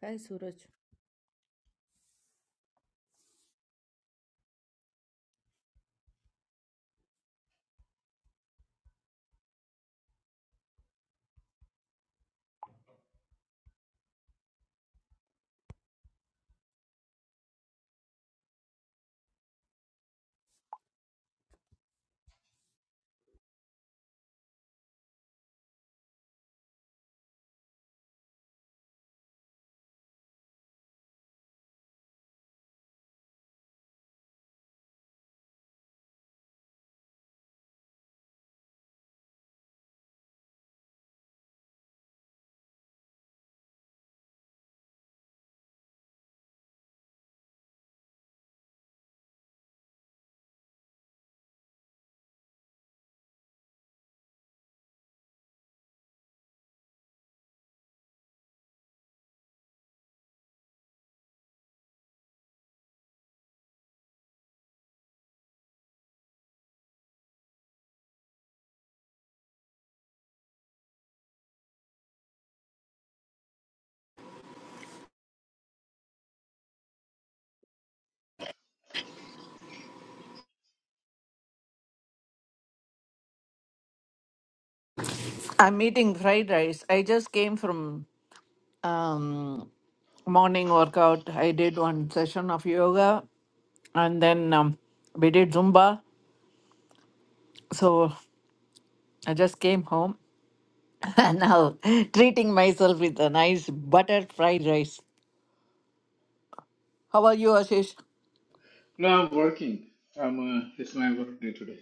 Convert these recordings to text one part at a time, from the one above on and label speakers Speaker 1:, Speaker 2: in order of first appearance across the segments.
Speaker 1: Hi, Suraj. I'm eating fried rice. I just came from um, morning workout. I did one session of yoga and then um, we did Zumba. So I just came home and now treating myself with a nice butter fried rice. How are you, Ashish?
Speaker 2: No, I'm working. I'm, uh, it's my work day today.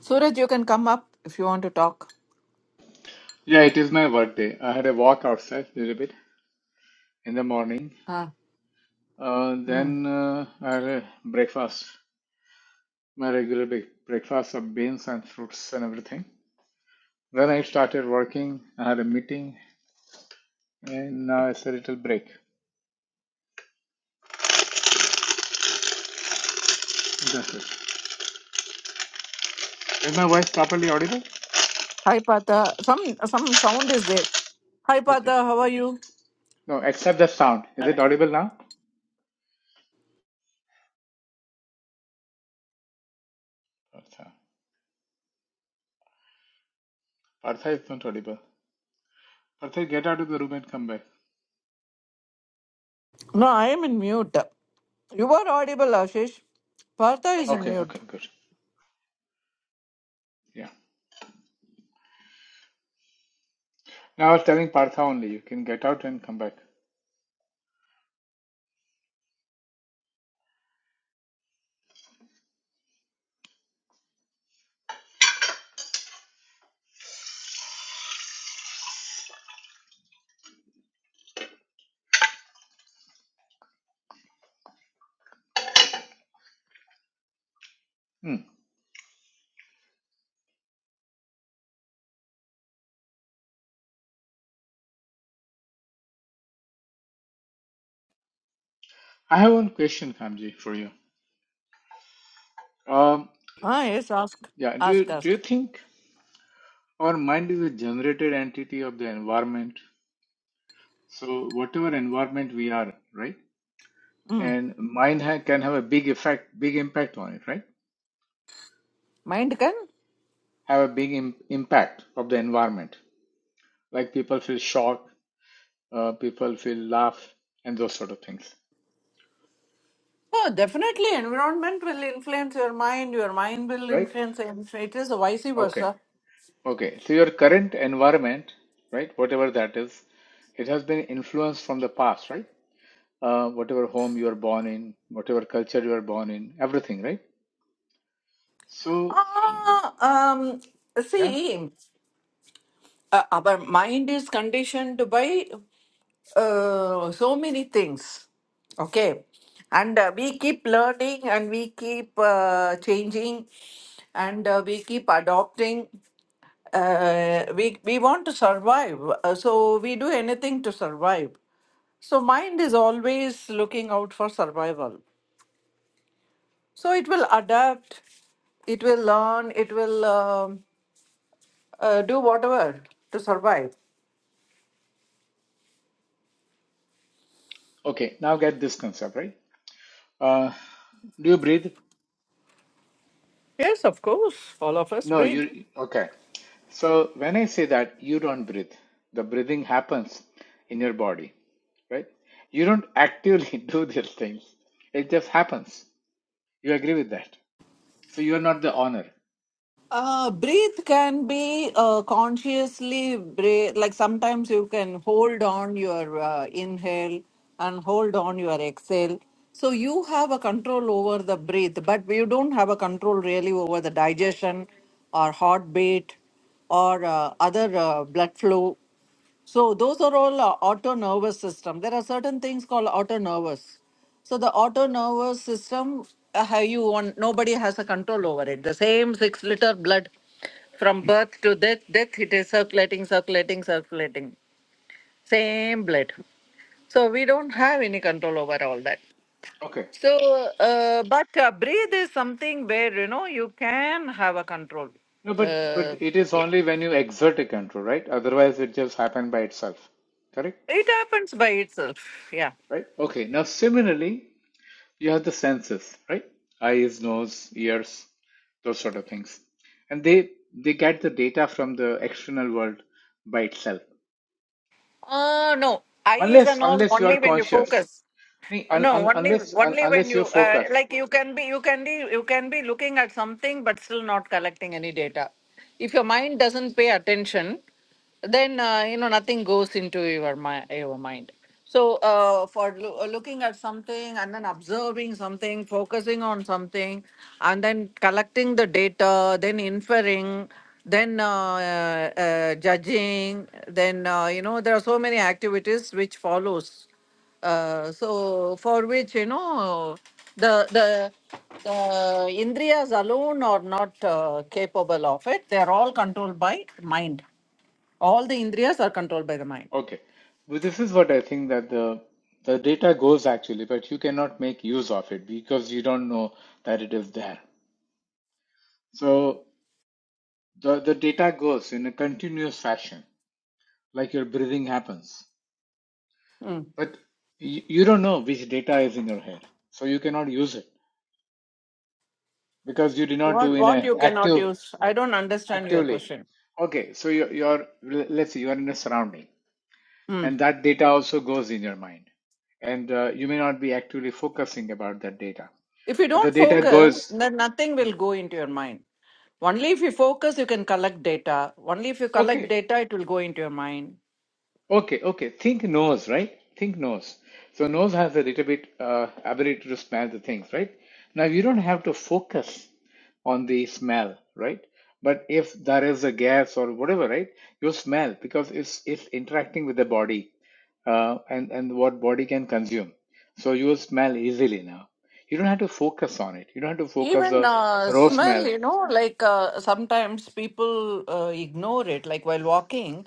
Speaker 1: Suraj, you can come up if you want to talk.
Speaker 2: Yeah, it is my work day. I had a walk outside a little bit in the morning.
Speaker 1: Ah,
Speaker 2: Uh,
Speaker 1: mm.
Speaker 2: then uh, I had a breakfast, my regular big breakfast of beans and fruits and everything. Then I started working. I had a meeting, and now it's a little break. That's it. Is my voice properly audible?
Speaker 1: Hi, Pata. Some some sound is there. Hi, Pata.
Speaker 2: Okay.
Speaker 1: How are you?
Speaker 2: No, except the sound. Is it audible now? Partha. Partha is not audible. Partha, get out of the room and come back.
Speaker 1: No, I am in mute. You are audible, Ashish. Partha is in
Speaker 2: Okay,
Speaker 1: mute.
Speaker 2: okay, good. Yeah. Now I was telling Partha only, you can get out and come back. Hmm. I have one question, Kamji, for you. Um,
Speaker 1: Ah, yes, ask.
Speaker 2: yeah, do you,
Speaker 1: Ask,
Speaker 2: do
Speaker 1: ask.
Speaker 2: you think our mind is a generated entity of the environment? So whatever environment we are, right?
Speaker 1: Mm.
Speaker 2: And mind ha- can have a big effect, big impact on it, right?
Speaker 1: Mind can?
Speaker 2: Have a big Im- impact of the environment. Like people feel shock, uh, people feel laugh, and those sort of things,
Speaker 1: Oh, definitely. Environment will influence your mind. Your mind will
Speaker 2: right?
Speaker 1: influence. It is vice
Speaker 2: Okay.
Speaker 1: versa.
Speaker 2: Okay, so your current environment, right, whatever that is, it has been influenced from the past, right? Uh, whatever home you are born in, whatever culture you are born in, everything, right? So,
Speaker 1: Ah, um,
Speaker 2: yeah.
Speaker 1: see. uh, our mind is conditioned by uh, so many things okay and uh, we keep learning and we keep uh, changing and uh, we keep adopting uh, we we want to survive uh, so we do anything to survive so mind is always looking out for survival so it will adapt it will learn it will um, uh, do whatever to survive
Speaker 2: Okay, now get this concept, right? Uh, do you breathe?
Speaker 1: Yes, of course. All of us
Speaker 2: No,
Speaker 1: breathe.
Speaker 2: you, okay. So when I say that you don't breathe, the breathing happens in your body, right? You don't actively do these things. It just happens. You agree with that. So you are not the owner.
Speaker 1: Uh, breathe can be uh, consciously breathe. Like sometimes you can hold on your uh, inhale and hold on your exhale. So you have a control over the breath, but you don't have a control really over the digestion or heartbeat or uh, other uh, blood flow. So those are all uh, auto nervous system. There are certain things called auto nervous. So the auto nervous system, uh, how you want, nobody has a control over it. The same six liter blood from birth to death, death it is circulating, circulating, circulating. Same blood. So we don't have any control over all that.
Speaker 2: Okay.
Speaker 1: So, uh, but uh, breathe is something where you know you can have a control.
Speaker 2: No, but
Speaker 1: Uh,
Speaker 2: but it is
Speaker 1: yeah.
Speaker 2: only when you exert a control, right? Otherwise, it just happens by itself. Correct?
Speaker 1: it happens by itself. Yeah.
Speaker 2: Right? Okay. Now, similarly, you have the senses, right? Eyes, nose, ears, those sort of things, and they they get the data from the external world by itself,
Speaker 1: Uh, no, eyes
Speaker 2: unless
Speaker 1: and all
Speaker 2: unless you are
Speaker 1: only when you
Speaker 2: conscious,
Speaker 1: focus.
Speaker 2: Nee, un,
Speaker 1: No,
Speaker 2: un,
Speaker 1: only
Speaker 2: unless un,
Speaker 1: only when
Speaker 2: unless you're
Speaker 1: you uh,
Speaker 2: focused.
Speaker 1: like you can be you can be you can be looking at something but still not collecting any data. If your mind doesn't pay attention, then uh, you know nothing goes into your mind your mind so uh, for loo- uh, looking at something and then observing something focusing on something and then collecting the data then inferring then uh, uh, uh, judging then uh, you know there are so many activities which follows uh, so for which you know the the the indriyas alone are not uh, capable of it they are all controlled by mind all the indriyas are controlled by the mind.
Speaker 2: Okay. But this is what I think that the the data goes actually, but you cannot make use of it because you don't know that it is there. So the, the data goes in a continuous fashion, like your breathing happens.
Speaker 1: Hmm.
Speaker 2: But you, you don't know which data is in your head. So you cannot use it because you did not do
Speaker 1: What
Speaker 2: in
Speaker 1: what
Speaker 2: a
Speaker 1: you cannot
Speaker 2: active
Speaker 1: use? I don't understand your
Speaker 2: actively.
Speaker 1: question.
Speaker 2: Okay, so you're, you're let's say you are in a surrounding
Speaker 1: Hmm.
Speaker 2: and that data also goes in your mind. And uh, you may not be actively focusing about that data,
Speaker 1: If you
Speaker 2: but the
Speaker 1: don't
Speaker 2: data
Speaker 1: focus,
Speaker 2: goes.
Speaker 1: then nothing will go into your mind. Only if you focus, you can collect data. Only if you collect
Speaker 2: Okay,
Speaker 1: data, it will go into your mind.
Speaker 2: Okay, okay. Think nose, right? Think nose. So nose has a little bit uh, ability to smell the things, right? Now you don't have to focus on the smell, right? But if there is a gas or whatever, right, you smell because it's it's interacting with the body uh, and and what body can consume. So you will smell easily now. You don't have to focus on it. You don't have to focus
Speaker 1: Even
Speaker 2: the
Speaker 1: uh,
Speaker 2: raw
Speaker 1: smell,
Speaker 2: smell.
Speaker 1: you know, like uh, sometimes people uh, ignore it. Like while walking,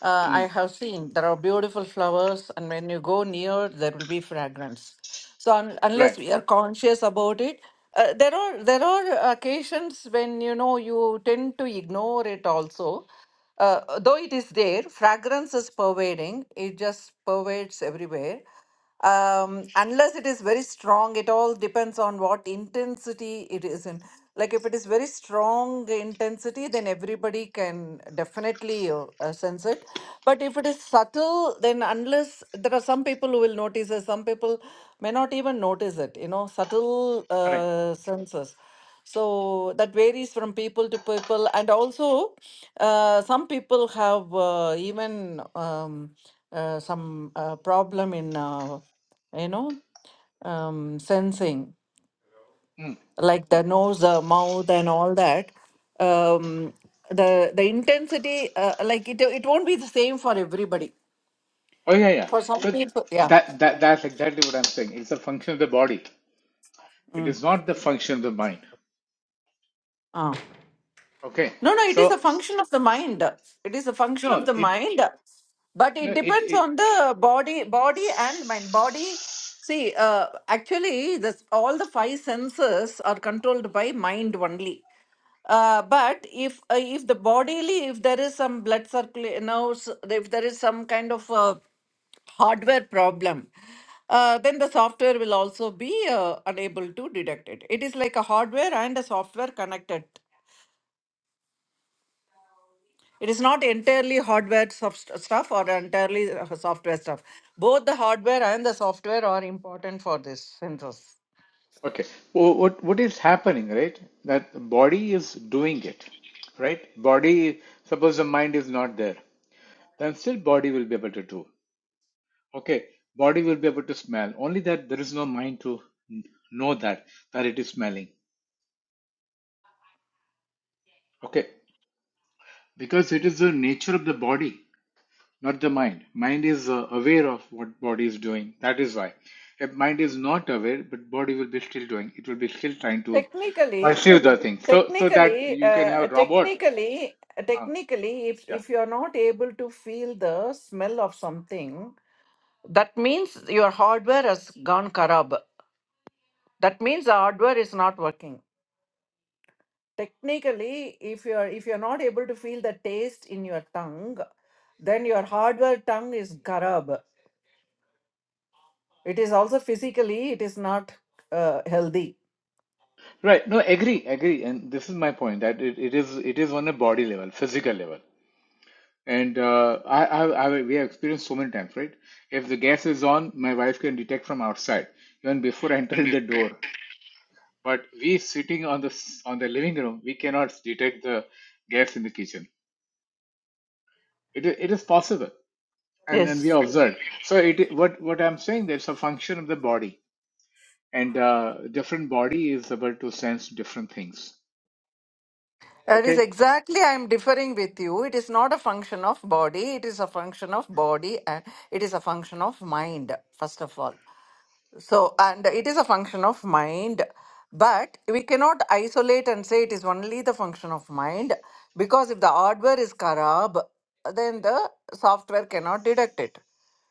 Speaker 1: uh, I
Speaker 2: Mm,
Speaker 1: have seen there are beautiful flowers, and when you go near, there will be fragrance. So un unless
Speaker 2: right,
Speaker 1: we are conscious about it, uh, there are there are occasions when you know you tend to ignore it also. Uh, though it is there, fragrance is pervading. It just pervades everywhere um, unless it is very strong, it all depends on what intensity it is in. Like if it is very strong intensity, then everybody can definitely uh, uh, sense it. But if it is subtle, then unless there are some people who will notice it, some people may not even notice it. You know, subtle
Speaker 2: correct.
Speaker 1: uh, senses. So that varies from people to people, and also uh, some people have uh, even um, uh, some uh, problem in uh, you know um, sensing,
Speaker 2: Hmm.
Speaker 1: like the nose, the mouth, and all that. Um, the the intensity, uh, like it, it won't be the same for everybody.
Speaker 2: Oh yeah, yeah.
Speaker 1: For some
Speaker 2: So
Speaker 1: people, yeah.
Speaker 2: that that that's exactly what I'm saying. It's a function of the body. It
Speaker 1: Mm.
Speaker 2: is not the function of the mind.
Speaker 1: Ah.
Speaker 2: Okay.
Speaker 1: No, no, it is a
Speaker 2: So
Speaker 1: function of the mind. It is a function of
Speaker 2: no,
Speaker 1: the
Speaker 2: it
Speaker 1: mind, but
Speaker 2: no
Speaker 1: it
Speaker 2: it
Speaker 1: depends
Speaker 2: it
Speaker 1: on the body, body and mind. Body, see, uh, actually, this all the five senses are controlled by mind only. Uh, but if uh, if the bodily, if there is some blood circulation, if there is some kind of uh, hardware problem, uh, then the software will also be uh, unable to detect it. It is like a hardware and a software connected it is not entirely hardware soft stuff or entirely uh, software stuff. Both the hardware and the software are important for this synthesis.
Speaker 2: okay. Wh- What what is happening, right? That the body is doing it, right? Body suppose the mind is not there, then still body will be able to do. Okay. Body will be able to smell. Only that there is no mind to n- know that that it is smelling. Okay. Because it is the nature of the body. not the mind mind is uh, aware of what body is doing that is why if mind is not aware but body will be still doing it will be still trying to
Speaker 1: Technically,
Speaker 2: pursue the thing so so that
Speaker 1: technically,
Speaker 2: you can
Speaker 1: uh,
Speaker 2: have robot
Speaker 1: technically,
Speaker 2: uh,
Speaker 1: technically, if
Speaker 2: yeah
Speaker 1: if you are not able to feel the smell of something, That means your hardware has gone karab. That means the hardware is not working. technically, if you are if you are not able to feel the taste in your tongue, then your hardware tongue is garab. It is also physically, it is not uh, healthy.
Speaker 2: right no agree agree and this is my point that it, it is it is on a body level physical level and uh, I, I, I we have experienced so many times right if the gas is on my wife can detect from outside even before entering the door but we sitting on the s- on the living room we cannot detect the gas in the kitchen It is it is possible and and we observed so it i- what what i'm saying there's a function of the body and uh, different body is able to sense different things
Speaker 1: That is
Speaker 2: okay
Speaker 1: exactly I am differing with you. It is not a function of body, it is a function of body and it is a function of mind, first of all. So, and it is a function of mind, but we cannot isolate and say it is only the function of mind because if the hardware is Karab, then the software cannot detect it.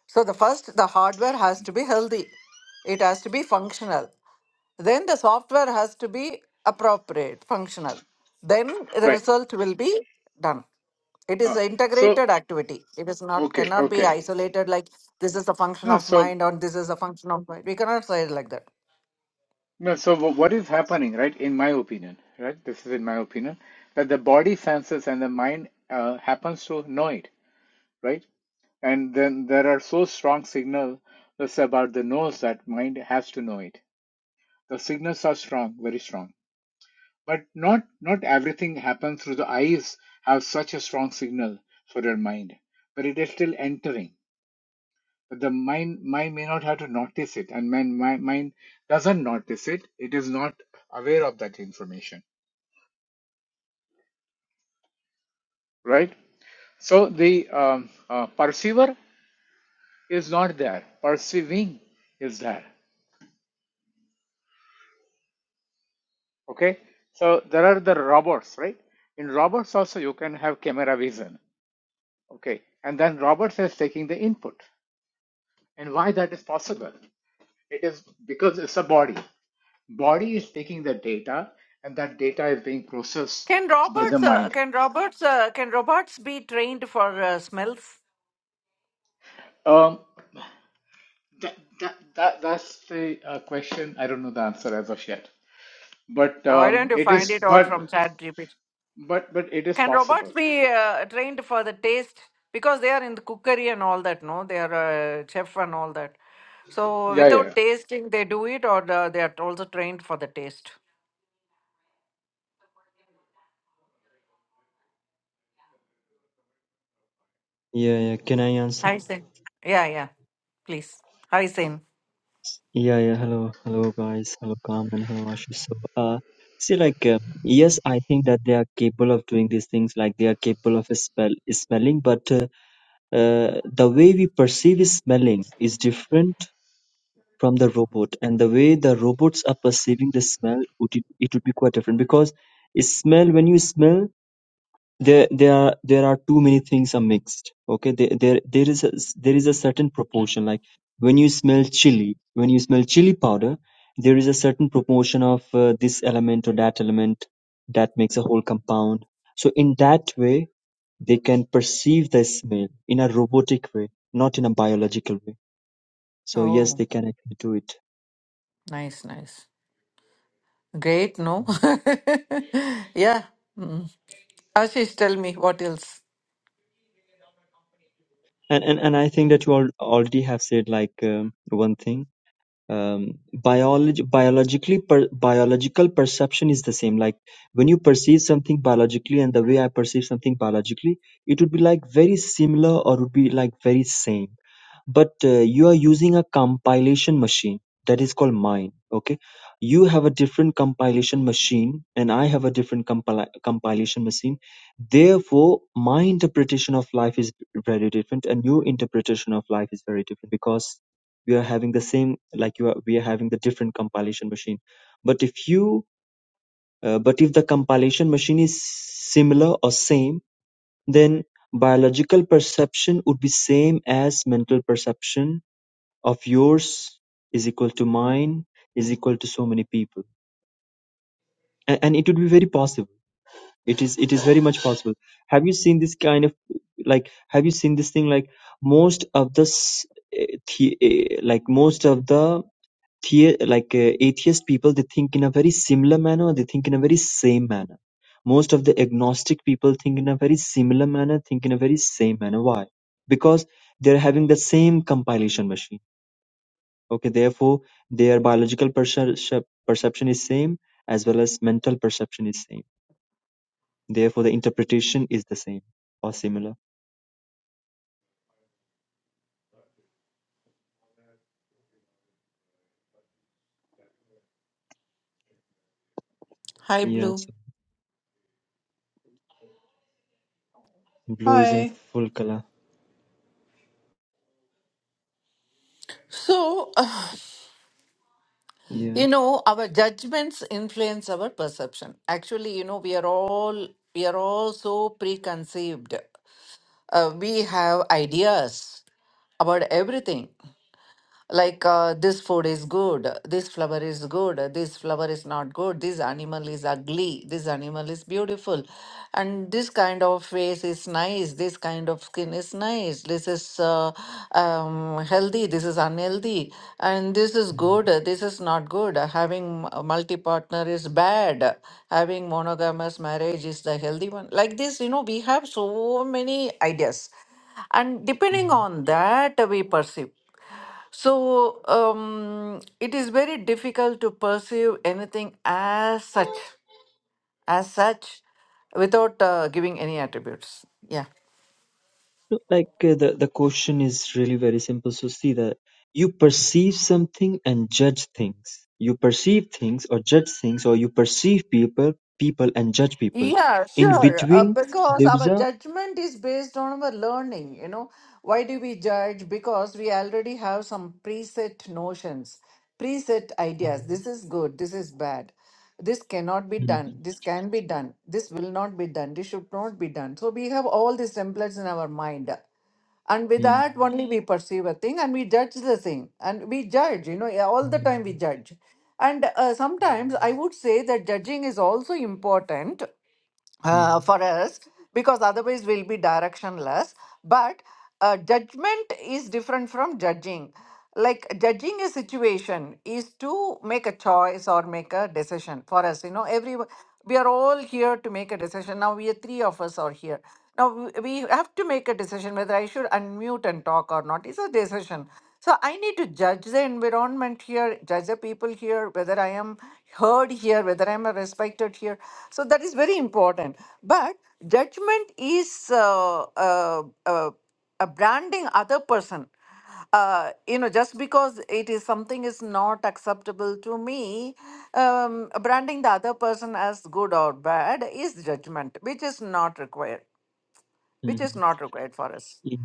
Speaker 1: So the first, the hardware has to be healthy. It has to be functional. Then the software has to be appropriate, functional. Then the
Speaker 2: right
Speaker 1: result will be done. It is
Speaker 2: uh,
Speaker 1: an
Speaker 2: so
Speaker 1: integrated activity. It is not
Speaker 2: okay
Speaker 1: cannot be
Speaker 2: okay
Speaker 1: isolated like this is a function
Speaker 2: no
Speaker 1: of
Speaker 2: so
Speaker 1: mind or this is a function of mind. We cannot say it like that.
Speaker 2: no so wh- what is happening right in my opinion right this is in my opinion that the body senses and the mind uh, happens to know it right? And then there are so strong signals about the nose that mind has to know it. The signals are strong, very strong. But not not everything happens through the eyes have such a strong signal for your mind. But it is still entering. But the mind mind may not have to notice it and mind, mind, mind doesn't notice it. It is not aware of that information. Right? So the um, uh, perceiver is not there. Perceiving is there. okay so there are the robots right in robots also you can have camera vision okay and then robots is taking the input and why that is possible it is because it's a body body is taking the data and that data is being processed
Speaker 1: Can
Speaker 2: by the
Speaker 1: robots uh,
Speaker 2: mind
Speaker 1: can robots uh, can robots be trained for uh, smells?
Speaker 2: um that, that, that that's the uh, question i don't know the answer as of yet but
Speaker 1: Why don't
Speaker 2: um
Speaker 1: you
Speaker 2: it
Speaker 1: find it
Speaker 2: is
Speaker 1: out
Speaker 2: but
Speaker 1: from ChatGPT?
Speaker 2: but but it is
Speaker 1: Can robots
Speaker 2: possible
Speaker 1: be uh, trained for the taste? Because they are in the cookery and all that, no? They are uh, chef and all that. So
Speaker 2: yeah yeah
Speaker 1: without tasting, they do it, or the, they are also trained for the taste.
Speaker 3: Yeah, yeah. Can I answer?
Speaker 1: Hi, Sen. Yeah, yeah. Please. Hi, Sen.
Speaker 3: Yeah, yeah. Hello, hello, guys. Hello, Carmen. Hello, Ashish. So, uh, see, like, uh, yes, I think that they are capable of doing these things. Like, they are capable of spell smelling, but uh, uh, the way we perceive smelling is different from the robot, and the way the robots are perceiving the smell, would it, it would be quite different because smell when you smell there there are there are too many things are mixed okay there there, there is a, there is a certain proportion like when you smell chili when you smell chili powder there is a certain proportion of uh, this element or that element that makes a whole compound so in that way they can perceive the smell in a robotic way not in a biological way so yes
Speaker 1: Oh,
Speaker 3: they can actually do it
Speaker 1: nice, nice. Great, no? yeah. Mm. Ashish, tell me what else.
Speaker 3: and and, and i think that you all already have said like um, one thing um, biolog- biologically per- biological perception is the same like when you perceive something biologically and the way i perceive something biologically it would be like very similar or would be like very same but uh, you are using a compilation machine that is called mine okay you have a different compilation machine and i have a different compil- compilation machine therefore my interpretation of life is very different and your interpretation of life is very different because we are having the same like you are we are having the different compilation machine but if you uh, but if the compilation machine is similar or same then biological perception would be same as mental perception of yours is equal to mine is equal to so many people and, and it would be very possible it is it is very much possible have you seen this kind of like have you seen this thing like most of the eh, the, eh, like most of the the like uh, atheist people they think in a very similar manner they think in a very same manner most of the agnostic people think in a very similar manner think in a very same manner why because they're having the same compilation machine Okay, therefore, their biological percep- perception is same as well as mental perception is same. Therefore, the interpretation is the same or similar.
Speaker 1: Hi,
Speaker 3: Yeah,
Speaker 1: Blue.
Speaker 3: so blue is in
Speaker 4: Hi.
Speaker 3: full color.
Speaker 1: So
Speaker 3: Yeah.
Speaker 1: You know, our judgments influence our perception. Actually, you know, we are all we are all so preconceived. Uh, we have ideas about everything like uh, this food is good this flower is good this flower is not good this animal is ugly this animal is beautiful and this kind of face is nice this kind of skin is nice this is uh, um, healthy this is unhealthy and this is good this is not good having a multi partner is bad having monogamous marriage is the healthy one like this you know we have so many ideas and depending
Speaker 3: Mhm.
Speaker 1: on that we perceive so um, it is very difficult to perceive anything as such, as such, without uh, giving any attributes. Yeah.
Speaker 3: So, Like uh, the the question is really very simple. So see that you perceive something and judge things. You perceive things or judge things, or you perceive people, people and judge people.
Speaker 1: Yeah,
Speaker 3: In
Speaker 1: sure. Uh,
Speaker 3: between,
Speaker 1: because
Speaker 3: there is
Speaker 1: our
Speaker 3: a.
Speaker 1: judgment is based on our learning. You know, why do we judge? Because we already have some preset notions, preset ideas. This is good. This is bad. This cannot be
Speaker 3: Mhm,
Speaker 1: done. This can be done. This will not be done. This should not be done. So we have all these templates in our mind. and with
Speaker 3: mhm,
Speaker 1: that only we perceive a thing and we judge the thing and we judge you know yeah, all the time we judge and uh, sometimes i would say that judging is also important uh, for us because otherwise we'll be directionless. But uh, judgment is different from judging. Like judging a situation is to make a choice or make a decision for us. You know, every we are all here to make a decision. Now we are three of us are here. Now we we have to make a decision whether I should unmute and talk or not. It's a decision. So I need to judge the environment here, judge the people here, whether I am heard here, whether I'm respected here. So that is very important. But judgment is uh, uh, uh, a branding other person. Uh, you know, just because it is something is not acceptable to me, um, branding the other person as good or bad is judgment, which is not required which is
Speaker 3: mhm.
Speaker 1: not required for us.
Speaker 3: Yeah.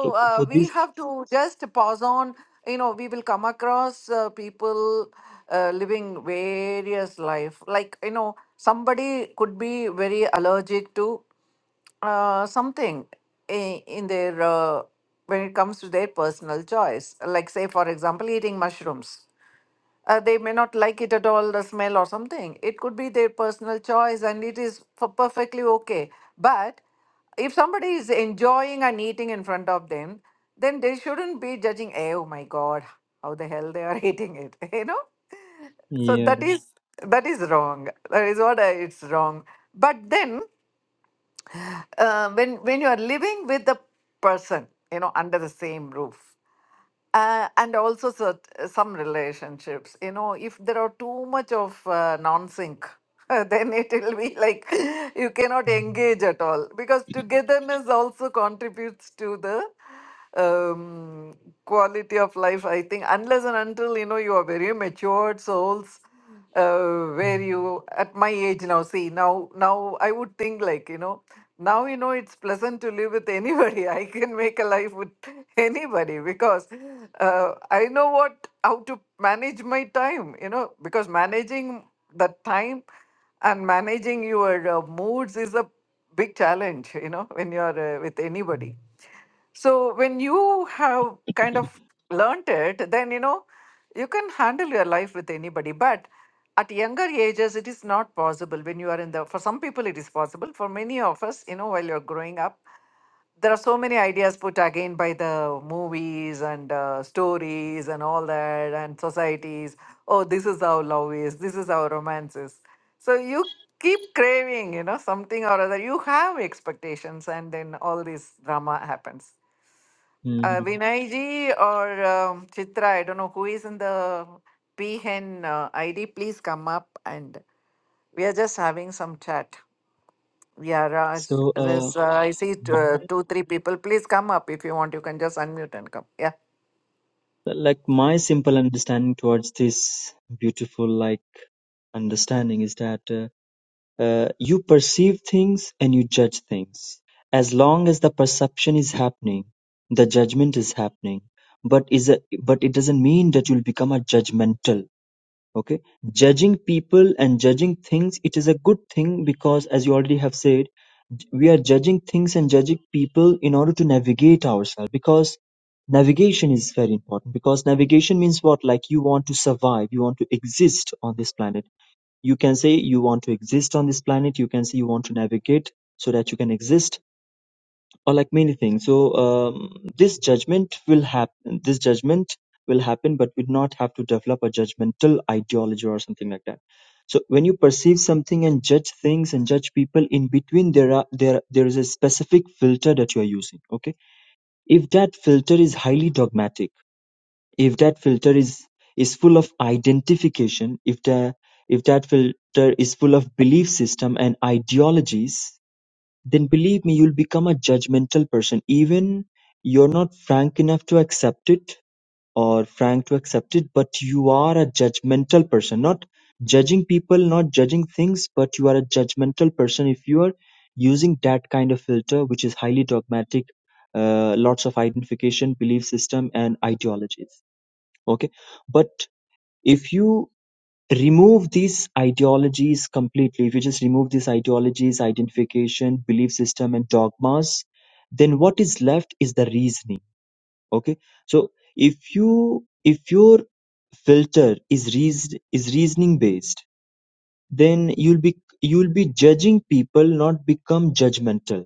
Speaker 3: For, for
Speaker 1: uh,
Speaker 3: for this
Speaker 1: we have to just pause on. You know, we will come across uh, people uh, living various life. Like you know, somebody could be very allergic to uh, something i- in their uh, when it comes to their personal choice. Like say, for example, eating mushrooms uh, they may not like it at all, the smell or something. It could be their personal choice and it is for perfectly okay. But if somebody is enjoying and eating in front of them, then they shouldn't be judging, "Eh, oh my God, how the hell they are eating it, you know? So
Speaker 3: Yeah.
Speaker 1: that is that is wrong. That is what I, it's wrong. But then uh, when when you are living with the person, you know, under the same roof, uh, and also cert- some relationships you know if there are too much of uh, non-sync then it will be like you cannot engage at all because togetherness also contributes to the um, quality of life i think unless and until you know you are very matured souls uh, where you at my age now see now now i would think like you know now you know it's pleasant to live with anybody i can make a life with anybody because uh, i know what how to manage my time you know because managing the time and managing your uh, moods is a big challenge you know when you're uh, with anybody so when you have kind of learnt it, then you know you can handle your life with anybody. But at younger ages, it is not possible. When you are in the, for some people, it is possible. For many of us, you know, while you're growing up, there are so many ideas put again by the movies and uh, stories and all that and societies. Oh, this is how love is. This is how romance is. So you keep craving, you know, something or other. You have expectations, and then all this drama happens uh,
Speaker 3: mhm.
Speaker 1: Vinay ji or um, Chitra, I don't know who is in the PHEN uh, ID, please come up and we are just having some chat. Yeah, Raj,
Speaker 3: So, uh,
Speaker 1: there's, uh, I see t- uh,
Speaker 3: my
Speaker 1: two, three people. Please come up if you want. You can just unmute and come. Yeah.
Speaker 3: like my simple understanding towards this beautiful like understanding is that uh, uh, you perceive things and you judge things. As long as the perception is happening, the judgment is happening. But is a, but it doesn't mean that you'll become a judgmental. okay judging people and judging things it is a good thing because as you already have said j- we are judging things and judging people in order to navigate ourselves because navigation is very important because navigation means what like you want to survive you want to exist on this planet you can say you want to exist on this planet you can say you want to navigate so that you can exist or like many things. So um, this judgment will happen. This judgment will happen, but we not have to develop a judgmental ideology or something like that. So when you perceive something and judge things and judge people in between, there are there there is a specific filter that you are using. Okay, if that filter is highly dogmatic, if that filter is is full of identification, if the if that filter is full of belief system and ideologies, then believe me you'll become a judgmental person even you're not frank enough to accept it or frank to accept it but you are a judgmental person not judging people not judging things but you are a judgmental person if you are using that kind of filter which is highly dogmatic uh, lots of identification belief system and ideologies okay but if you remove these ideologies completely, if you just remove these ideologies, identification, belief system, and dogmas, then what is left is the reasoning. Okay, so if you if your filter is reason is reasoning based, then you'll be you'll be judging people, not become judgmental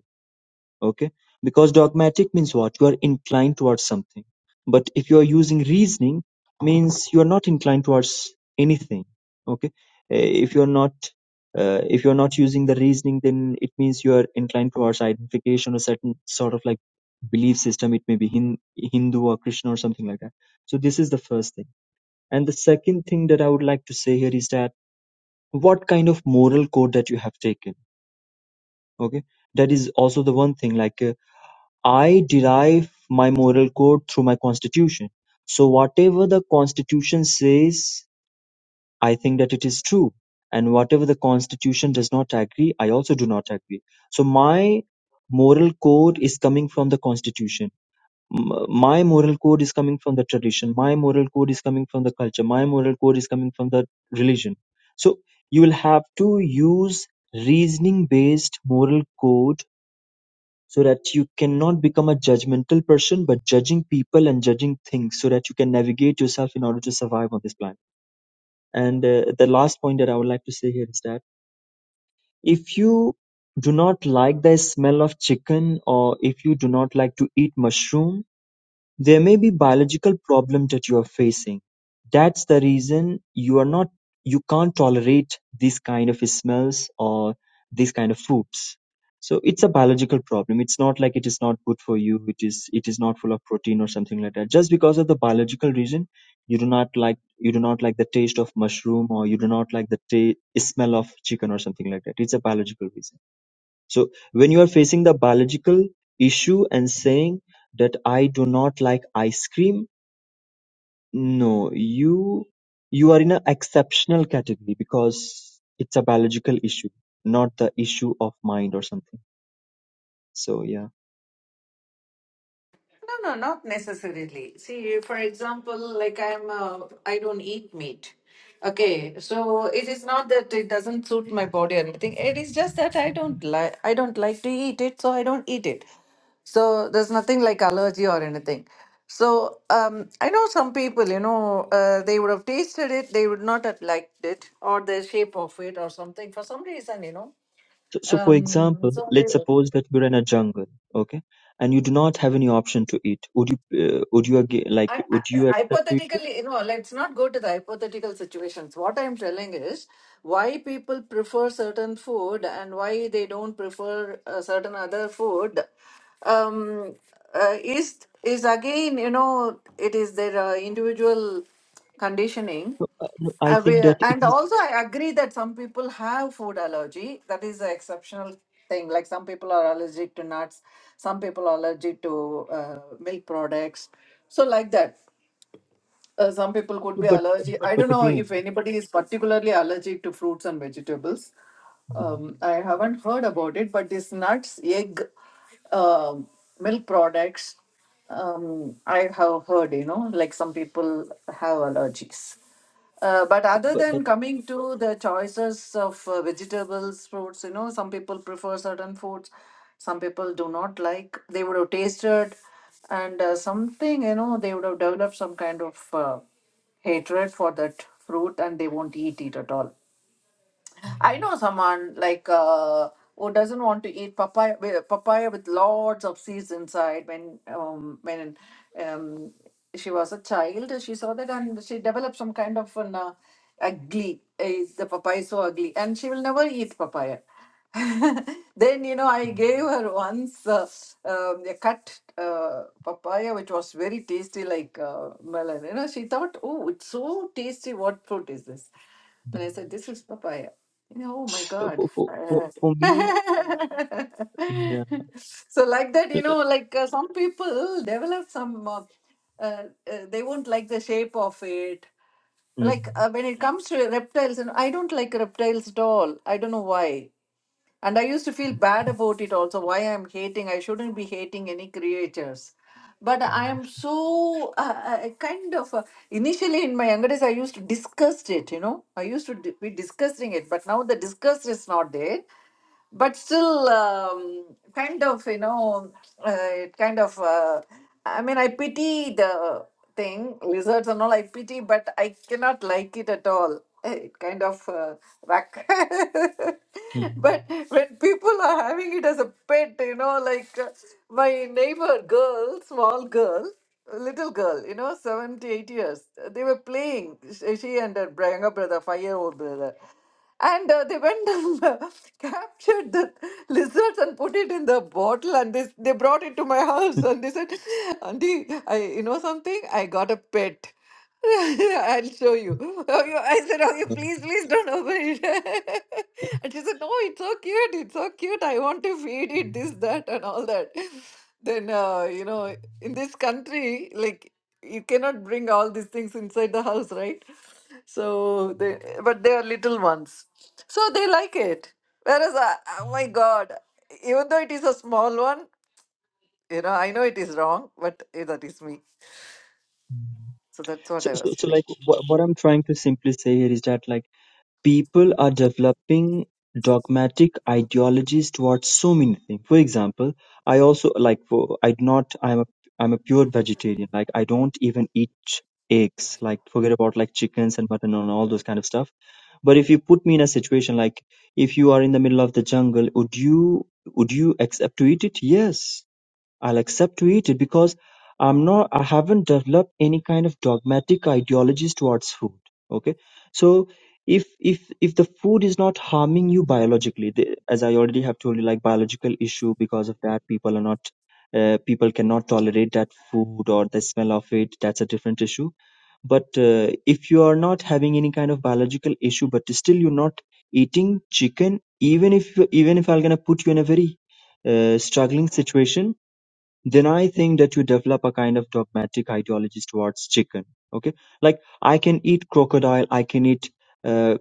Speaker 3: okay because dogmatic means what you are inclined towards something but if you are using reasoning means you are not inclined towards anything okay Eh, if you are not uh, if you are not using the reasoning then it means you are inclined towards identification or certain sort of like belief system it may be Hin- hindu or christian or something like that so this is the first thing and the second thing that i would like to say here is that what kind of moral code that you have taken okay that is also the one thing like eh, I derive my moral code through my constitution. So whatever the constitution says, I think that it is true. And whatever the constitution does not agree, I also do not agree. So my moral code is coming from the constitution. M- My moral code is coming from the tradition. My moral code is coming from the culture. My moral code is coming from the religion. So you will have to use reasoning based moral code so that you cannot become a judgmental person but judging people and judging things so that you can navigate yourself in order to survive on this planet and uh, the last point that i would like to say here is that if you do not like the smell of chicken or if you do not like to eat mushroom there may be biological problem that you're facing, that's the reason you are not you can't tolerate these kind of smells or these kind of foods. So it's a biological problem. It's not like it is not good for you, it is it is not full of protein or something like that. Just because of the biological reason, you do not like you do not like the taste of mushroom or you do not like the ta- smell of chicken or something like that. It's a biological reason so when you are facing the biological issue and saying that I do not like ice cream, no, you you are in an exceptional category because it's a biological issue, not the issue of mind or something. So yeah.
Speaker 1: No, no, not necessarily. See, for example, like I'm, uh, I don't eat meat. Okay, so it is not that it doesn't suit my body or anything. It is just that I don't like, I don't like to eat it, so I don't eat it. So there's nothing like allergy or anything. So um, I know some people, you know, uh, they would have tasted it, they would not have liked it, or the shape of it, or something for some reason, you know.
Speaker 3: So, so for
Speaker 1: Um,
Speaker 3: example,
Speaker 1: so they
Speaker 3: let's suppose that you're in a jungle, okay, and you do not have any option to eat. Would you uh, would you aga like
Speaker 1: I, I,
Speaker 3: would you accept to eat? it?
Speaker 1: hypothetically, you know, let's not go to the hypothetical situations. What I'm telling is why people prefer certain food and why they don't prefer a certain other food. Um, uh, is is again, you know, it is their uh, individual conditioning.
Speaker 3: No, uh, no, I
Speaker 1: Uh, we,
Speaker 3: think that it
Speaker 1: and
Speaker 3: is,
Speaker 1: also, I agree that some people have food allergy. That is an exceptional thing. Like some people are allergic to nuts, some people are allergic to uh, milk products. So, like that uh, some people could be
Speaker 3: but
Speaker 1: allergic. I don't
Speaker 3: but
Speaker 1: know
Speaker 3: again,
Speaker 1: if anybody is particularly allergic to fruits and vegetables. Um, I haven't heard about it, but these nuts, egg, um milk products, um, I have heard, you know, like some people have allergies. Uh, but other
Speaker 3: but but.
Speaker 1: than coming to the choices of uh, vegetables, fruits, you know, some people prefer certain foods, some people do not like. They would have tasted, and uh, something, you know, they would have developed some kind of. uh, hatred for that fruit and they won't eat it at all. I know someone like uh, who doesn't want to eat papaya with- papaya with lots of seeds inside. When um, when um, she was a child, she saw that and she developed some kind of an uh, ugly. Is the papaya is so ugly? And she will never eat papaya. then you know I gave her once uh, um, a cut uh, papaya which was very tasty like uh, melon. You know she thought, oh, it's so tasty. What fruit is this? Then I said, this is papaya. Oh my
Speaker 3: So
Speaker 1: God.
Speaker 3: for for for,
Speaker 1: Uh,
Speaker 3: for me, yeah.
Speaker 1: so like that, you know, like uh, some people develop some, uh, uh, uh, they won't like the shape of it.
Speaker 3: Mm,
Speaker 1: Like uh, when it comes to reptiles, and I don't like reptiles at all. I don't know why. And I used to feel bad about it also, why I'm hating. I shouldn't be hating any creators. But I am so uh, uh, kind of, uh, initially in my younger days, I used to disgust it, you know. I used to di- be disgusting it, but now the disgust is not there but still um, kind of you know uh, it kind of uh, i mean i pity the thing lizards and all i pity but i cannot like it at all Eh, it kind of uh, whack
Speaker 3: mm,
Speaker 1: but when people are having it as a pet you know like uh, my neighbor girl small girl a little girl you know 70 8 years they were playing she she and her br- younger brother five year old brother and uh, they went and uh, captured the lizards and put it in the bottle and they, they brought it to my house
Speaker 3: mm,
Speaker 1: and they said auntie i you know something i got a pet I'll show you. Oh, you. I said, Oh, you please, please don't open it. and she said, No, it's so cute. It's so cute. I want to feed it this, that, and all that. Then, uh, you know, in this country, like you cannot bring all these things inside the house right so they but they are little ones so they like it whereas I, oh my god even though it is a small one you know i know it is wrong but eh, that is me
Speaker 3: mm.
Speaker 1: so that's what
Speaker 3: So,
Speaker 1: i
Speaker 3: so
Speaker 1: was
Speaker 3: so
Speaker 1: doing
Speaker 3: like what what I'm trying to simply say here is that like people are developing dogmatic ideologies towards so many things. For example, I also like for I do not I'm a I'm a pure vegetarian. Like I don't even eat ch- eggs. Like forget about like chickens and mutton and all those kind of stuff. But if you put me in a situation like if you are in the middle of the jungle, would you would you accept to eat it? Yes I'll accept to eat it because I'm not I haven't developed any kind of dogmatic ideologies towards food. Okay. So if if if the food is not harming you biologically, the, as I already have told you, like biological issue because of that people are not uh, people cannot tolerate that food or the smell of it. That's a different issue. But uh, if you are not having any kind of biological issue, but still you're not eating chicken, even if even if I'm gonna put you in a very uh, struggling situation then I think that you develop a kind of dogmatic ideologies towards chicken. Okay, like I can eat crocodile, I can eat uh,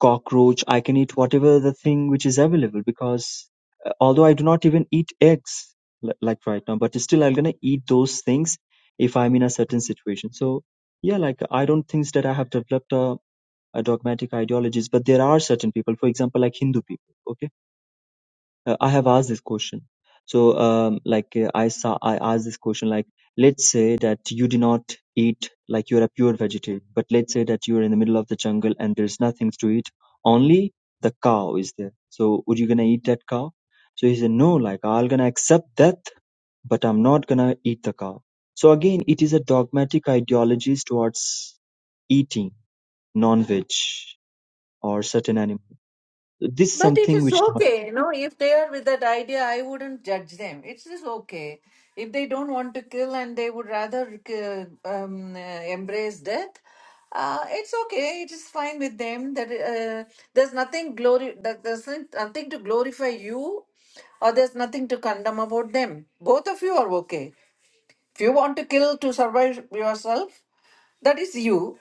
Speaker 3: cockroach, I can eat whatever the thing which is available because uh, although I do not even eat eggs li- like right now, but still I'm gonna eat those things if I'm in a certain situation. So yeah, like I don't think that I have developed a, a dogmatic ideologies, but there are certain people, for example, like Hindu people. Okay uh, I have asked this question. So, um, like uh, I saw, I asked this question. Like, let's say that you do not eat, like you're a pure vegetarian, but let's say that you're in the middle of the jungle and there's nothing to eat, only the cow is there. So, would you gonna eat that cow? So he said, no, like I'm gonna accept death, but I'm not gonna eat the cow. So again, it is a dogmatic ideologies towards eating non-veg or certain animal. This is
Speaker 1: But it
Speaker 3: something
Speaker 1: is
Speaker 3: which
Speaker 1: okay, you know, if they are with that idea, I wouldn't judge them. It's just okay. If they don't want to kill and they would rather ki- um, uh, embrace death, uh, it's okay. It is fine with them. That uh, there's nothing glory. That there's nothing to glorify you, or there's nothing to condemn about them. Both of you are okay. If you want to kill to survive yourself, that is you.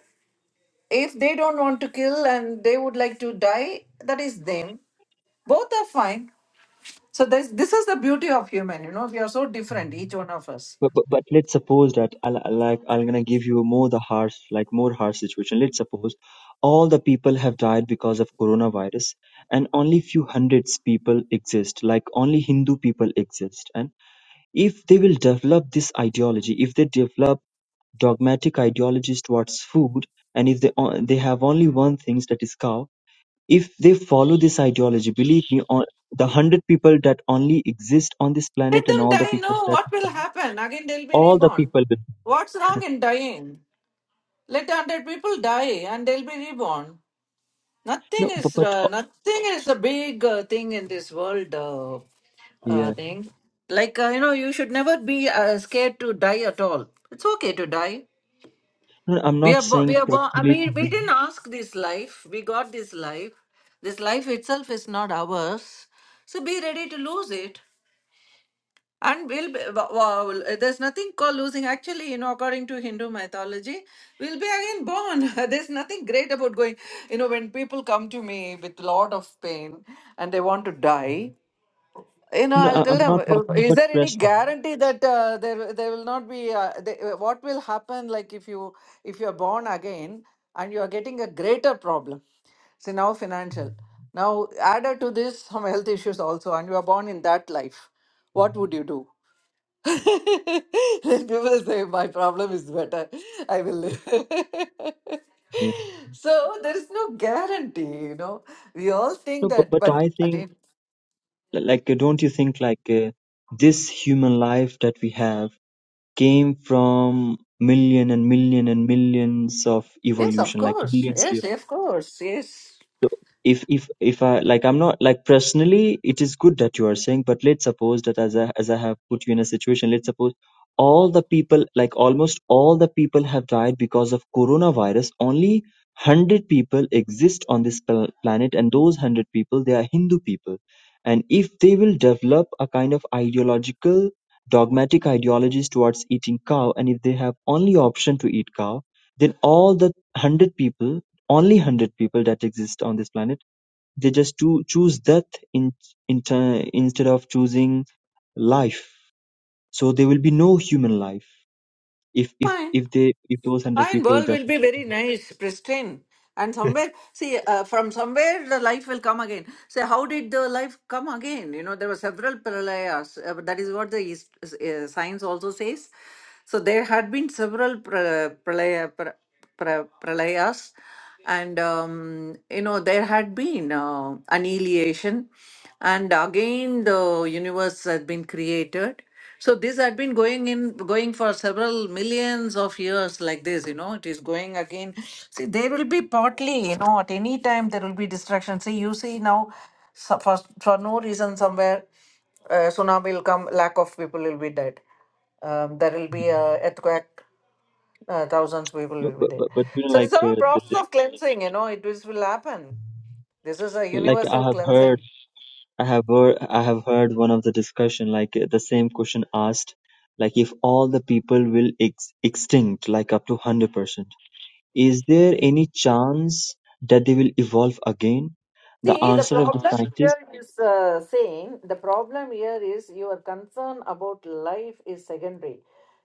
Speaker 1: If they don't want to kill and they would like to die, that is them both are fine so this this is the beauty of human you know we are so different each one of us
Speaker 3: But, but but let's suppose that I'll- I'll like I'm gonna give you more the harsh like more harsh situation. Let's suppose all the people have died because of coronavirus, and only few hundreds people exist. Like only Hindu people exist, and if they will develop this ideology, if they develop dogmatic ideologies towards food, and if they o- they have only one thing that is cow, if they follow this ideology, believe me, on the hundred people that only exist on this
Speaker 1: let
Speaker 3: planet and
Speaker 1: them
Speaker 3: all the
Speaker 1: die no
Speaker 3: people that
Speaker 1: what will happen again they'll be
Speaker 3: all the
Speaker 1: reborn
Speaker 3: people will
Speaker 1: what's wrong in dying let 100 people die and they'll be reborn nothing
Speaker 3: No,
Speaker 1: is
Speaker 3: but, but
Speaker 1: uh,
Speaker 3: uh,
Speaker 1: nothing is a big uh, thing in this world uh, uh,
Speaker 3: yeah.
Speaker 1: thing like uh, you know you should never be uh, scared to die at all it's okay to die
Speaker 3: No, I'm
Speaker 1: We
Speaker 3: not
Speaker 1: are born. We
Speaker 3: saying
Speaker 1: are born. I
Speaker 3: preferably to
Speaker 1: mean, we
Speaker 3: me.
Speaker 1: didn't ask this life. We got this life. This life itself is not ours. So be ready to lose it. And we'll be, wa- wa- there's nothing called losing. Actually, you know, according to Hindu mythology, we'll be again born. there's nothing great about going. You know, when people come to me with a lot of pain and they want to die, you know
Speaker 3: No,
Speaker 1: i'll
Speaker 3: I,
Speaker 1: tell
Speaker 3: I'm
Speaker 1: them
Speaker 3: not
Speaker 1: "Uh,
Speaker 3: talking
Speaker 1: is
Speaker 3: about
Speaker 1: there any
Speaker 3: personally.
Speaker 1: guarantee that uh, there there will not be uh, they, uh, what will happen like if you if you are born again and you are getting a greater problem see now financial now added to this some health issues also and you are born in that life what would you do then people say my problem is better i will live
Speaker 3: Yeah.
Speaker 1: so there is no guarantee you know we all think
Speaker 3: No, but
Speaker 1: that
Speaker 3: but
Speaker 1: but
Speaker 3: I think
Speaker 1: again.
Speaker 3: like uh, don't you think like uh, this human life that we have came from million and million and millions of
Speaker 1: Yes, of
Speaker 3: evolution, like
Speaker 1: course.
Speaker 3: millions years.
Speaker 1: Yes, yes, of course. Yes.
Speaker 3: So if if if I like I'm not like personally it is good that you are saying, but let's suppose that as I as I have put you in a situation, let's suppose all the people like almost all the people have died because of coronavirus. Only one hundred people exist on this pl- planet, and those one hundred people they are Hindu people, and if they will develop a kind of ideological dogmatic ideologies towards eating cow, and if they have only option to eat cow, then all the one hundred people only hundred people that exist on this planet. They just to choose death in, in t- instead of choosing life. So there will be no human life if if
Speaker 1: Fine.
Speaker 3: if they if those hundred
Speaker 1: Fine.
Speaker 3: people
Speaker 1: World
Speaker 3: just
Speaker 1: will be very nice, pristine. And somewhere, see, uh, from somewhere the life will come again. So, how did the life come again? You know, there were several pralayas. Uh, that is what the East, uh, science also says. So, there had been several pra- pralaya, pra- pra- pralayas. and um, you know there had been uh, annihilation and again the universe had been created so this had been going in going for several millions of years like this you know it is going again see there will be partly you know at any time there will be distraction see you see now so for, for no reason somewhere uh, tsunami will come lack of people will be dead um, there will be a earthquake uh, thousands people
Speaker 3: but
Speaker 1: will be dead.
Speaker 3: but, but you know
Speaker 1: So it's
Speaker 3: like
Speaker 1: all a
Speaker 3: uh, the,
Speaker 1: process
Speaker 3: the,
Speaker 1: of cleansing, you know, it is, will happen. This is a
Speaker 3: like I
Speaker 1: universal
Speaker 3: have heard
Speaker 1: cleansing.
Speaker 3: I have heard I have heard one of the discussion like uh, the same question asked like if all the people will ex- extinct like up to hundred percent is there any chance that they will evolve again? The
Speaker 1: See, the
Speaker 3: answer of the
Speaker 1: problem
Speaker 3: scientist.
Speaker 1: here is uh, saying the problem here is your concern about life is secondary.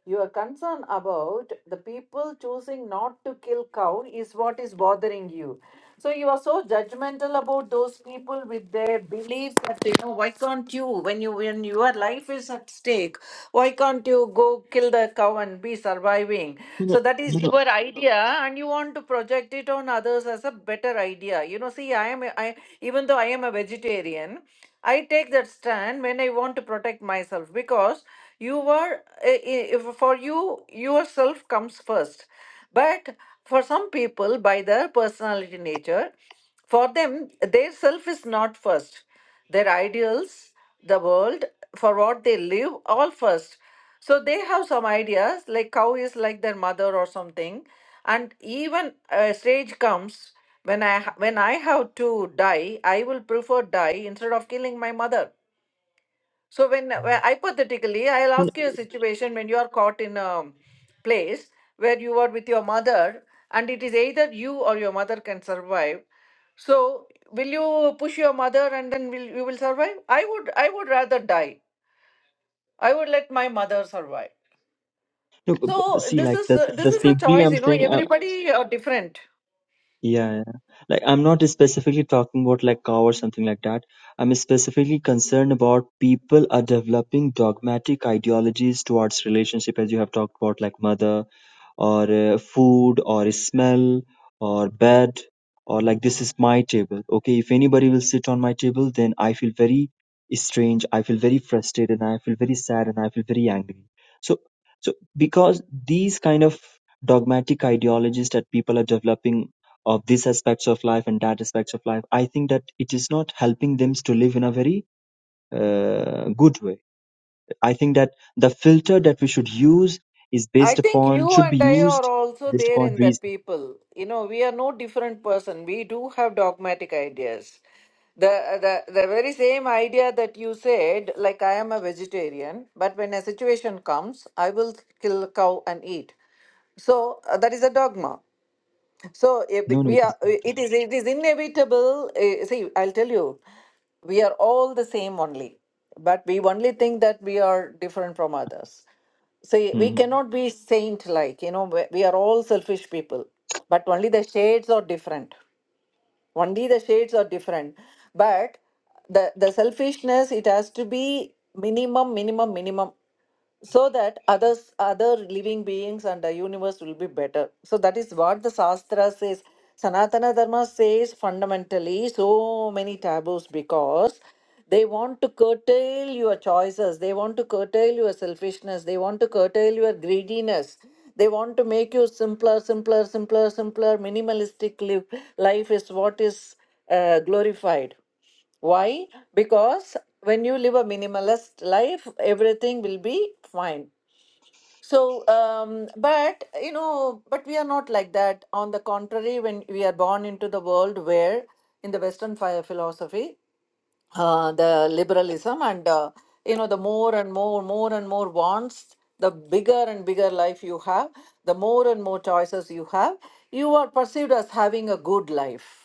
Speaker 1: Your concern about the people choosing not to kill cow is what is bothering you. So you are so judgmental about those people with their beliefs that you know why can't you when you when your life is at stake why can't you go kill the cow and be surviving?
Speaker 3: No, no,
Speaker 1: So that is
Speaker 3: no,
Speaker 1: your idea, and you want to project it on others as a better idea. You know, see, I am I even though I am a vegetarian, I take that stand when I want to protect myself because you were i- i- if for you yourself comes first. But for some people, by their personality nature, for them, their self is not first. Their ideals, the world, for what they live, all first. So they have some ideas like cow is like their mother or something. And even a stage comes when I ha- when I have to die, I will prefer die instead of killing my mother. So when,
Speaker 3: no,
Speaker 1: when hypothetically, I'll
Speaker 3: no,
Speaker 1: ask you a situation when you are caught in a place where you are with your mother, and it is either you or your mother can survive. So will you push your mother and then will you will survive? I would I would rather die. I would let my mother survive
Speaker 3: no, but, but- but
Speaker 1: So
Speaker 3: see,
Speaker 1: this
Speaker 3: like
Speaker 1: is
Speaker 3: that's
Speaker 1: uh, this
Speaker 3: that's
Speaker 1: is a
Speaker 3: simply
Speaker 1: choice,
Speaker 3: I'm
Speaker 1: you know.
Speaker 3: saying, uh,
Speaker 1: Everybody are different.
Speaker 3: yeah, yeah, like I'm not specifically talking about like cow or something like that. I'm specifically concerned about people are developing dogmatic ideologies towards relationship, as you have talked about, like mother or uh, food or smell or bed or like this is my table okay if anybody will sit on my table then i feel very strange i feel very frustrated and i feel very sad and i feel very angry so so because these kind of dogmatic ideologies that people are developing of these aspects of life and that aspects of life i think that it is not helping them to live in a very uh, good way I think that the filter that we should use is
Speaker 1: I
Speaker 3: based
Speaker 1: think
Speaker 3: upon
Speaker 1: you
Speaker 3: should
Speaker 1: and
Speaker 3: be
Speaker 1: I are
Speaker 3: used
Speaker 1: also
Speaker 3: based
Speaker 1: there
Speaker 3: upon
Speaker 1: in that
Speaker 3: reason.
Speaker 1: people. You know, we are no different person. We do have dogmatic ideas. The, the the very same idea that you said, like I am a vegetarian, but when a situation comes, I will kill a cow and eat. So uh, that is a dogma. So eh, b-
Speaker 3: No, no,
Speaker 1: we
Speaker 3: it
Speaker 1: are.
Speaker 3: is.
Speaker 1: eh, It is. It is inevitable. eh, See, I'll tell you, we are all the same only, but we only think that we are different from others. See, we
Speaker 3: Mm-hmm.
Speaker 1: cannot be saint-like. You know, we we are all selfish people, but only the shades are different only the shades are different but the the selfishness it has to be minimum minimum minimum so that others other living beings and the universe will be better so that is what the shastra says sanatana dharma says fundamentally so many taboos because they want to curtail your choices they want to curtail your selfishness they want to curtail your greediness they want to make you simpler simpler simpler simpler minimalistic living life is what is uh, glorified why because when you live a minimalist life everything will be fine so um, but you know but we are not like that on the contrary when we are born into the world where in the western phi- philosophy uh, the liberalism and uh, you know the more and more more and more wants the bigger and bigger life you have the more and more choices you have you are perceived as having a good life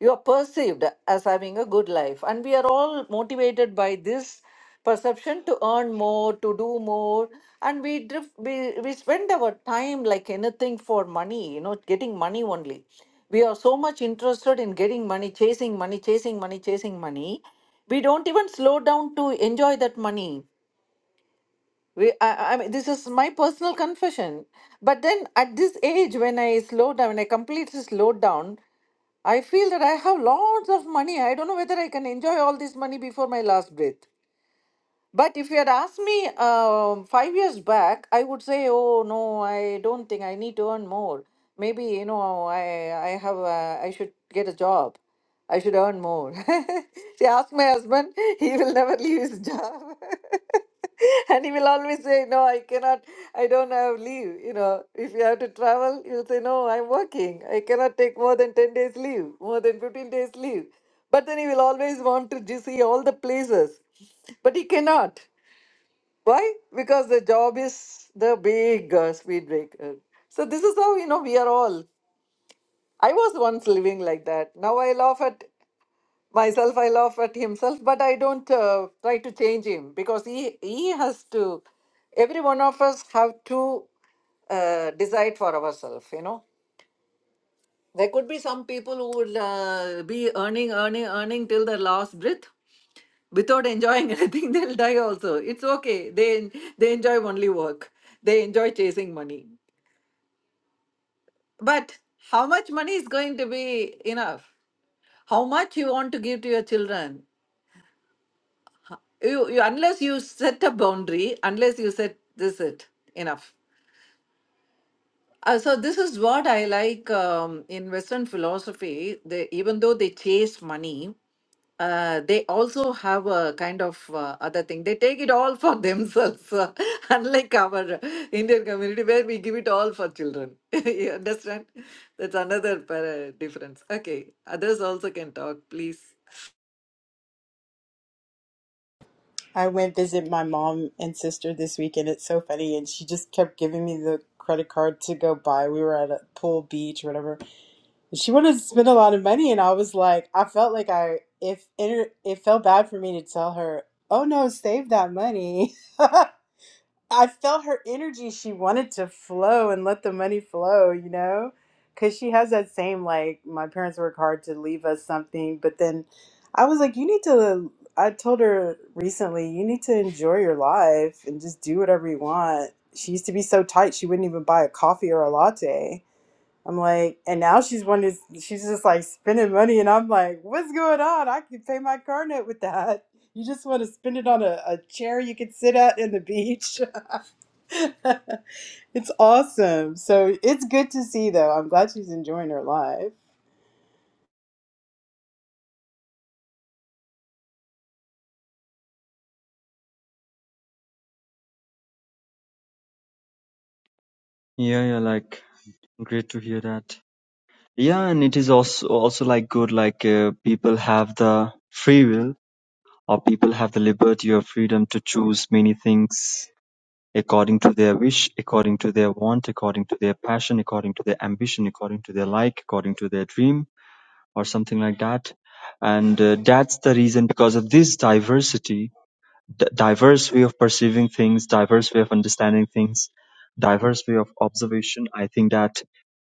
Speaker 1: you are perceived as having a good life and we are all motivated by this perception to earn more to do more and we drift we, we spend our time like anything for money you know getting money only we are so much interested in getting money chasing money chasing money chasing money we don't even slow down to enjoy that money we, I, I mean, this is my personal confession. But then at this age, when I slow down, when I completely slowed down, I feel that I have lots of money. I don't know whether I can enjoy all this money before my last breath. But if you had asked me um five years back, I would say, "Oh no, I don't think I need to earn more. Maybe you know, I I have a, I should get a job. I should earn more." See, ask my husband; he will never leave his job, and he will always say, "No, I cannot. I don't have leave. You know, if you have to travel, you'll say, "No, I'm working. I cannot take more than ten days leave, more than fifteen days leave." But then he will always want to ju- see all the places. But he cannot. Why? Because the job is the big uh, speed breaker. So this is how you know we are all. I was once living like that. Now I laugh at myself. I laugh at himself, but I don't uh, try to change him because he he has to. Every one of us have to uh, decide for ourselves. You know, There could be some people who would uh, be earning, earning, earning till their last breath without enjoying anything. They'll die also. It's okay. They they enjoy only work. They enjoy chasing money. But how much money is going to be enough? how much you want to give to your children you, you unless you set a boundary unless you set this it enough Uh, so this is what I like um, in Western philosophy. They, even though they chase money, uh, they also have a kind of uh, other thing. They take it all for themselves, uh, unlike our Indian community where we give it all for children. you understand? That's another para- difference. Okay, others also can talk, please.
Speaker 4: I went visit my mom and sister this weekend. It's so funny, and she just kept giving me the credit card to go buy. We were at a pool, beach, or whatever. And she wanted to spend a lot of money, and I was like, I felt like I if it, it felt bad for me to tell her, oh no, save that money. I felt her energy. She wanted to flow and let the money flow, you know? Because she has that same, like, my parents work hard to leave us something. But then I was like, you need to, I told her recently, you need to enjoy your life and just do whatever you want. She used to be so tight, she wouldn't even buy a coffee or a latte. I'm like, and now she's one is she's just like spending money, and I'm like, what's going on? I can pay my car note with that. You just want to spend it on a, a chair you can sit at in the beach. it's awesome. So it's good to see, though. I'm glad she's enjoying her life.
Speaker 3: Yeah, yeah, like great to hear that. Yeah, and it is also also like good, like uh, people have the free will or people have the liberty or freedom to choose many things according to their wish, according to their want, according to their passion, according to their ambition, according to their like, according to their dream, or something like that. And uh, that's the reason because of this diversity d- diverse way of perceiving things, diverse way of understanding things, diverse way of observation. I think that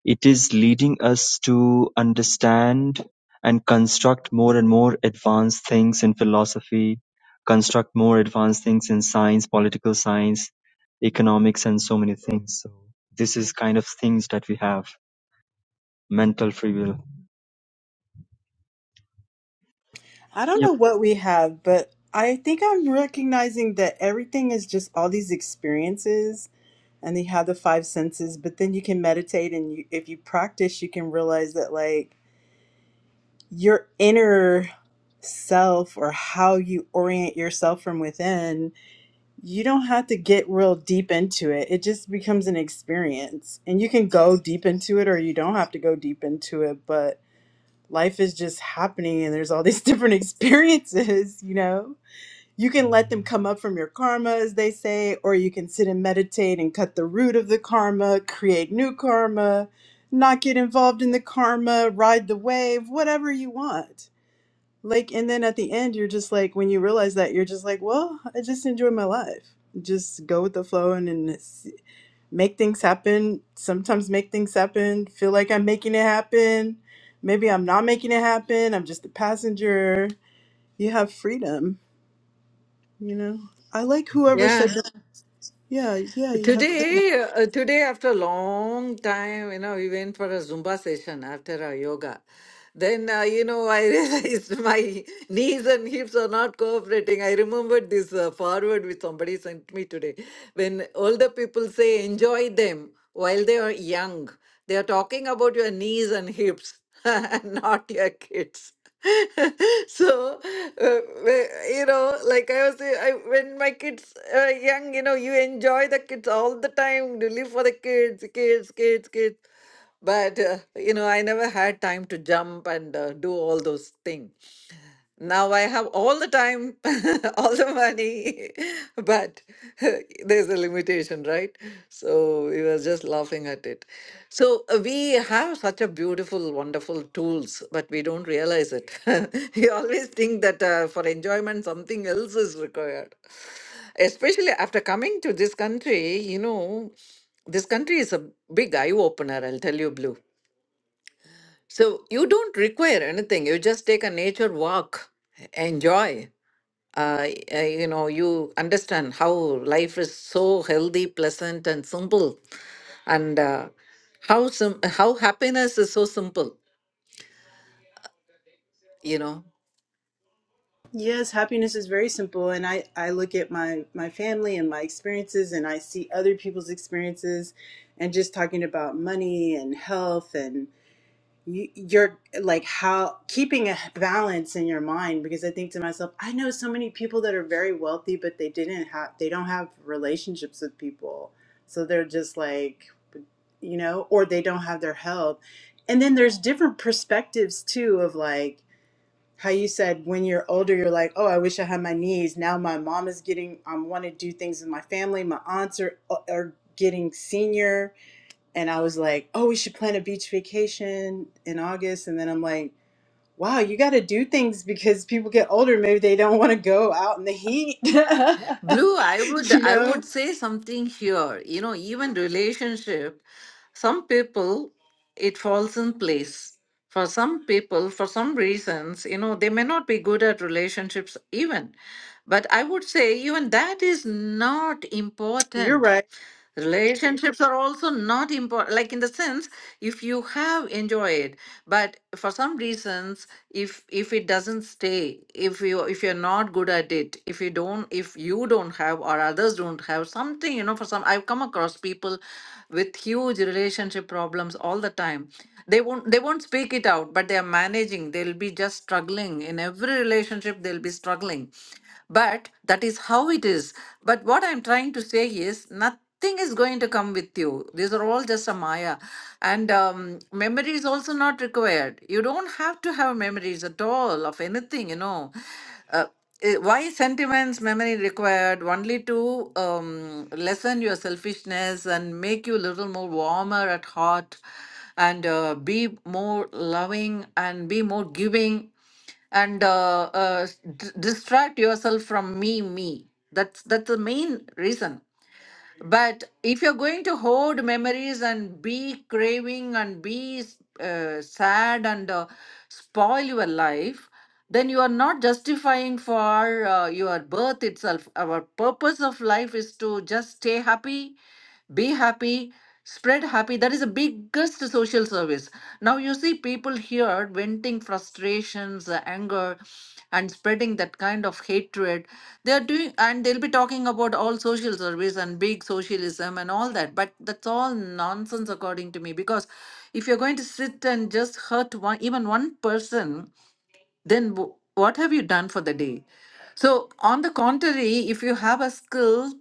Speaker 3: it is leading us to understand and construct more and more advanced things in philosophy, construct more advanced things in science, political science, economics, and so many things. So this is kind of things that we have mental free will.
Speaker 4: I don't know what we have, but I think I'm recognizing that everything is just all these experiences, and they have the five senses. But then you can meditate, and you, if you practice, you can realize that like your inner self or how you orient yourself from within, you don't have to get real deep into it. It just becomes an experience. And you can go deep into it or you don't have to go deep into it, but life is just happening and there's all these different experiences, you know? You can let them come up from your karma, as they say, or you can sit and meditate and cut the root of the karma, create new karma, not get involved in the karma, ride the wave, whatever you want like, and then at the end, you're just like, when you realize that, you're just like, well, I just enjoy my life. Just go with the flow and, and s- make things happen. Sometimes make things happen. Feel like I'm making it happen. Maybe I'm not making it happen. I'm just a passenger. You have freedom, you know? I like whoever
Speaker 1: Yeah,
Speaker 4: said that. Yeah, yeah, you have freedom.
Speaker 1: today, uh, today after a long time, you know, we went for a Zumba session after our yoga. Then, uh, you know, I realized my knees and hips are not cooperating. I remembered this uh, forward which somebody sent me today. When older people say enjoy them while they are young, they are talking about your knees and hips, and not your kids. so uh, we- you know like i was say- I, when my kids are young you know you enjoy the kids all the time you live for the kids kids kids kids but uh, you know i never had time to jump and uh, do all those things now i have all the time all the money but there's a limitation right so we were just laughing at it so uh, we have such a beautiful wonderful tools but we don't realize it we always think that uh, for enjoyment something else is required especially after coming to this country you know this country is a big eye opener, I'll tell you, Blue. So you don't require anything. You just take a nature walk, enjoy. Uh, uh, you know, you understand how life is so healthy, pleasant, and simple, and uh, how sim- how happiness is so simple. You know,
Speaker 4: Yes, happiness is very simple. And I, I look at my, my family and my experiences, and I see other people's experiences and just talking about money and health and you, you're like how keeping a balance in your mind because I think to myself, I know so many people that are very wealthy, but they didn't have they don't have relationships with people, so they're just like you know, or they don't have their health. And then there's different perspectives too of like how you said when you're older, you're like, oh, I wish I had my knees. Now my mom is getting, I want to do things with my family. My aunts are uh, are getting senior and I was like, "Oh, we should plan a beach vacation in August." And then I'm like, "Wow, you got to do things because people get older. Maybe they don't want to go out in the heat."
Speaker 1: Blue, I would
Speaker 4: you
Speaker 1: I
Speaker 4: know,
Speaker 1: would say something here. You know, even relationship, some people it falls in place. For some people, for some reasons, you know, they may not be good at relationships even. But I would say even that is not
Speaker 4: you're
Speaker 1: important
Speaker 4: right.
Speaker 1: Relationships are also not important, like in the sense, if you have enjoyed, but for some reasons, if if it doesn't stay, if you if you're not good at it, if you don't, if you don't have or others don't have something, you know, for some, I've come across people with huge relationship problems all the time. They won't they won't speak it out, but they are managing. They'll be just struggling in every relationship. They'll be struggling but that is how it is. But what I'm trying to say is nothing is going to come with you. These are all just a Maya. And um, memory is also not required. You don't have to have memories at all of anything, you know. Uh, eh, why sentiments, memory required only to um, lessen your selfishness and make you a little more warmer at heart and uh, be more loving and be more giving and uh, uh, d- distract yourself from me me that's that's the main reason but if you're going to hoard memories and be craving and be uh, sad and uh, spoil your life, then you are not justifying for uh, your birth itself. Our purpose of life is to just stay happy, be happy, spread happy. That is the biggest social service. Now you see people here venting frustrations, uh, anger, and spreading that kind of hatred they are doing and they'll be talking about all social service and big socialism and all that but that's all nonsense according to me because if you're going to sit and just hurt one even one person then w- what have you done for the day so on the contrary if you have a skill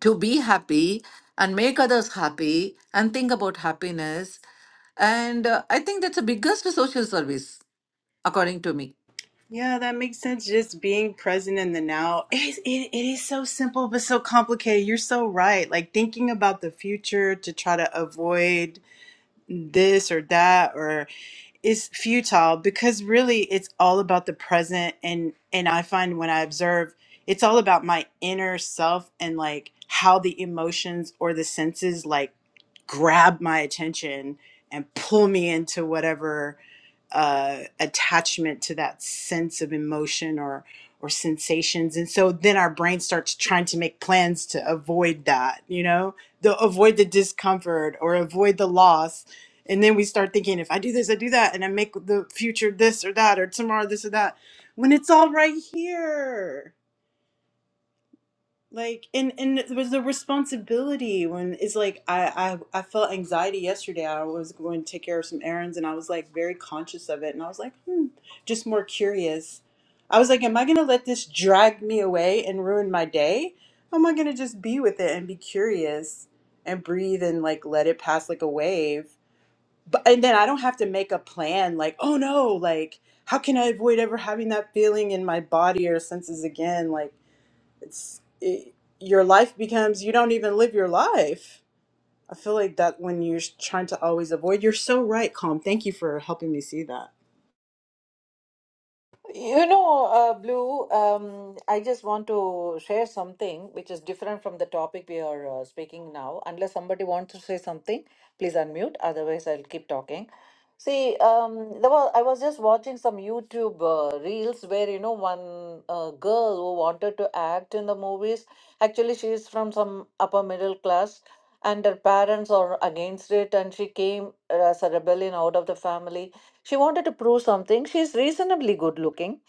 Speaker 1: to be happy and make others happy and think about happiness and uh, i think that's the biggest social service according to me
Speaker 4: Yeah, that makes sense. Just being present in the now. It is, it, it is so simple, but so complicated. You're so right. Like thinking about the future to try to avoid this or that, or. is futile because really it's all about the present and and I find when I observe it's all about my inner self and like how the emotions or the senses like grab my attention and pull me into whatever uh, attachment to that sense of emotion or or sensations and so then our brain starts trying to make plans to avoid that you know the avoid the discomfort or avoid the loss and then we start thinking, if I do this, I do that, and I make the future this or that, or tomorrow this or that, when it's all right here. Like, and and it was the responsibility when it's like I I I felt anxiety yesterday. I was going to take care of some errands, and I was like very conscious of it, and I was like, hmm, just more curious. I was like, am I gonna let this drag me away and ruin my day? Or am I gonna just be with it and be curious and breathe and like let it pass like a wave? but and then I don't have to make a plan like, oh no, like how can I avoid ever having that feeling in my body or senses again? Like it's it, your life becomes you don't even live your life. I feel like that when you're trying to always avoid, you're so right, Calm. Thank you for helping me see that.
Speaker 1: You know, uh, Blue, um, I just want to share something which is different from the topic we are uh, speaking now. Unless somebody wants to say something, please unmute. Otherwise, I'll keep talking. See, um, there was, I was just watching some YouTube uh, reels where, you know, one uh, girl who wanted to act in the movies. Actually, she is from some upper middle class, and her parents are against it, and she came uh, as a rebellion out of the family she wanted to prove something. She's reasonably good looking.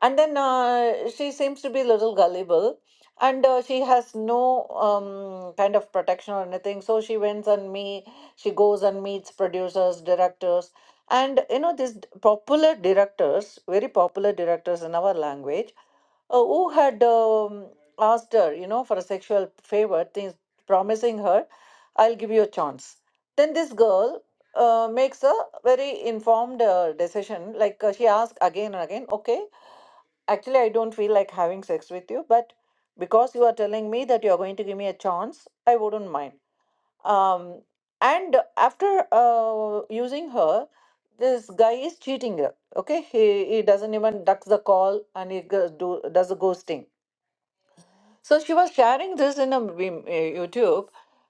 Speaker 1: And then uh, she seems to be a little gullible. And uh, she has no um, kind of protection or anything. So she went and me, she goes and meets producers, directors. And you know, these d- popular directors, very popular directors in our language, uh, who had um, asked her, you know, for a sexual favor, things, promising her I'll give you a chance. Then this girl uh, makes a very informed uh, decision. Like uh, she asks again and again, okay, actually, I don't feel like having sex with you, but because you are telling me that you're going to give me a chance, I wouldn't mind. Um, and after uh, using her, this guy is cheating her. Okay, he, he doesn't even ducks the call and he goes, do, does a ghosting so she was sharing this in a Vim- uh, YouTube,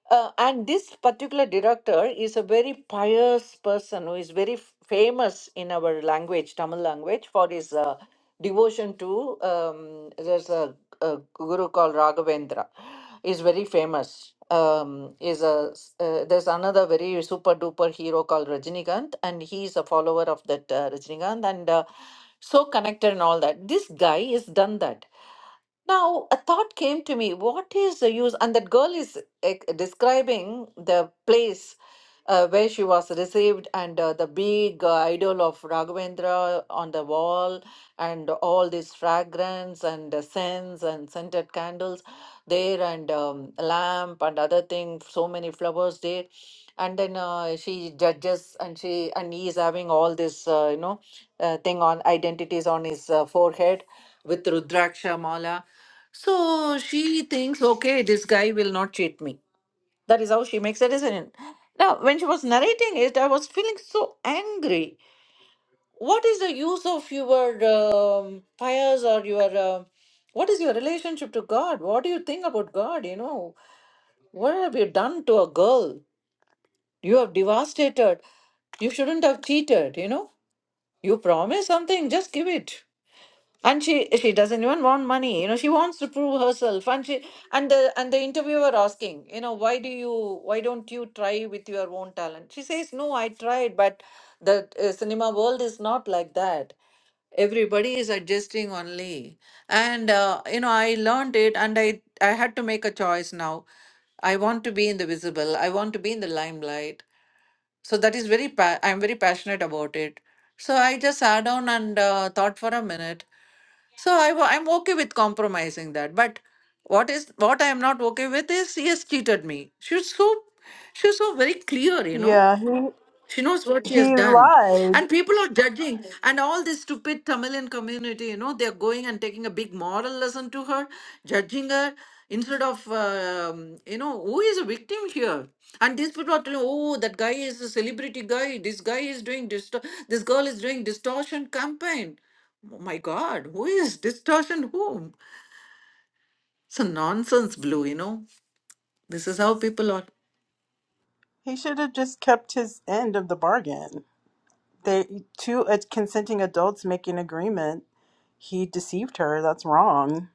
Speaker 1: uh, and this particular director is a very pious person who is very f- famous in our language, Tamil language, for his uh, devotion to. Um, there's a, a guru called Raghavendra is very famous. Um, is a s- uh, there's another very super duper hero called Rajinikanth, and he's a follower of that uh, Rajinikanth, and uh, so connected and all that. This guy has done that. Now, a thought came to me what is the use? And that girl is ex- describing the place uh, where she was received and uh, the big uh, idol of Raghavendra on the wall and all this fragrance and the scents and scented candles there and um, lamp and other thing so many flowers there and then uh, she judges and she and he is having all this uh, you know uh, thing on identities on his uh, forehead with rudraksha mala so she thinks okay this guy will not cheat me that is how she makes a decision now when she was narrating it i was feeling so angry what is the use of your um, prayers or your uh, what is your relationship to god what do you think about god you know what have you done to a girl you have devastated you shouldn't have cheated you know you promise something just give it and she she doesn't even want money you know she wants to prove herself and she and the and the interviewer asking you know why do you why don't you try with your own talent she says no i tried but the uh, cinema world is not like that everybody is adjusting only and uh, you know i learned it and i i had to make a choice now i want to be in the visible i want to be in the limelight so that is very pa- i'm very passionate about it so i just sat down and uh, thought for a minute so I, wa- i'm okay with compromising that but what is what i am not okay with is she has cheated me she's so she's so very clear you know
Speaker 4: Yeah, he
Speaker 1: she knows what she has
Speaker 4: he
Speaker 1: done.
Speaker 4: lied.
Speaker 1: And people are judging. And all this stupid Tamilian community, you know, they're going and taking a big moral lesson to her, judging her instead of, um, you know, who is a victim here? And these people are telling, oh, that guy is a celebrity guy. This guy is doing, disto- this girl is doing distortion campaign. Oh my God, who is distortion whom? It's a nonsense blue, you know. This is how people are.
Speaker 4: He should have just kept his end of the bargain. They two uh, consenting adults make an agreement. He deceived her. That's wrong.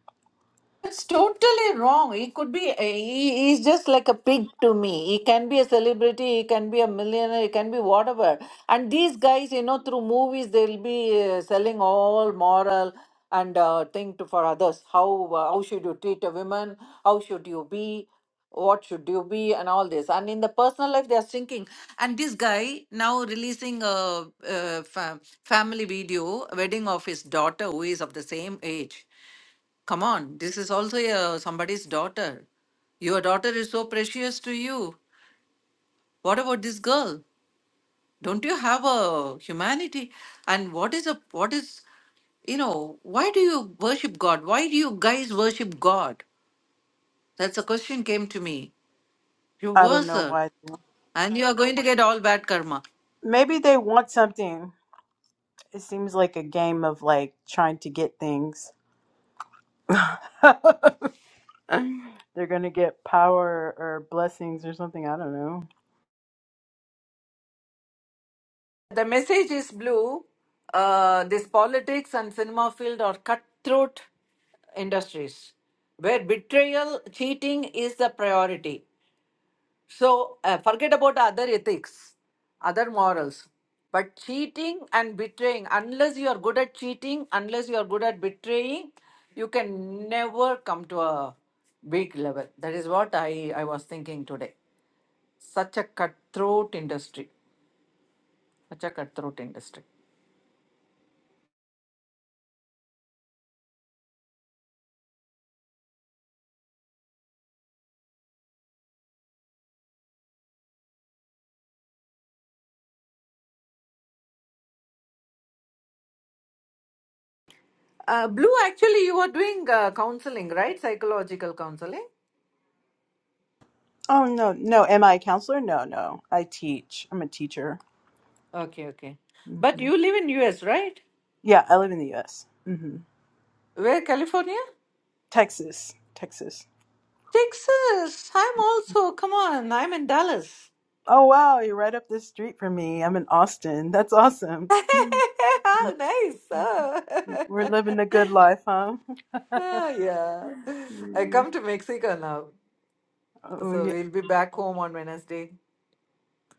Speaker 1: It's totally wrong. He could be, eh, he, he's just like a pig to me. He can be a celebrity, he can be a millionaire, he can be whatever. And these guys, you know, through movies, they'll be uh, selling all moral and uh, thing to for others. How uh, how should you treat a woman? How should you be? What should you be? And all this. And in the personal life, they are sinking. And this guy now releasing a, a fa- family video, wedding of his daughter, who is of the same age Come on, this is also uh, somebody's daughter. Your daughter is so precious to you. What about this girl? Don't you have a humanity? And what is a what is you know, why do you worship God? Why do you guys worship God? That's a question came to me. You
Speaker 4: I don't
Speaker 1: worship,
Speaker 4: know why.
Speaker 1: And you are going to get all bad karma.
Speaker 4: Maybe they want something. It seems like a game of like trying to get things. They're gonna get power or blessings or something. I don't know.
Speaker 1: The message is blue. Uh, this politics and cinema field are cutthroat industries where betrayal, cheating is the priority. So uh, forget about other ethics, other morals. But cheating and betraying, unless you are good at cheating, unless you are good at betraying, you can never come to a big level. That is what I, I was thinking today. Such a cutthroat industry. Such a cutthroat industry. Uh, Blue, actually, you are doing uh, counseling, right? Psychological counseling.
Speaker 4: Oh no, no. Am I a counselor? No, no. I teach. I'm a teacher.
Speaker 1: Okay, okay. But
Speaker 4: hmm
Speaker 1: you live in US, right?
Speaker 4: Yeah, I live in the U.S.
Speaker 1: Where, California?
Speaker 4: Texas, Texas.
Speaker 1: Texas. I'm also, come on, I'm in Dallas.
Speaker 4: Oh wow, you're right up the street from me. I'm in Austin. That's awesome.
Speaker 1: How nice. Oh.
Speaker 4: We're living the good life, huh?
Speaker 1: Oh, yeah. I
Speaker 4: Mm.
Speaker 1: come to Mexico now.
Speaker 4: Oh
Speaker 1: So
Speaker 4: yeah.
Speaker 1: we'll be back home on Wednesday.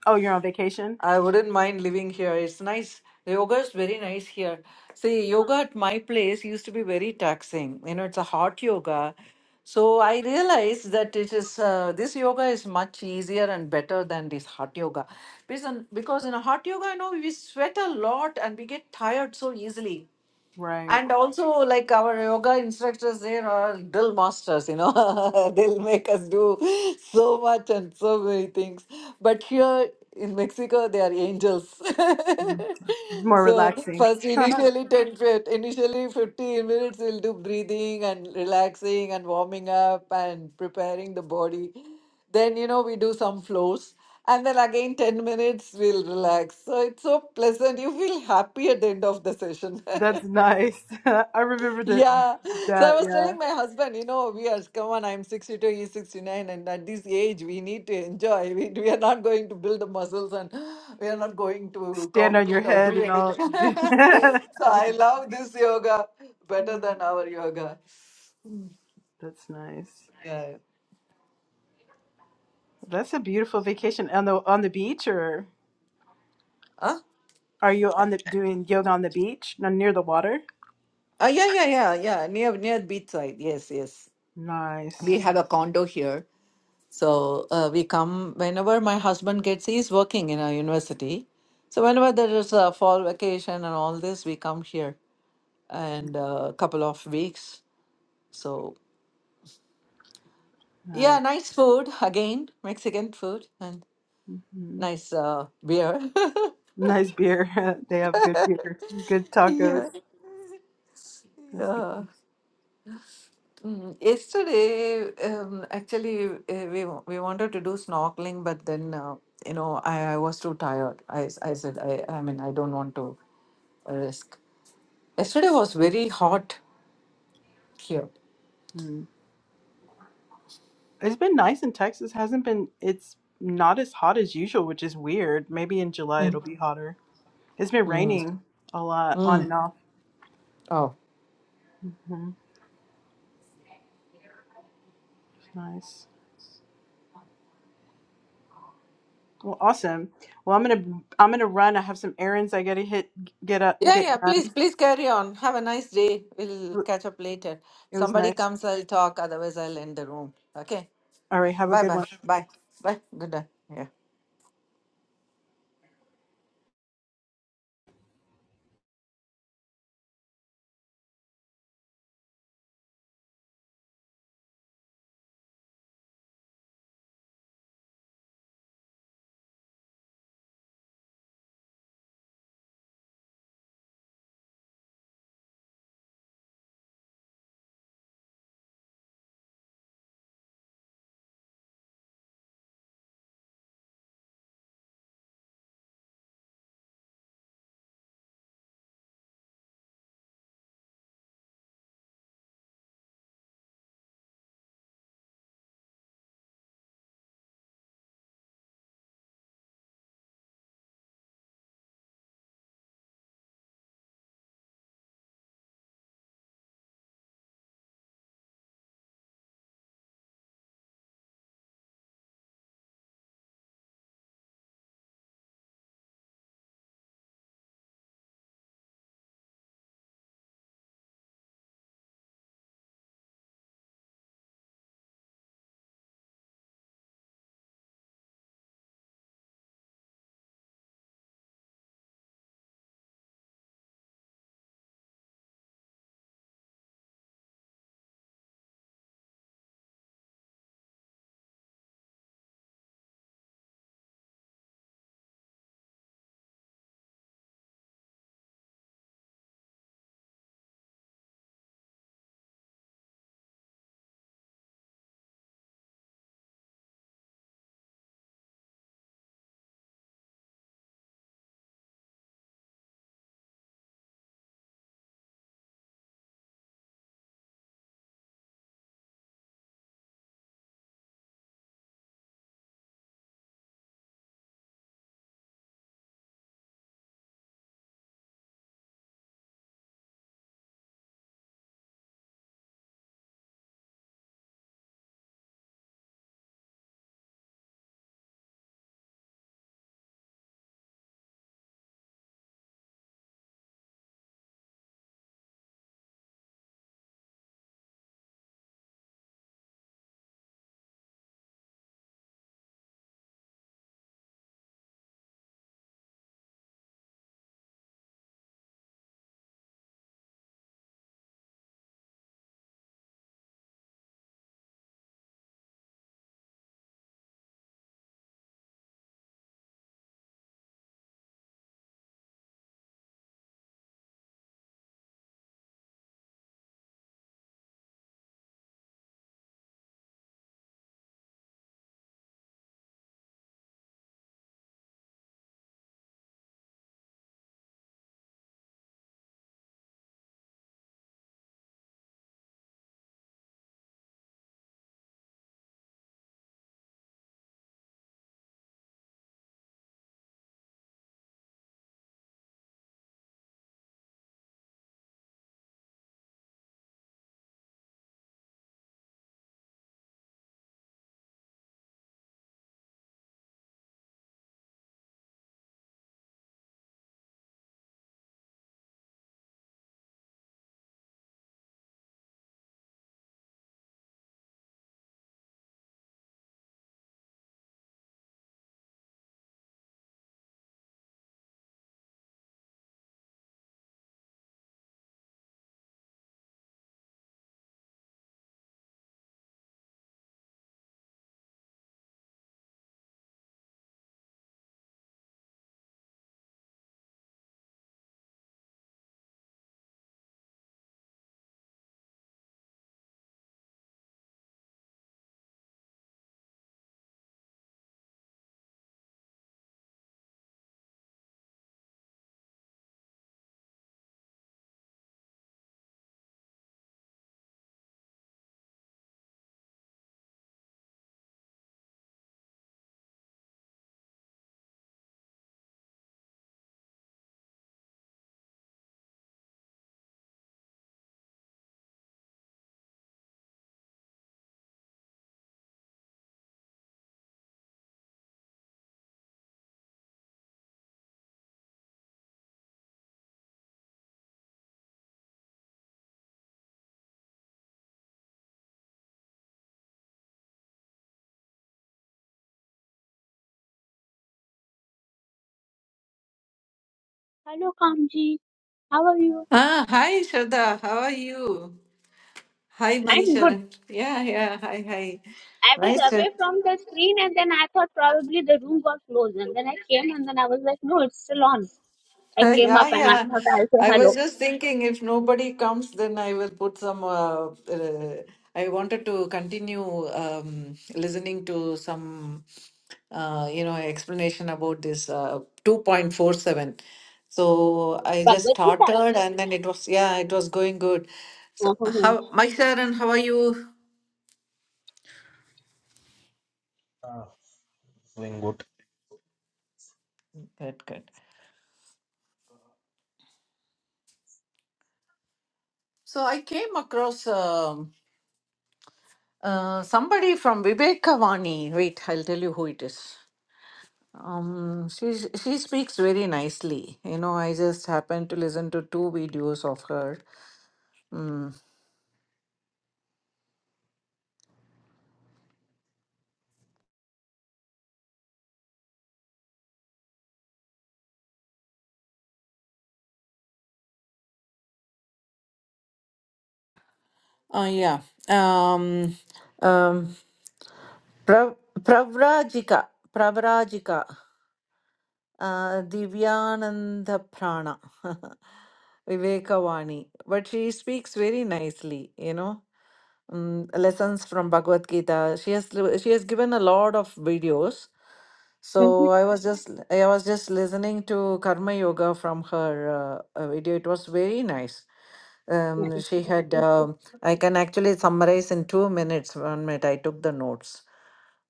Speaker 4: Oh, you're on vacation?
Speaker 1: I wouldn't mind living here. It's nice. The yoga is very nice here. See, yoga at my place used to be very taxing. You know, it's a hot yoga. So I realized that it is uh, this yoga is much easier and better than this hot yoga, because because in a hot yoga, you know, we sweat a lot and we get tired so easily.
Speaker 4: Right.
Speaker 1: And also, like our yoga instructors, there are drill masters, you know, they'll make us do so much and so many things. But here in Mexico, they are angels.
Speaker 4: It's more
Speaker 1: so,
Speaker 4: relaxing.
Speaker 1: first, initially 10, fif- initially 15 minutes, we'll do breathing and relaxing and warming up and preparing the body. Then, you know, we do some flows. And then again, 10 minutes, we'll relax. So, it's so pleasant. You feel happy at the end of the session.
Speaker 4: That's nice. I remember that
Speaker 1: Yeah. So I
Speaker 4: that
Speaker 1: was
Speaker 4: yeah.
Speaker 1: telling my husband, you know, we are, come on, I'm 62, he's 69, and at this age, we need to enjoy. We, we are not going to build the muscles and we are not going to
Speaker 4: Stand on your
Speaker 1: compete or
Speaker 4: head
Speaker 1: do
Speaker 4: and
Speaker 1: anything.
Speaker 4: all. Do- That's
Speaker 1: so I love this yoga better than our yoga.
Speaker 4: nice.
Speaker 1: Yeah.
Speaker 4: That's a beautiful vacation on the on the beach or
Speaker 1: Huh?
Speaker 4: are you on the doing yoga on the beach? Not near the water?
Speaker 1: Uh, yeah, yeah, yeah, yeah. Near, near beachside. Yes, yes.
Speaker 4: Nice,
Speaker 1: We have a condo here. So uh, we come whenever my husband gets, he's working in a university. So whenever there is a fall vacation and all this, we come here and a couple of weeks. So
Speaker 4: Nice.
Speaker 1: yeah, nice food again, Mexican food and
Speaker 4: hmm
Speaker 1: nice uh, beer.
Speaker 4: Nice beer. they have good beer, good tacos.
Speaker 1: yeah,
Speaker 4: That's,
Speaker 1: yeah. Mm, Yesterday, um, actually, uh, we wa- we wanted to do snorkeling, but then uh, you know I, I was too tired. I s- I said I I mean I don't want to risk. Yesterday was very hot here.
Speaker 4: mm. It's been nice in Texas. Hasn't been. It's not as hot as usual, which is weird. Maybe in July
Speaker 1: Mm,
Speaker 4: it'll be hotter. It's been
Speaker 1: mm,
Speaker 4: raining a lot, on
Speaker 1: mm.
Speaker 4: and off.
Speaker 1: Oh.
Speaker 4: hmm nice. Well, awesome. Well, I'm gonna I'm gonna run. I have some errands I gotta hit get up
Speaker 1: Yeah, yeah,
Speaker 4: get
Speaker 1: please,
Speaker 4: done.
Speaker 1: please carry on. Have a nice day. We'll catch up later.
Speaker 4: It was
Speaker 1: Somebody
Speaker 4: nice.
Speaker 1: comes, I'll talk. Otherwise, I'll end the room. Okay.
Speaker 4: All right. Have a
Speaker 1: Bye
Speaker 4: good one.
Speaker 1: bye. Bye. Bye. Good day. Yeah.
Speaker 5: Hello, Kamji. How are you?
Speaker 1: Ah, hi, Shraddha. How are you? Hi,
Speaker 5: I'm good.
Speaker 1: Manishwaran. Yeah, yeah. Hi, hi.
Speaker 5: I was
Speaker 1: Nice to.
Speaker 5: away from the screen and then I thought probably the room got closed. And then I came and then I was like, no, it's still on. I came
Speaker 1: Yeah,
Speaker 5: up and I
Speaker 1: yeah.
Speaker 5: thought I'll say
Speaker 1: I was
Speaker 5: hello.
Speaker 1: just thinking if nobody comes, then I will put some. Uh, uh, I wanted to continue um, listening to some, uh, you know, explanation about this uh, 2.47. So I just
Speaker 5: Bhagavad Gita.
Speaker 1: started and then it was, yeah, it was going good. So, how, my Sharon, how are you?
Speaker 6: Ah, doing good.
Speaker 1: Good, good. So I came across um, uh, somebody from Vivekavani. Wait, I'll tell you who it is. Um, she she speaks very nicely. You know, I just happened to listen to two videos of her. Mm. Oh yeah. Um, um, pra, Pravrajika, Pravrajika, uh, Divyananda Prana, Vivekavani. But she speaks very nicely. You know, mm, lessons from Bhagavad Gita. She has she has given a lot of videos.
Speaker 5: Mm-hmm.
Speaker 1: So I was just I was just listening to Karma Yoga from her uh, uh, video. It was very nice.
Speaker 5: Nice.
Speaker 1: Um, she
Speaker 5: Good,
Speaker 1: had
Speaker 5: good. Good.
Speaker 1: um I can actually summarize in two minutes. One minute I took the notes.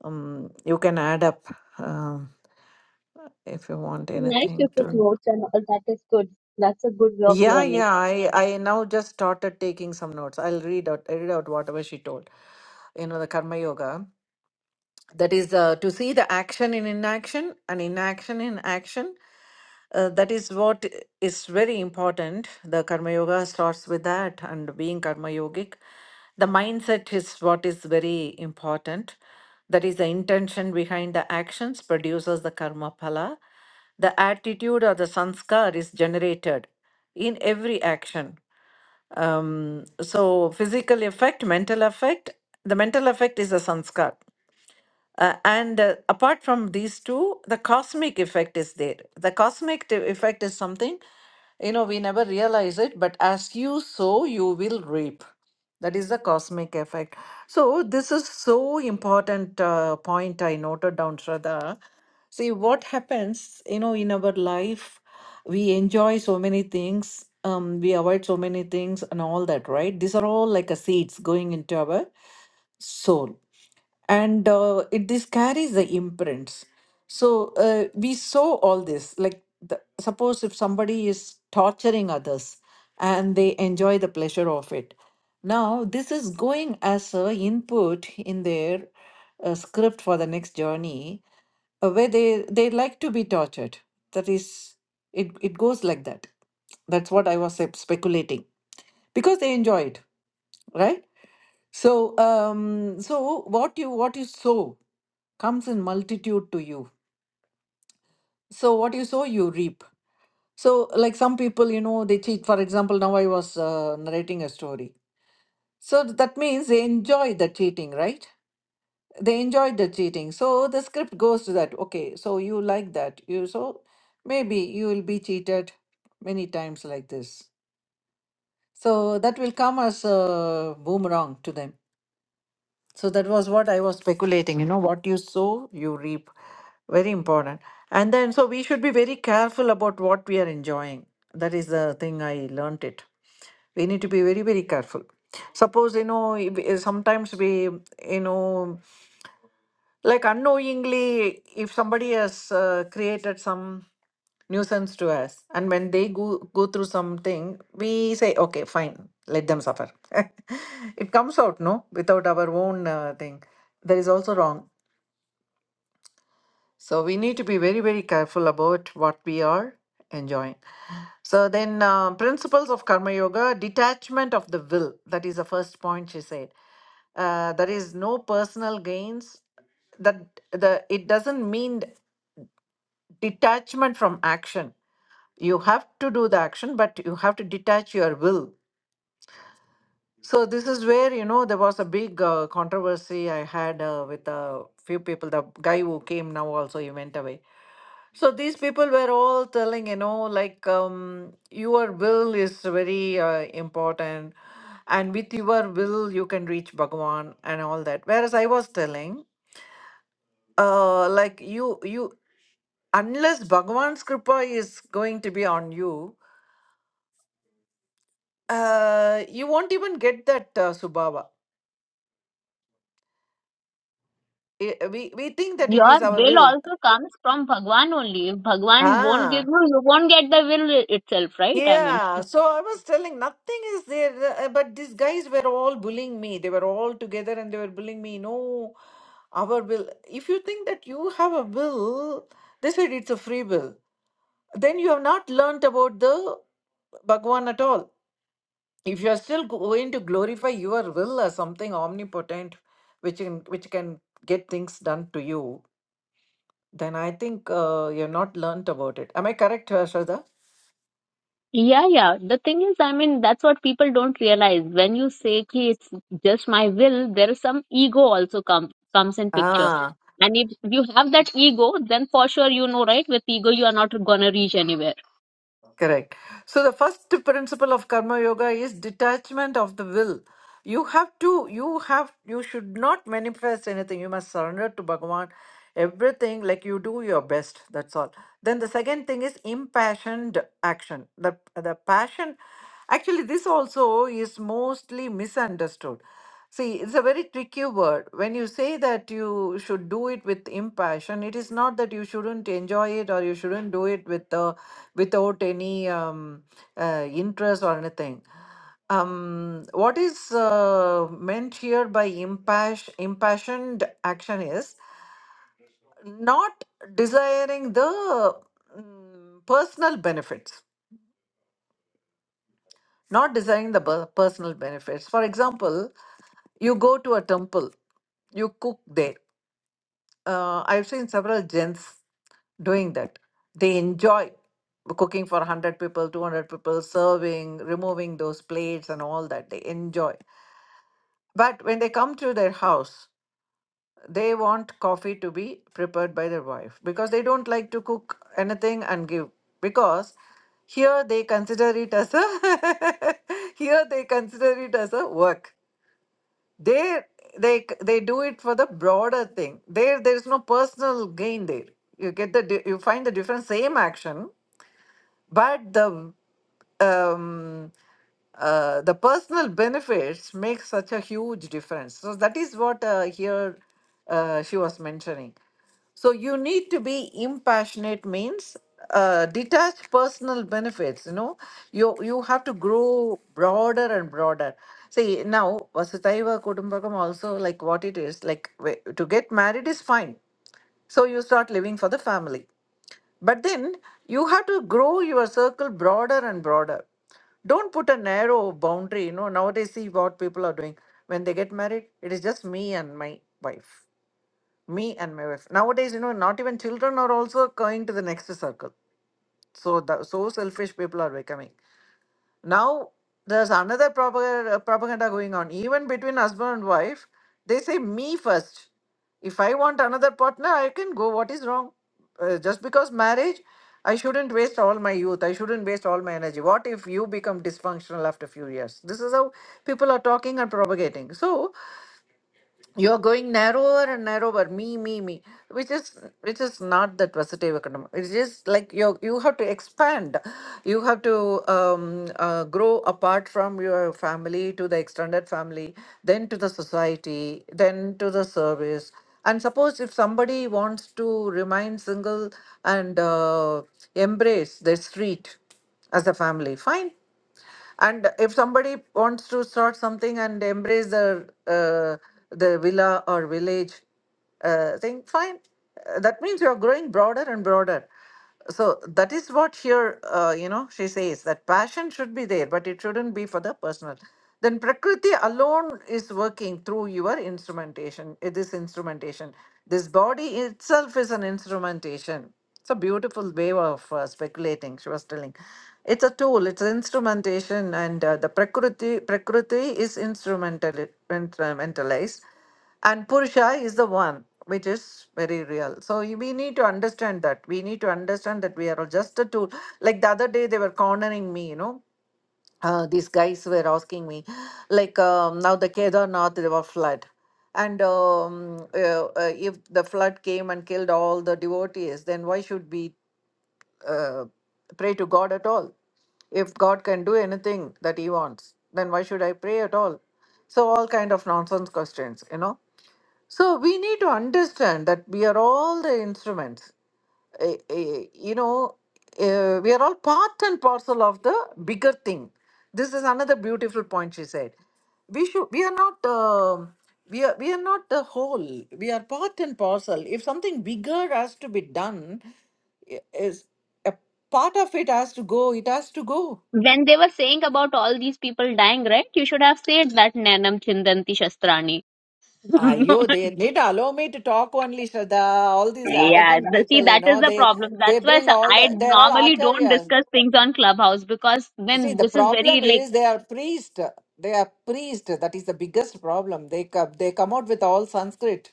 Speaker 1: Um, you can add up um, if you want
Speaker 5: So Nice you
Speaker 1: anything
Speaker 5: took
Speaker 1: to.
Speaker 5: notes and all. That is good. That's a good way of
Speaker 1: Yeah,
Speaker 5: learning.
Speaker 1: yeah. I I now just started taking some notes. I'll read out I read out whatever she told. You know the Karma Yoga. That is uh, to see the action in inaction and inaction in action. Uh, that is what is very important. The Karma Yoga starts with that, and being Karma Yogic, the mindset is what is very important. That is the intention behind the actions produces the karma phala. The attitude or the sanskar is generated in every action. Um, so, physical effect, mental effect. The mental effect is a sanskar uh, and uh, apart from these two, the cosmic effect is there. The cosmic t- effect is something, you know, we never realize it, but as you sow, you will reap. That is the cosmic effect. So, this is so important uh, point I noted down, Shraddha. See, what happens, you know, in our life, we enjoy so many things, um, we avoid so many things, and all that, right? These are all like a seeds going into our soul and uh, it this carries the imprints so uh, we saw all this like the, suppose if somebody is torturing others and they enjoy the pleasure of it now this is going as a input in their uh, script for the next journey uh, where they they like to be tortured that is it it goes like that that's what i was sep- speculating because they enjoy it right so, um, so what you what you sow comes in multitude to you. So what you sow, you reap. So, like some people, you know, they cheat. For example, now I was uh, narrating a story. So that means they enjoy the cheating, right? They enjoyed the cheating. So the script goes to that. Okay, so you like that. You so maybe you will be cheated many times like this. So that will come as a boomerang to them So that was what I was speculating. You know, what you sow, you reap. Very important. And then, so we should be very careful about what we are enjoying. That is the thing I learnt it. We need to be very, very careful. Suppose, you know, if- eh, sometimes we, you know, like unknowingly, if somebody has uh, created some nuisance to us, and when they go, go through something, we say, okay, fine, let them suffer. it comes out, no, without our own uh, thing. That is also wrong. So we need to be very, very careful about what we are enjoying. So then, uh, principles of karma yoga, detachment of the will. That is the first point she said. Uh, there is no personal gains. That the it doesn't mean. detachment from action. You have to do the action, but you have to detach your will. So this is where you know there was a big uh, controversy I had uh, with a few people. The guy who came now also he went away. So these people were all telling you know like um, your will is very uh, important, and with your will you can reach Bhagwan and all that. Whereas I was telling uh, like you you unless Bhagwan's kripa is going to be on you Uh, you won't even get that uh, Subhava. I- we we think that it
Speaker 5: Your
Speaker 1: is our
Speaker 5: will
Speaker 1: will.
Speaker 5: also comes from Bhagwan only. If Bhagwan won't give
Speaker 1: Ah,
Speaker 5: you, you won't get the will itself, right? I mean.
Speaker 1: yeah. So I was telling nothing is there, uh, uh, but these guys were all bullying me. They were all together and they were bullying me. No, our will. If you think that you have a will, they said it's a free will. Then you have not learnt about the Bhagwan at all. If you are still going to glorify your will as something omnipotent, which can which can get things done to you Then I think uh, you've not learnt about it. Am I correct, uh, Shraddha?
Speaker 5: Yeah, yeah. The thing is, I mean, that's what people don't realize. When you say ki it's just my will, there is some ego also come comes in picture.
Speaker 1: Ah.
Speaker 5: And if you have that ego, then for sure you know, right? With ego, you are not gonna reach anywhere.
Speaker 1: Correct. So the first principle of karma yoga is detachment of the will. You have to, you have, you should not manifest anything. You must surrender to Bhagavan everything like you do your best. That's all. Then the second thing is impassioned action. The, the passion, actually, this also is mostly misunderstood. See, it's a very tricky word. When you say that you should do it with impassion, it is not that you shouldn't enjoy it or you shouldn't do it with the without any um, uh, interest or anything. Um, what is uh, meant here by impass- impassioned action is not desiring the mm, personal benefits, not desiring the per- personal benefits. For example, you go to a temple, you cook there. Uh, I've seen several gens doing that. They enjoy cooking for 100 people, 200 people, serving, removing those plates and all that. They enjoy. But when they come to their house, they want coffee to be prepared by their wife because they don't like to cook anything and give. Because here they consider it as a here they consider it as a work. There they they do it for the broader thing. There there is no personal gain there. You get the di- you find the difference. Same action, but the um, uh, the personal benefits make such a huge difference. So that is what uh, here uh, she was mentioning. So you need to be impassionate means uh, detach personal benefits. You know, you you have to grow broader and broader. See now Vasudhaiva Kudumbakam also like what it is like wh- to get married is fine. So you start living for the family but then you have to grow your circle broader and broader. Don't put a narrow boundary. You know, nowadays, see what people are doing. When they get married, it is just me and my wife. Me and my wife. Nowadays, you know, not even children are also going to the next circle. So, the, so selfish people are becoming. Now there's another propaganda, uh, propaganda going on. Even between husband and wife, they say me first. If I want another partner, I can go. What is wrong? Uh, just because marriage, I shouldn't waste all my youth. I shouldn't waste all my energy. What if you become dysfunctional after few years? This is how people are talking and propagating. So you're going narrower and narrower me me me which is which is not that positive economy it is like you you have to expand you have to um, uh, grow apart from your family to the extended family then to the society then to the service and suppose if somebody wants to remain single and uh, embrace the street as a family fine and if somebody wants to start something and embrace the uh, the villa or village uh, thing, fine. Uh, That means you are growing broader and broader. So that is what here, uh, you know, she says that passion should be there, but it shouldn't be for the personal. Then Prakriti alone is working through your instrumentation. It is instrumentation. This body itself is an instrumentation it's a beautiful way of uh, speculating, she was telling. It's a tool, it's instrumentation, and uh, the Prakriti, Prakriti is instrumentali- instrumentalized, and Purusha is the one, which is very real. So you- we need to understand that. We need to understand that we are just a tool. Like the other day, they were cornering me, you know uh, these guys were asking me, like um, now the Kedarnath river flood, and um, uh, uh, if the flood came and killed all the devotees, then why should we uh, pray to God at all? If God can do anything that He wants, then why should I pray at all? So all kind of nonsense questions, you know. So we need to understand that we are all the instruments eh, eh, you know, uh, we are all part and parcel of the bigger thing. This is another beautiful point she said. We should. We are not. um we are. We are not the whole. We are part and parcel. If something bigger has to be done, i- is a part of it has to go. It has to go.
Speaker 5: When they were saying about all these people dying, right? You should have said that Nanam Chindanti Shastrani.
Speaker 1: Ayo, they need allow me to talk only, Shraddha. All these
Speaker 5: Yeah,
Speaker 1: arrogant
Speaker 5: the, see,
Speaker 1: people, you
Speaker 5: that is
Speaker 1: know,
Speaker 5: the
Speaker 1: they
Speaker 5: problem.
Speaker 1: they
Speaker 5: That's why
Speaker 1: bring
Speaker 5: so-
Speaker 1: all
Speaker 5: I
Speaker 1: the they're all
Speaker 5: normally don't
Speaker 1: acharyas.
Speaker 5: discuss things on Clubhouse because
Speaker 1: See,
Speaker 5: when
Speaker 1: the
Speaker 5: this is very
Speaker 1: problem
Speaker 5: like
Speaker 1: is they are priest. They are priest. That is the biggest problem. They come, they come out with all Sanskrit.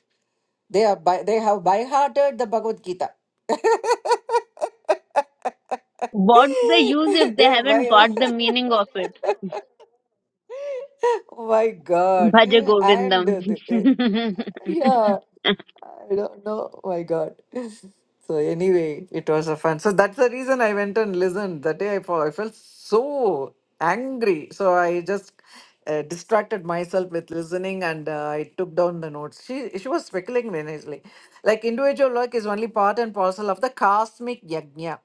Speaker 1: They are by, they have by-hearted the Bhagavad Gita.
Speaker 5: What's the use if they
Speaker 1: they
Speaker 5: haven't
Speaker 1: by
Speaker 5: got the meaning of it?
Speaker 1: Oh my God.
Speaker 5: Bhaja
Speaker 1: And
Speaker 5: Govindam.
Speaker 1: uh, the, uh, yeah, I don't know. Oh my God. So anyway, it was a fun. So that's the reason I went and listened. That day I felt, I felt so angry. So I just uh, distracted myself with listening and uh, I took down the notes. She she was speculating very nicely. Like like, individual work is only part and parcel of the cosmic yajna.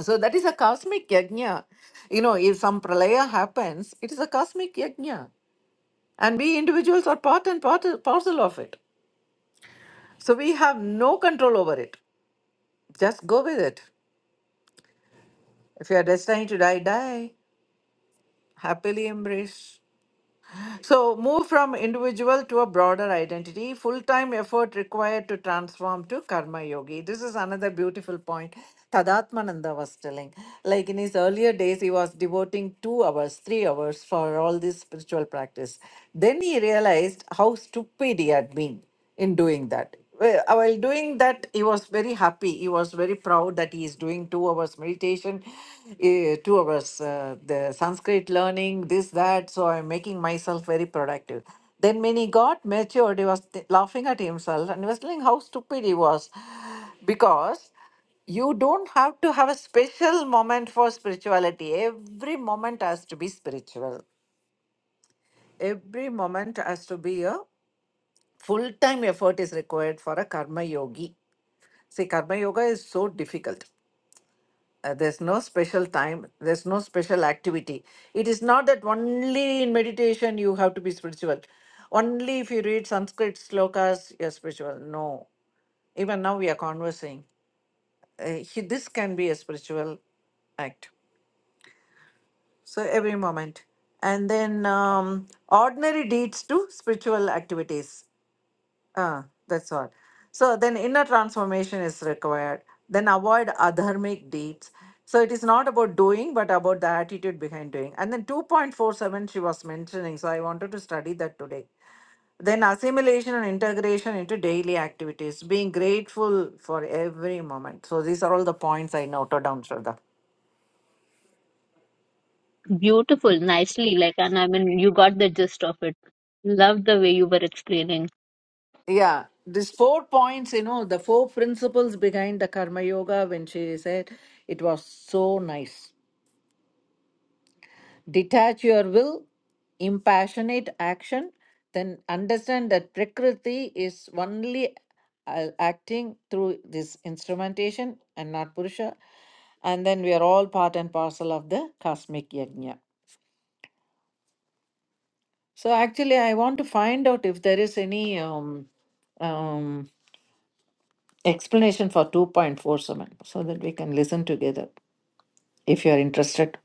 Speaker 1: So that is a cosmic yajna. You know, if some pralaya happens, it is a cosmic yajna. And we individuals are part and part, parcel of it. So we have no control over it. Just go with it. If you are destined to die, die. Happily embrace. So, move from individual to a broader identity, full time effort required to transform to karma yogi. This is another beautiful point Tadatmananda was telling. Like in his earlier days, he was devoting two hours, three hours for all this spiritual practice. Then he realized how stupid he had been in doing that. Well, uh, While doing that, he was very happy. He was very proud that he is doing two hours meditation, eh, two hours uh, the Sanskrit learning, this, that. So I'm making myself very productive. Then when he got matured, he was th- laughing at himself and he was telling how stupid he was because you don't have to have a special moment for spirituality. Every moment has to be spiritual. Every moment has to be a full time effort is required for a karma yogi. See, karma yoga is so difficult. Uh, there's no special time, there's no special activity. It is not that only in meditation you have to be spiritual. Only if you read Sanskrit slokas, you're spiritual. No. Even now we are conversing. Uh, he, this can be a spiritual act. So every moment. And then um, ordinary deeds to spiritual activities Ah, that's all. So then inner transformation is required. Then avoid adharmic deeds. So it is not about doing, but about the attitude behind doing. And then 2.47 she was mentioning. So I wanted to study that today. Then assimilation and integration into daily activities, being grateful for every moment. So these are all the points I noted down, Shraddha.
Speaker 5: Beautiful, nicely, like, and I mean, you got the gist of it. Love the way you were explaining.
Speaker 1: Yeah, these four points, you know, the four principles behind the Karma Yoga when she said it was so nice. detach your will, impassionate action, then understand that Prakriti is only uh, acting through this instrumentation and not Purusha. And then we are all part and parcel of the cosmic yajna. So, actually, I want to find out if there is any um, um, explanation for 2.47 so that we can listen together if you are interested.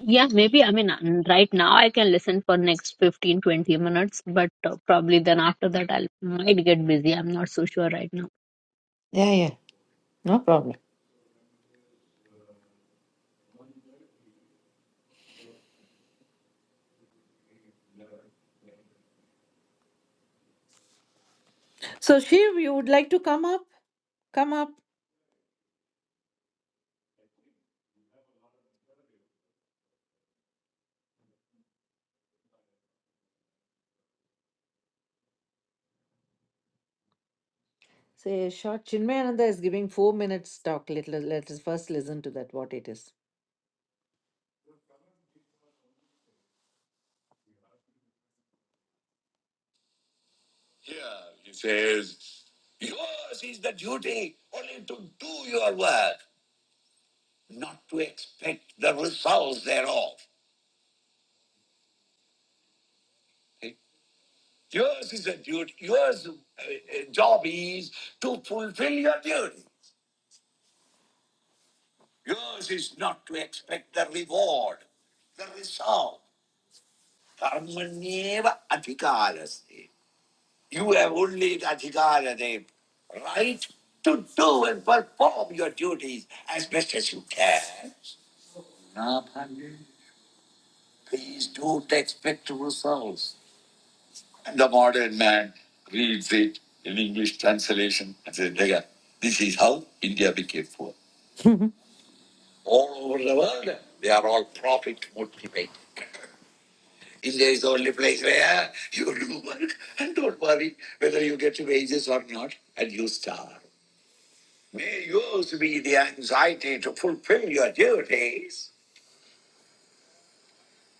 Speaker 5: Yeah, maybe, I mean, uh, right now I can listen for next 15 20 minutes, but uh, probably then after that I might get busy. I'm not so sure right now.
Speaker 1: Yeah, yeah, no problem. So, Shiv, you would like to come up? Come up. Say, short Chinmayananda is giving four minutes talk. Let, let, let us first listen to that, what it is. Here he says, Yours is the duty only to do your work, not to expect the results thereof. Okay? Yours is a duty, yours uh, uh, job is to fulfill your duty. Yours is not to expect the reward, the result. Karmanyeva adhikalas. You have only the adhikar and the right to do and perform your duties as best as you can. Now, Pandey, please don't expect results. And the modern man reads it in English translation and says, "There, this is how India became poor. All over the world, they are all profit motivated. India is the only place where you do work and don't worry whether you get wages or not, and you starve. May yours be the anxiety to fulfill your duties,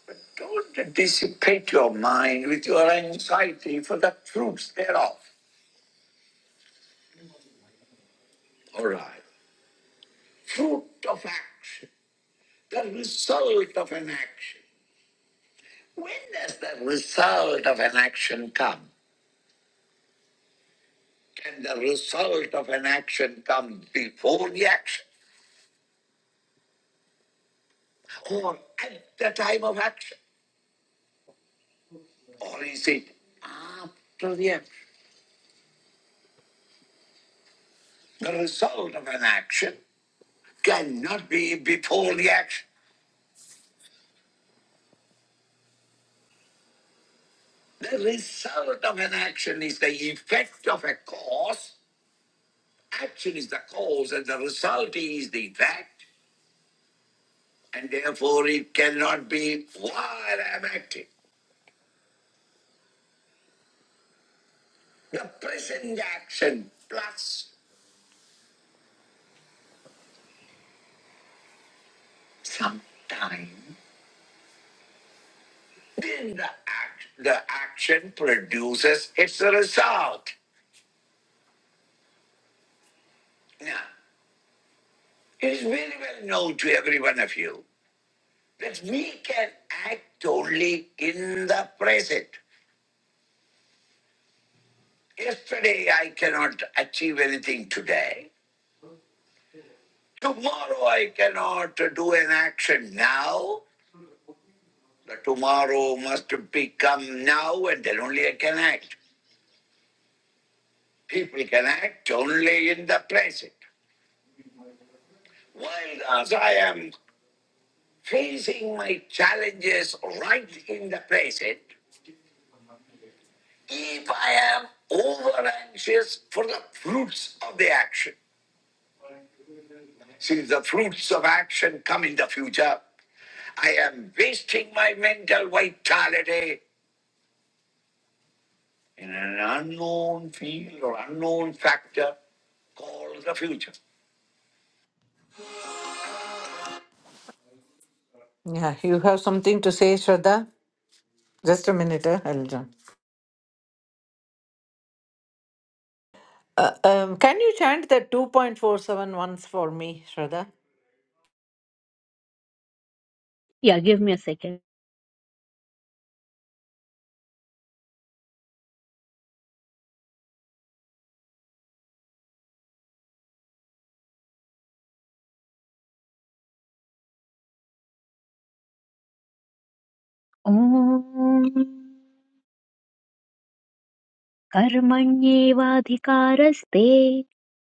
Speaker 1: but don't dissipate your mind with your anxiety for the fruits thereof. All right. Fruit of action, the result of an action. When does the result of an action come? Can the result of an action come before the action or at the time of action? Or is it after the action? The result of an action cannot be before the action. The result of an action is the effect of a cause. Action is the cause, and the result is the effect, and therefore it cannot be while I'm acting. The present action plus some time, then the, act, the action produces its result. Now, it is very well known to every one of you that we can act only in the present. Yesterday, I cannot achieve anything today. Tomorrow, I cannot do an action now. The tomorrow must become now, and then only I can act. People can act only in the present. While as I am facing my challenges right in the present, if I am over anxious for the fruits of the action, See the fruits of action come in the future. I am wasting my mental vitality in an unknown field or unknown factor called the future. Yeah, you have something to say, Shraddha? Just a minute, eh? I'll join. Uh, um, can you chant the 2.47 once for me, Shraddha?
Speaker 5: Yeah, give me a second. Om कर्मण्येवाधिकारस्ते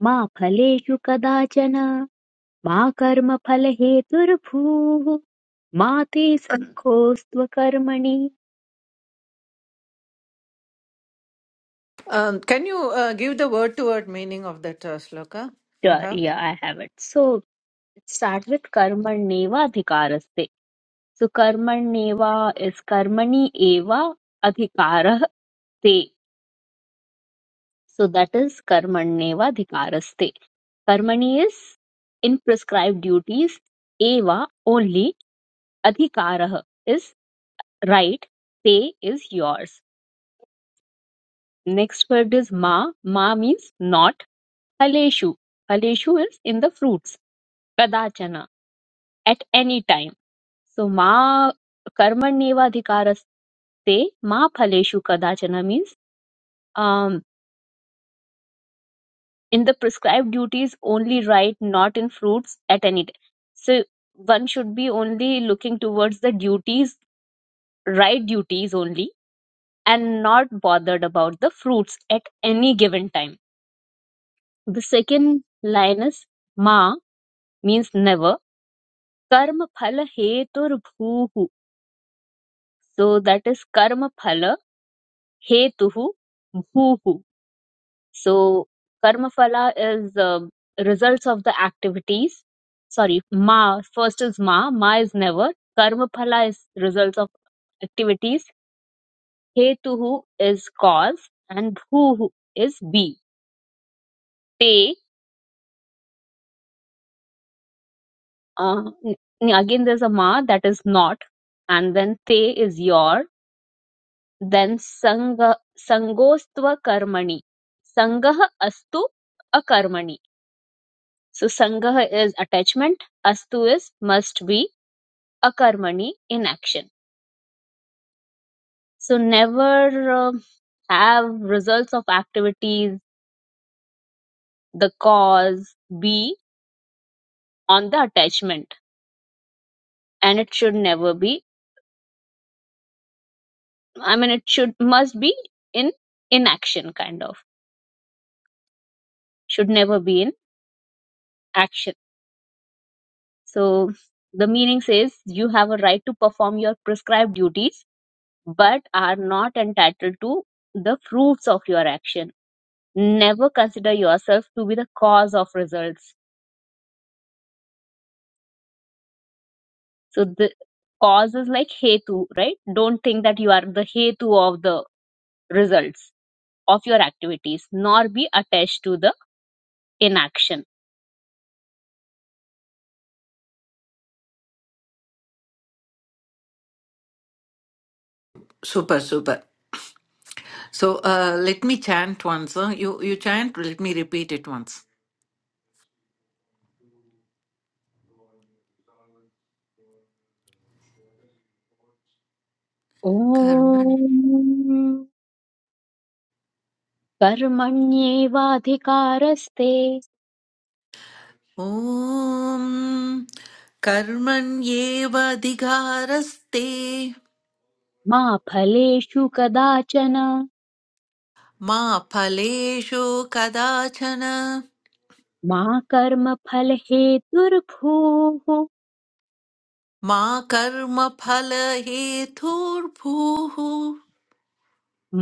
Speaker 5: मा फलेषु कदाचन मा कर्मफलहेतुर्भूः मा ते सङ्कोऽस्त्व कर्मणि
Speaker 1: Um, can you uh, give the word to word meaning of that uh, sloka you have?
Speaker 5: Sorry, I have it. So it starts with कर्मण्येव adhikaraste. So कर्मण्येव is karmani eva अधिकारः So that is karmaneva adhikaraste. Karmani is in prescribed duties. Eva only. Adhikarah is right. Te is yours. Next word is ma. Ma means not. Haleshu. Haleshu is in the fruits. Kadachana. At any time. So ma karmanyevadhikaraste ma phaleshu kadachana means um, in the prescribed duties only right, not in fruits at any time. So one should be only looking towards the duties, right duties only, and not bothered about the fruits at any given time. The second line is ma means never. Karma phala hetur bhuhu. So that is karma phala hetuhu bhuhu. So karma phala is um results of the activities. Sorry, ma first is ma. Ma is never. Karma phala is results of activities. Hetuhu is cause and bhuhu is be. Te uh, n- again there's a ma that is not, and then te is your. Then sanga sangostva karmani. Sangah astu akarmani So sangaha is attachment, astu is must be, akarmani inaction. So never uh, have results of activities, the cause be on the attachment, and it should never be. I mean, it should must be in inaction kind of should never be in action. So the meaning says you have a right to perform your prescribed duties, but are not entitled to the fruits of your action. never consider yourself to be the cause of results. So the cause is like hetu, right? Don't think that you are the hetu of the results of your activities, nor be attached to the inaction.
Speaker 1: Super, super. So uh, let me chant once. Huh? You you chant, let me repeat it once. Karman
Speaker 5: Om कर्मण्येवाधिकारस्ते
Speaker 1: Om Karman Yeva Dikharasthe
Speaker 5: मा फलेषु कदाचन
Speaker 1: Ma Phaleshu Kada Chana
Speaker 5: मा कर्मफलहेतुर्भूः
Speaker 1: Ma Karma Phalehe Thurphu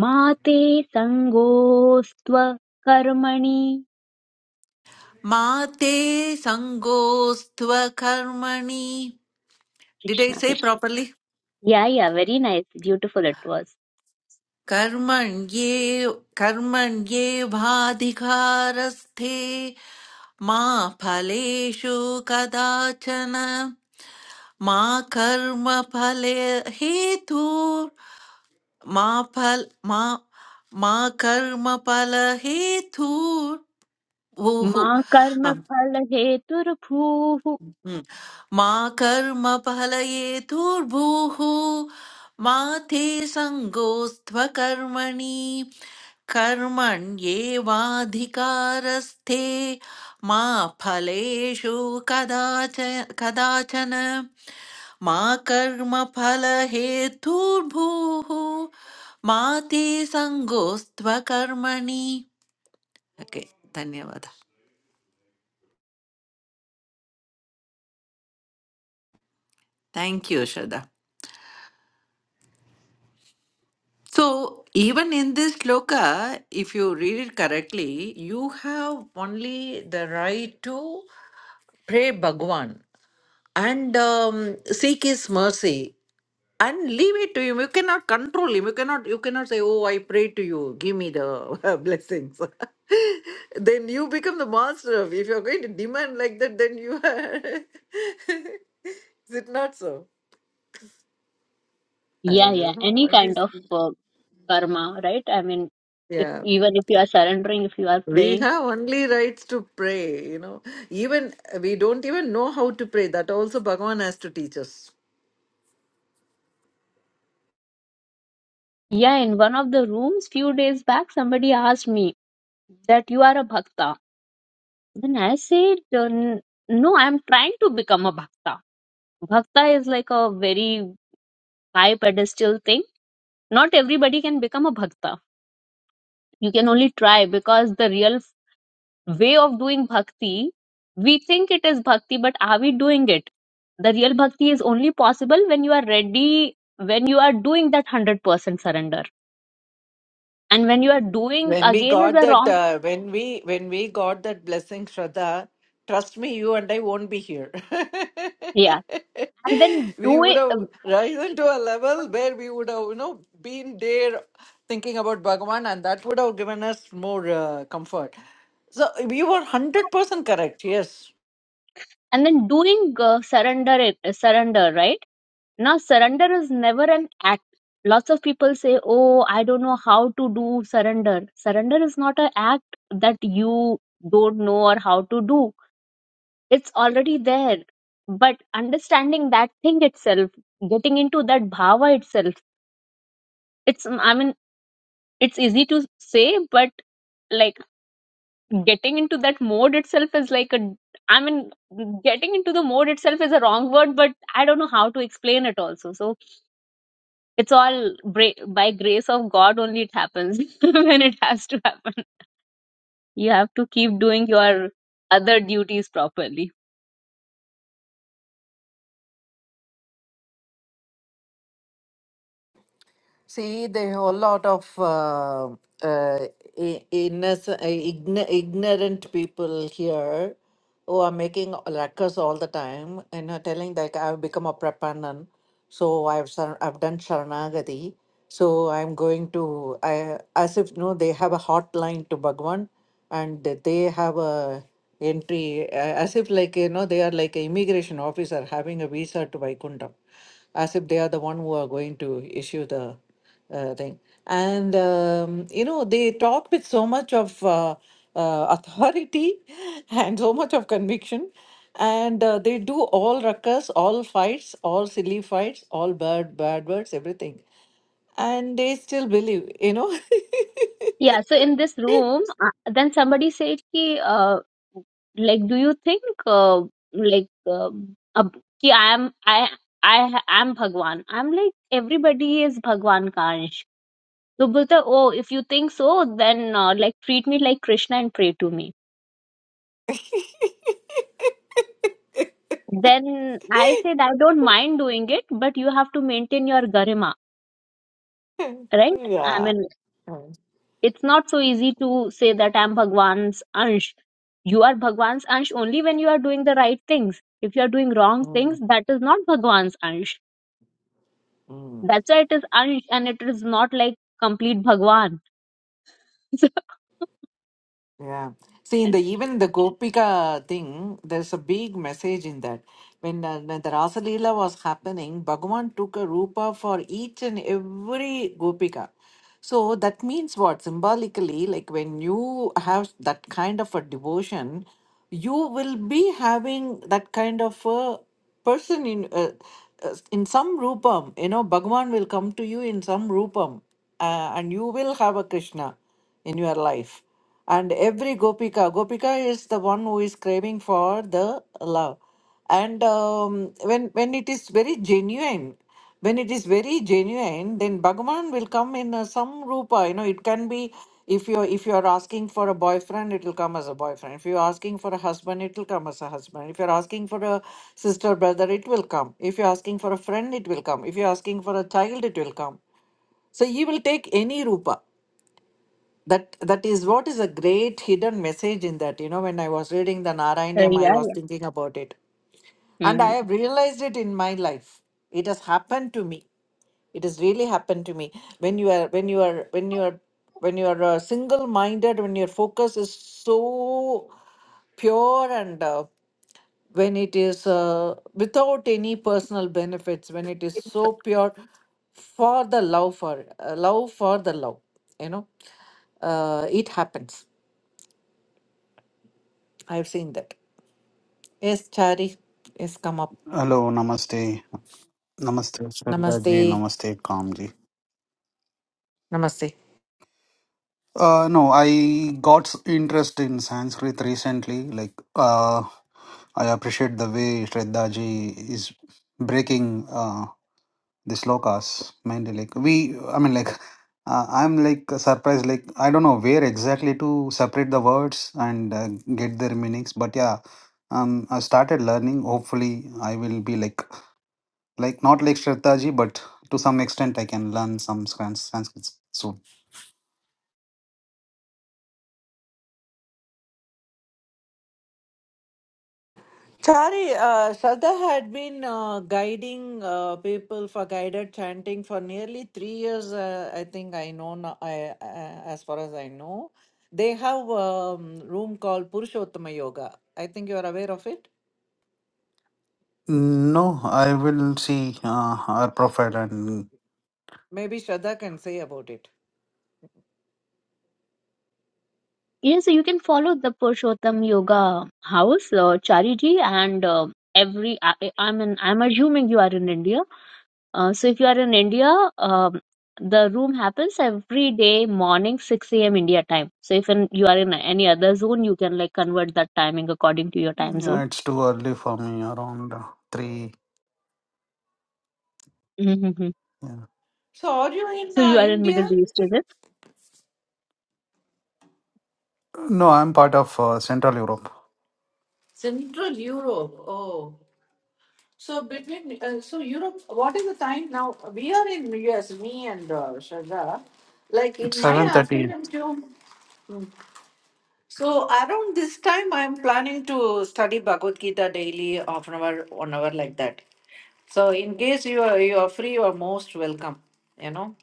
Speaker 5: मा ते सङ्गोऽस्त्व कर्मणि
Speaker 1: Ma Te Sangostva Karmani Did I
Speaker 5: Krishna
Speaker 1: say
Speaker 5: Krishna
Speaker 1: properly?
Speaker 5: Yeah, yeah, very nice. Beautiful it was.
Speaker 1: Karman Yev Karman Yeva Dikharasthe Ma Phaleshu Kada Chana. मा कर्म कर्मफले हेतु मा फल मा मा कर्मफल हेतु भूः
Speaker 5: Ma karma
Speaker 1: अम्,
Speaker 5: phala hetur bhuhu.
Speaker 1: हम्म। मा कर्म कर्मफल हेतुर्भूः मा ते सङ्गोऽस्त्व कर्मणि कर्मण्येवाधिकारस्थे मा फलेषु कदाच कदाचन मा फले कर्मफलहेतुर्भूः मा ते सङ्गोऽस्त्वकर्मणि okay धन्यवाद thank you shraddha so even in this shloka if you read it correctly you have only the right to pray bhagwan and um, seek his mercy and leave it to him you cannot control him you cannot you cannot say oh i pray to you give me the blessings then you become the master of if you're going to demand like that then you are is it not so i
Speaker 5: Yeah, yeah,
Speaker 1: don't know
Speaker 5: any
Speaker 1: what
Speaker 5: kind
Speaker 1: is
Speaker 5: of uh, karma, right? I mean, if
Speaker 1: yeah
Speaker 5: even if you are surrendering, if you are
Speaker 1: we
Speaker 5: praying.
Speaker 1: have only rights to pray you know even we don't even know how to pray that also bhagavan has to teach us
Speaker 5: Yeah, in one of the rooms few days back, somebody asked me that you are a bhakta. Then I said, uh, n- no, I'm trying to become a bhakta. Bhakta is like a very high pedestal thing. Not everybody can become a bhakta. You can only try because the real way of doing bhakti, we think it is bhakti, but are we doing it? The real bhakti is only possible when you are ready, when you are doing that 100% surrender. And when you are doing
Speaker 1: When we
Speaker 5: again is
Speaker 1: got
Speaker 5: a
Speaker 1: that,
Speaker 5: wrong,
Speaker 1: uh, when we when we got that blessing, Shraddha, trust me, you and I won't be here.
Speaker 5: yeah. And then
Speaker 1: we would
Speaker 5: doing,
Speaker 1: have risen to a level where we would have, you know, been there thinking about Bhagavan, and that would have given us more uh, comfort. So you were hundred percent correct. Yes.
Speaker 5: and then doing uh, surrender it, surrender, right? Now, surrender is never an act. Lots of people say, Oh, I don't know how to do surrender. Surrender is not an act that you don't know or how to do it's already there but understanding that thing itself getting into that bhava itself it's i mean it's easy to say but like getting into that mode itself is like a i mean getting into the mode itself is a wrong word but i don't know how to explain it also so it's all bra- by grace of god only it happens when it has to happen you have to keep doing your other duties properly
Speaker 1: See, the whole lot of uh, uh, i- innocent, uh, ign- ignorant people here who are making ruckus all the time and are telling like I've become a prepanan, so I've sar- I've done sharanagati, so I'm going to I as if no they have a hotline to Bhagwan and that they have a entry uh, as if like you know they are like an immigration officer having a visa to Vaikuntham as if they are the one who are going to issue the uh, thing. And um, you know, they talk with so much of uh, uh, authority and so much of conviction, and uh, they do all ruckus, all fights, all silly fights, all bad bad words, everything, and they still believe. You know,
Speaker 5: Yeah, so in this room, uh, then somebody said ki, uh, like, do you think, uh, like, uh, ab- ki I am, I, I ha- am Bhagwan. I'm like, everybody is Bhagwan ka ansh. So बोलता oh, if you think so, then uh, like treat me like Krishna and pray to me. Then I said I don't mind doing it, but you have to maintain your garima, right? I
Speaker 1: yeah.
Speaker 5: mean.
Speaker 1: Mm,
Speaker 5: it's not so easy to say that I'm Bhagwan's Ansh. You are Bhagwan's Ansh only when you are doing the right things. If you are doing wrong things,
Speaker 1: mm,
Speaker 5: that is not Bhagwan's Ansh.
Speaker 1: mm.
Speaker 5: That's why it is Ansh and it is not like complete Bhagwan.
Speaker 1: Yeah. See, in the even the Gopika thing, there's a big message in that. When, uh, when the Rasa Leela was happening, Bhagavan took a rupa for each and every Gopika. So that means what? Symbolically, like when you have that kind of a devotion, you will be having that kind of a person in uh, uh, in some rupam. You know, Bhagavan will come to you in some rupam, uh, and you will have a Krishna in your life and every gopika gopika is the one who is craving for the love and um, when when it is very genuine when it is very genuine then bhagavan will come in uh, some rupa you know it can be if you are if you are asking for a boyfriend it will come as a boyfriend if you are asking for a husband it will come as a husband if you are asking for a sister brother it will come if you are asking for a friend it will come if you are asking for a child it will come so he will take any rupa that that is what is a great hidden message in that you know when i was reading the
Speaker 5: So, uh,
Speaker 1: narayanyam i
Speaker 5: yeah,
Speaker 1: was
Speaker 5: yeah.
Speaker 1: thinking about it and i
Speaker 5: Hmm.
Speaker 1: have realized it in my life it has happened to me it has really happened to me when you are when you are when you are when you are uh, single minded when your focus is so pure and uh, when it is uh, without any personal benefits when it is so pure for the love for uh, love for the love you know uh, it happens I've seen that. Yes, Chari is come up.
Speaker 7: Hello, namaste. Namaste, Shraddha Ji,
Speaker 1: Namaste.
Speaker 7: Namaste, Kamji.
Speaker 1: Namaste.
Speaker 7: Uh, no, I got s- interest in Sanskrit recently. Like, uh, I appreciate the way Shraddha Ji is breaking uh, the slokas. Mainly, like we, I mean, like uh, I'm like surprised. Like I don't know where exactly to separate the words and uh, get their meanings. But yeah, um, I started learning. Hopefully, I will be like like not like Shraddha ji, but to some extent I can learn some Sans- Sanskrit soon.
Speaker 1: Chari, uh, Shraddha had been uh, guiding uh, people for guided chanting for nearly three years. Uh, I think I know, now, I, uh, as far as I know. They have a um, room called Purushottama Yoga. I think you are aware of it.
Speaker 7: No, I will see uh, her profile and
Speaker 1: Maybe Shraddha can say about it.
Speaker 5: Yeah, so you can follow the Purushottam Yoga House, uh, Chariji, and uh, every. I, I mean, I'm assuming you are in India Uh, so if you are in India, um, the room happens every day morning 6 a.m. India time. So if in, you are in any other zone, you can like convert that timing according to your time zone.
Speaker 7: yeah, it's too early for me. Around uh, three.
Speaker 5: hmm
Speaker 7: Yeah.
Speaker 1: So, are you in
Speaker 5: So
Speaker 1: uh,
Speaker 5: you are in
Speaker 1: India?
Speaker 5: Middle East, is it?
Speaker 7: No, I'm part of uh, Central Europe.
Speaker 1: Central Europe. Oh. So between uh, so Europe, what is the time now? We are in US, me and uh, Shraddha. Like in
Speaker 7: It's
Speaker 1: my
Speaker 7: seven thirty.
Speaker 1: afternoon too. So around this time, I'm planning to study Bhagavad Gita daily, half an hour, one hour, like that. So in case you are you are free, you are most welcome. You know,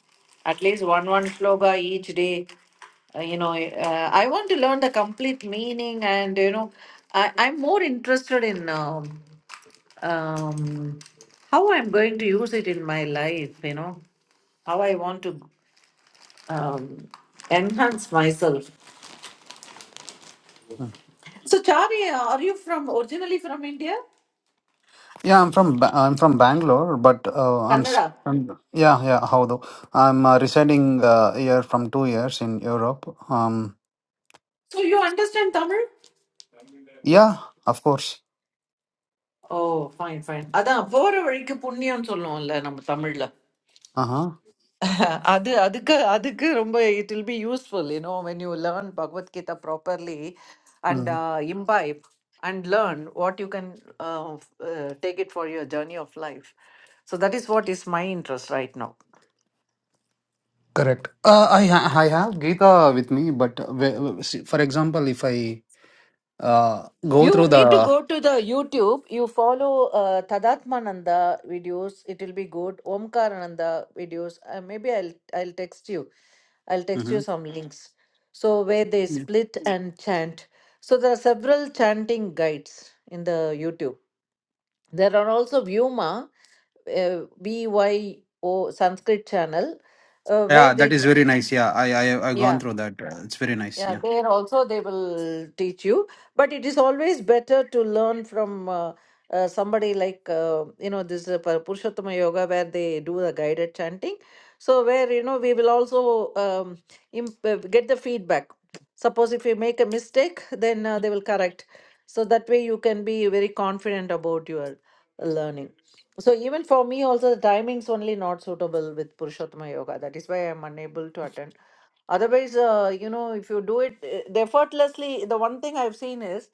Speaker 1: at least one one sloga each day. Uh, you know, uh, I want to learn the complete meaning, and you know, I, I'm more interested in. Um, um, how I'm going to use it in my life, you know, how I want to um, enhance myself. So, Chari, are you from originally from India?
Speaker 7: Yeah, I'm from ba- I'm from Bangalore, but uh, I'm, s
Speaker 1: Kannada.
Speaker 7: am yeah yeah how though I'm uh, residing uh, here from two years in Europe. Um,
Speaker 1: So, you understand Tamil?
Speaker 7: yeah, of course.
Speaker 1: ஓ fine fine அதான் போற வழிக்கு புண்ணியம் சொல்லுவோம்ல நம்ம தமிழ்ல
Speaker 7: Uh
Speaker 1: Adi, Adi ka, Adi ka rumbay it will be useful, you know, when you learn Bhagvat Kita properly
Speaker 7: huh.
Speaker 1: and uh, imbibe and learn what you can uh, f- uh, take it for your journey of life. So that is what is my interest right now.
Speaker 7: Correct. Uh, I ha- I have Gita with me, but w- w- see, for example, if I uh, go through
Speaker 1: You need to
Speaker 7: the
Speaker 1: go to the YouTube. You follow uh, Tadatmananda videos. It will be good. Omkarananda videos. Uh, maybe I'll I'll text you. I'll text you
Speaker 7: Mhm.
Speaker 1: some links. So where they
Speaker 7: yeah.
Speaker 1: split and chant. So there are several chanting guides in the YouTube. There are also Vyoma, uh, B Y O Sanskrit channel, uh, where
Speaker 7: Yeah, that
Speaker 1: they
Speaker 7: is very nice. Yeah, I I I
Speaker 1: yeah
Speaker 7: gone through that. Uh, It's very nice.
Speaker 1: Yeah,
Speaker 7: Yeah.
Speaker 1: there also they will teach you, but it is always better to learn from uh, uh, somebody like uh, you know this uh, Pa- Purushottama Yoga where they do the guided chanting. So where you know we will also um, imp- uh, get the feedback. Suppose if you make a mistake, then uh, they will correct. So that way you can be very confident about your learning. So even for me also the timings only not suitable with Purushottama Yoga. That is why I'm unable to attend otherwise uh, you know if you do it uh, the effortlessly the one thing i've seen is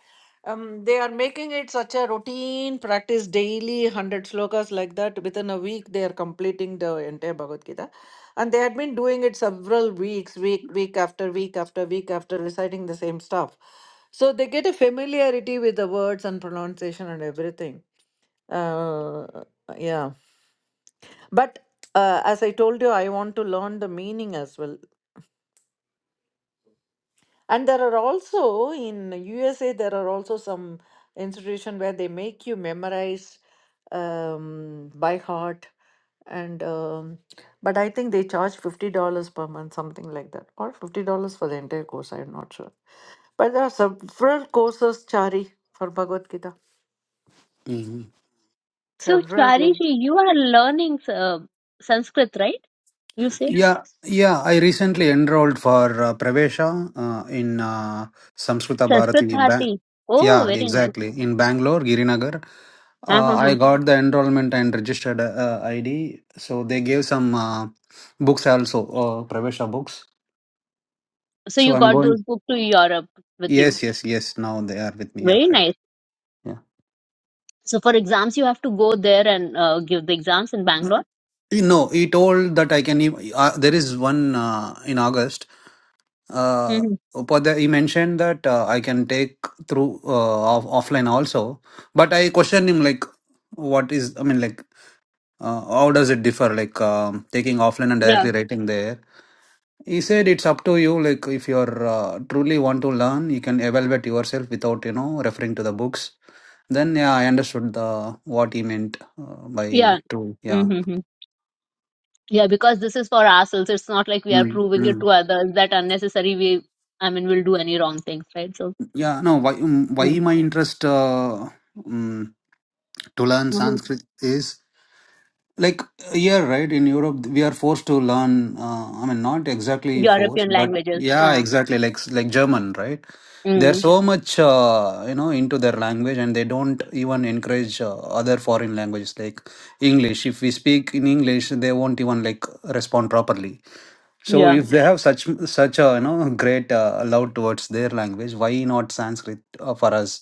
Speaker 1: um, they are making it such a routine practice daily 100 slokas like that within a week they are completing the entire bhagavad gita and they had been doing it several weeks week week after week after week after reciting the same stuff so they get a familiarity with the words and pronunciation and everything uh, yeah but uh, as I told you, I want to learn the meaning as well. And there are also in USA there are also some institution where they make you memorize um, by heart. And um, but I think they charge fifty dollars per month, something like that, or fifty dollars for the entire course. I'm not sure. But there are several courses, Chari, for Bhagavad Gita.
Speaker 7: hmm
Speaker 5: So
Speaker 1: Several.
Speaker 5: Chariji,
Speaker 1: courses.
Speaker 5: you are learning uh, Sanskrit, right? You say
Speaker 7: Yeah, yeah. I recently enrolled for uh, Pravesha uh, in uh, Samskrita Bharati.
Speaker 5: Sanskrit
Speaker 7: Ba-
Speaker 5: Bharati. Oh,
Speaker 7: yeah,
Speaker 5: very nice.
Speaker 7: exactly. In Bangalore, Girinagar. Uh, I
Speaker 5: Uh-huh.
Speaker 7: got the enrollment and registered uh, ID. So they gave some uh, books also, uh, Pravesha books.
Speaker 5: So
Speaker 7: So
Speaker 5: you
Speaker 7: I'm
Speaker 5: got
Speaker 7: going.
Speaker 5: those books to Europe with you.
Speaker 7: Yes, yes, yes. Now they are with me. Yeah,
Speaker 5: Very
Speaker 7: right.
Speaker 5: nice.
Speaker 7: Yeah.
Speaker 5: So for exams, you have to go there and uh, give the exams in Bangalore.
Speaker 7: You know, he told that I can. ev- Uh, there is one uh, in August. Uh,
Speaker 5: hmm
Speaker 7: Upadhyay, he mentioned that uh, I can take through uh, off- offline also. But I questioned him like, what is? I mean, like, uh, how does it differ? Like um, taking offline and
Speaker 5: Yeah.
Speaker 7: directly writing there. He said it's up to you. Like if you're uh, truly want to learn, you can evaluate yourself without you know referring to the books. Then yeah, I understood the what he meant uh, by
Speaker 5: Yeah.
Speaker 7: true. Yeah,
Speaker 5: Mhm. Yeah, because this is for ourselves. It's not like we are
Speaker 7: mm.
Speaker 5: proving it
Speaker 7: Mm.
Speaker 5: to others that unnecessary we, I mean, we'll do any wrong things, right? So,
Speaker 7: yeah. No, why um, why
Speaker 5: mm.
Speaker 7: my interest uh, um, to learn
Speaker 5: hmm
Speaker 7: Sanskrit is like here right in europe we are forced to learn uh, i mean not exactly forced
Speaker 5: European
Speaker 7: but
Speaker 5: languages.
Speaker 7: yeah
Speaker 5: Huh.
Speaker 7: exactly like like german right they're
Speaker 5: Mm.
Speaker 7: so much uh, you know into their language and they don't even encourage uh, other foreign languages like english if we speak in english they won't even like respond properly so
Speaker 5: Yeah.
Speaker 7: if they have such such a you know great uh, love towards their language why not sanskrit uh, for us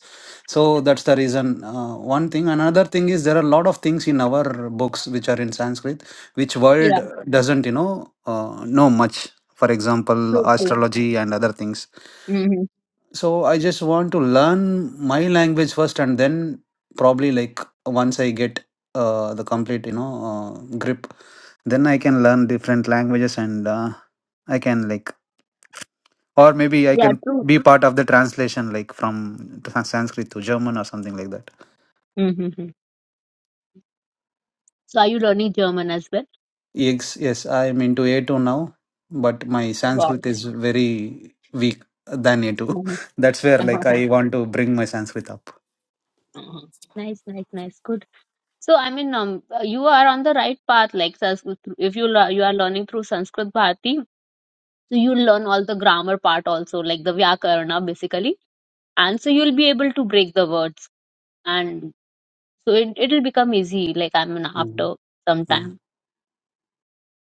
Speaker 7: so that's the reason. Uh, one thing, another thing is there are a lot of things in our books which are in Sanskrit, which world
Speaker 5: Yeah.
Speaker 7: doesn't, you know, uh, know much. For example,
Speaker 5: True, true.
Speaker 7: astrology and other things.
Speaker 5: hmm
Speaker 7: So I just want to learn my language first, and then probably like once I get uh, the complete, you know, uh, grip, then I can learn different languages, and uh, I can like, or maybe I
Speaker 5: Yeah,
Speaker 7: can
Speaker 5: true.
Speaker 7: be part of the translation, like from Sanskrit to German or something like that.
Speaker 5: hmm So, are you learning German as well?
Speaker 7: Yes, yes, I am into A2 now, but my
Speaker 5: Wow.
Speaker 7: Sanskrit is very weak than A2.
Speaker 5: Mhm.
Speaker 7: That's where like
Speaker 5: Mhm.
Speaker 7: I want to bring my Sanskrit up.
Speaker 5: Nice, nice, nice. Good. So, I mean, um, uh, you are on the right path. Like, Sanskrit, if you lear- you are learning through Sanskrit Bharati, so you learn all the grammar part also, like the Vyakarna, basically and so you'll be able to break the words and so it, it'll become easy like i mean
Speaker 7: Mm,
Speaker 5: after some
Speaker 7: mm,
Speaker 5: time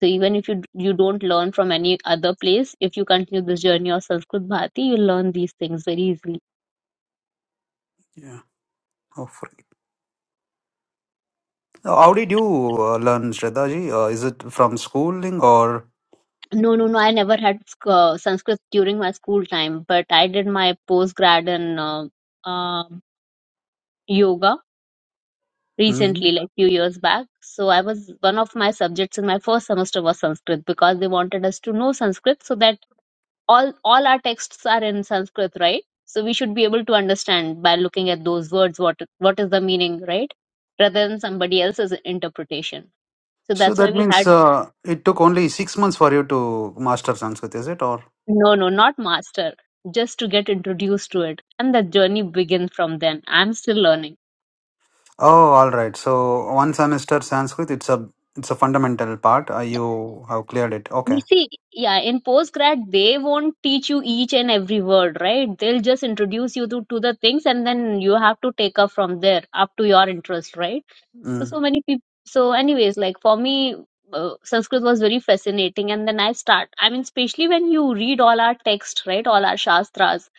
Speaker 5: so even if you d- you don't learn from any other place if you continue this journey of sanskrit bhati you'll learn these things very easily
Speaker 7: yeah. Oh, for How did you uh, learn Shraddhaji? Uh, is it from schooling or?
Speaker 5: no no no i never had sc- uh, sanskrit during my school time but i did my post grad in uh, um yoga recently
Speaker 7: Mhm.
Speaker 5: like few years back so i was one of my subjects in my first semester was sanskrit because they wanted us to know sanskrit so that all all our texts are in sanskrit right so we should be able to understand by looking at those words what what is the meaning right rather than somebody else's interpretation so
Speaker 7: So
Speaker 5: that's why
Speaker 7: that
Speaker 5: we
Speaker 7: means
Speaker 5: had
Speaker 7: uh, it took only six months for you to master Sanskrit, is it? Or
Speaker 5: no no not master just to get introduced to it and the journey begins from then i'm still learning
Speaker 7: oh, all right. So one semester Sanskrit, it's a it's a fundamental part. Uh, you have cleared it.
Speaker 5: You
Speaker 7: Okay.
Speaker 5: see, yeah, in postgrad, they won't teach you each and every word, right? They'll just introduce you to, to the things and then you have to take up from there up to your interest, right? So,
Speaker 7: Mm,
Speaker 5: so many people. So, anyways, like for me, uh, Sanskrit was very fascinating. And then I start, I mean, especially when you read all our text, right? All our Shastras,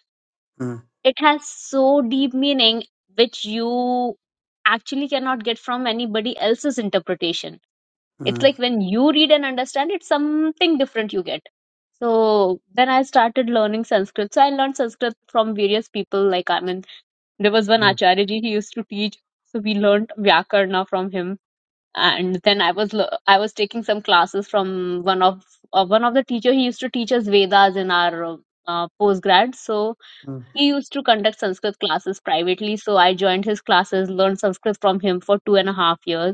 Speaker 7: mm,
Speaker 5: it has so deep meaning, which you actually cannot get from anybody else's interpretation it's
Speaker 7: mm,
Speaker 5: like when you read and understand it's something different you get so then i started learning sanskrit so i learned sanskrit from various people like i mean there was one
Speaker 7: mm,
Speaker 5: acharya ji he used to teach so we learned vyakarna from him and then i was le- i was taking some classes from one of uh, one of the teacher he used to teach us vedas in our uh, post so
Speaker 7: mm.
Speaker 5: he used to conduct sanskrit classes privately so i joined his classes learned sanskrit from him for two and a half years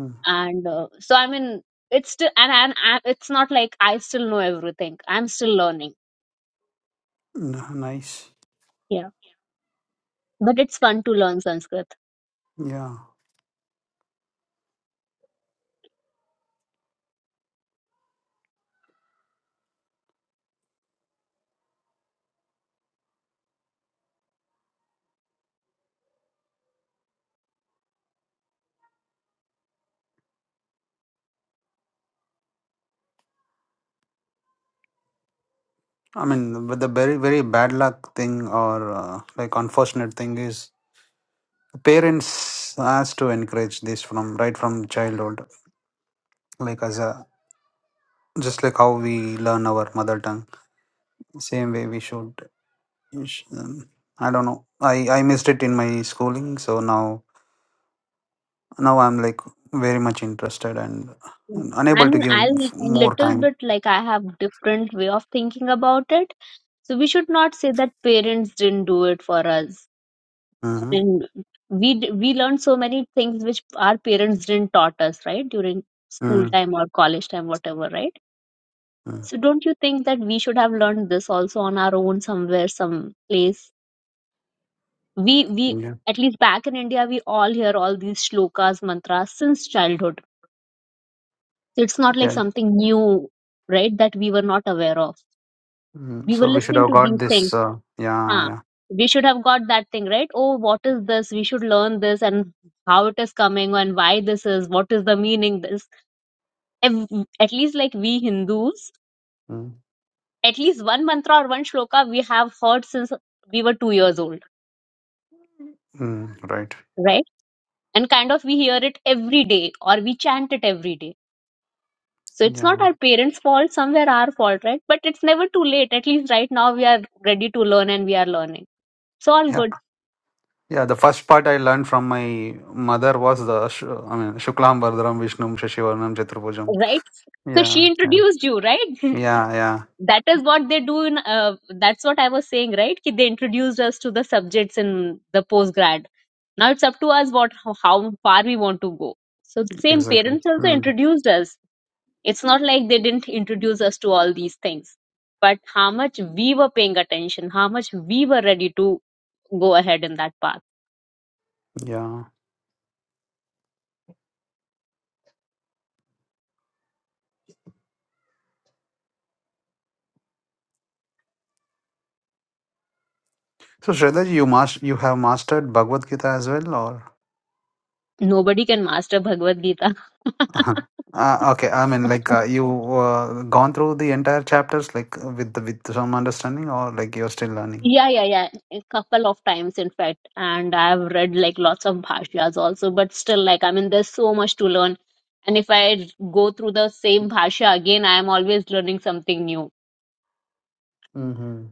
Speaker 7: Mm,
Speaker 5: and uh, so i mean it's still and, and and it's not like i still know everything i'm still learning
Speaker 7: n- Nice.
Speaker 5: yeah but it's fun to learn sanskrit
Speaker 7: Yeah. I mean, but the very, very bad luck thing or uh, like unfortunate thing is parents has to encourage this from right from childhood. Like as a just like how we learn our mother tongue, same way we should. we sh- um, I don't know. I I missed it in my schooling, so now now I'm like very much interested and
Speaker 5: Mm. i
Speaker 7: unable to
Speaker 5: mean
Speaker 7: give
Speaker 5: i
Speaker 7: f- more
Speaker 5: little
Speaker 7: time.
Speaker 5: bit like i have different way of thinking about it so we should not say that parents didn't do it for us i
Speaker 7: Mm-hmm.
Speaker 5: mean we d- we learned so many things which our parents didn't taught us right during school
Speaker 7: Mm-hmm.
Speaker 5: time or college time whatever right so
Speaker 7: Mm-hmm.
Speaker 5: don't you think that we should have learned this also on our own somewhere some place we we
Speaker 7: Yeah.
Speaker 5: at least back in india we all hear all these shlokas mantras since childhood so it's not like
Speaker 7: Yeah.
Speaker 5: something new right that we were not aware of
Speaker 7: Mm,
Speaker 5: we were
Speaker 7: so we should
Speaker 5: listening
Speaker 7: have
Speaker 5: to
Speaker 7: got
Speaker 5: these things
Speaker 7: this. Uh, yeah,
Speaker 5: huh
Speaker 7: yeah.
Speaker 5: we should have got that thing right oh what is this we should learn this and how it is coming and why this is what is the meaning this Ev- at least like we hindus
Speaker 7: Mm,
Speaker 5: at least one mantra or one shloka we have heard since we were 2 years old
Speaker 7: mm, right.
Speaker 5: right and kind of we hear it every day or we chant it every day So it's
Speaker 7: Yeah,
Speaker 5: not our parents' fault, somewhere our fault, right? But it's never too late. At least right now we are ready to learn and we are learning. It's all
Speaker 7: yeah,
Speaker 5: good,
Speaker 7: yeah. The first part I learned from my mother was the sh- I mean Shuklam Bardram Vishnum Shashivarnam Chaturbhujam.
Speaker 5: right? So
Speaker 7: Yeah,
Speaker 5: she
Speaker 7: yeah,
Speaker 5: introduced you, right?
Speaker 7: yeah, yeah.
Speaker 5: that is what they do in, uh, that's what I was saying, right? Ki They introduced us to the subjects in the postgrad. Now it's up to us what how how far we want to go. So same
Speaker 7: Exactly.
Speaker 5: parents also
Speaker 7: Mm,
Speaker 5: introduced us. It's not like they didn't introduce us to all these things, but how much we were paying attention, how much we were ready to go ahead in that path.
Speaker 7: yeah. So Shredaji, you mas- you have mastered Bhagavad Gita as well, or?
Speaker 5: Nobody can master Bhagavad Gita.
Speaker 7: Uh, okay, I mean, like uh, you uh, gone through the entire chapters, like with the, with some understanding, or like you're still learning.
Speaker 5: Yeah, yeah, yeah. A couple of times, in fact. And I've read like lots of bhashyas also, but still, like, I mean, there's so much to learn. And if I go through the same bhashya again, I am always learning something new.
Speaker 7: Mm-hmm.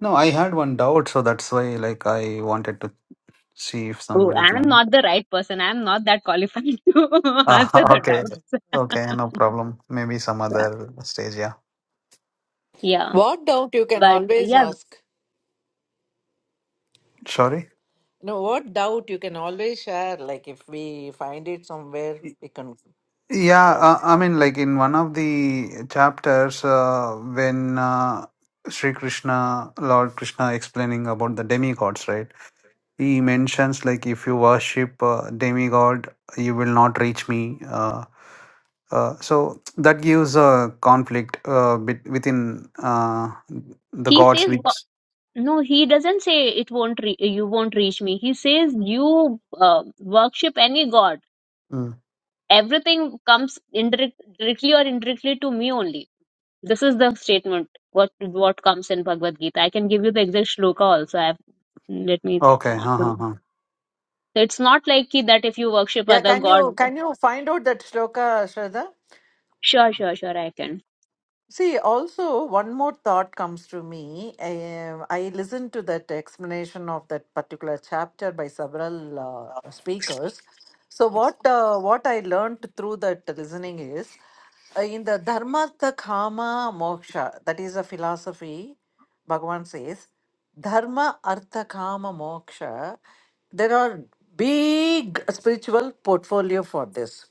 Speaker 7: No, I had one doubt, so that's why like I wanted to see if
Speaker 5: Oh,
Speaker 7: somebody
Speaker 5: I'm
Speaker 7: can.
Speaker 5: not the right person. I'm not that qualified to answer
Speaker 7: Ah,
Speaker 5: the
Speaker 7: okay.
Speaker 5: doubts.
Speaker 7: Okay, no problem. Maybe some
Speaker 5: Yeah.
Speaker 7: other stage, yeah.
Speaker 5: Yeah.
Speaker 1: What doubt you can
Speaker 5: But
Speaker 1: always
Speaker 5: yeah.
Speaker 1: ask.
Speaker 7: Sorry.
Speaker 1: No, what doubt you can always share. Like if we find it somewhere,
Speaker 7: Y-
Speaker 1: we can
Speaker 7: Yeah,
Speaker 1: share.
Speaker 7: uh, I mean, like in one of the chapters, uh, when uh, Sri Krishna, Lord Krishna, explaining about the demigods, right? He mentions like if you worship uh, demigod, you will not reach me. Uh, uh, so that gives a conflict uh, bit within uh, the
Speaker 5: he
Speaker 7: gods,
Speaker 5: says "Wha-
Speaker 7: which
Speaker 5: no he doesn't say it won't re- you won't reach me he says you uh, worship any god
Speaker 7: Mm.
Speaker 5: everything comes indirect- directly or indirectly to me only this is the statement what what comes in bhagavad gita i can give you the exact shloka also i have let me
Speaker 7: okay, huh, huh, huh.
Speaker 5: so it's not like ki, that if you worship
Speaker 1: Yeah,
Speaker 5: other
Speaker 1: can you
Speaker 5: god
Speaker 1: can you find out that shloka, Shraddha?
Speaker 5: sure sure sure i can
Speaker 1: See, also one more thought comes to me. Um, I listened to that explanation of that particular chapter by several uh, speakers. So what uh, what I learned through that listening is uh, in the dharmartha kama moksha. That is a philosophy. Bhagavan says, dharma artha kama moksha. There are big spiritual portfolio for this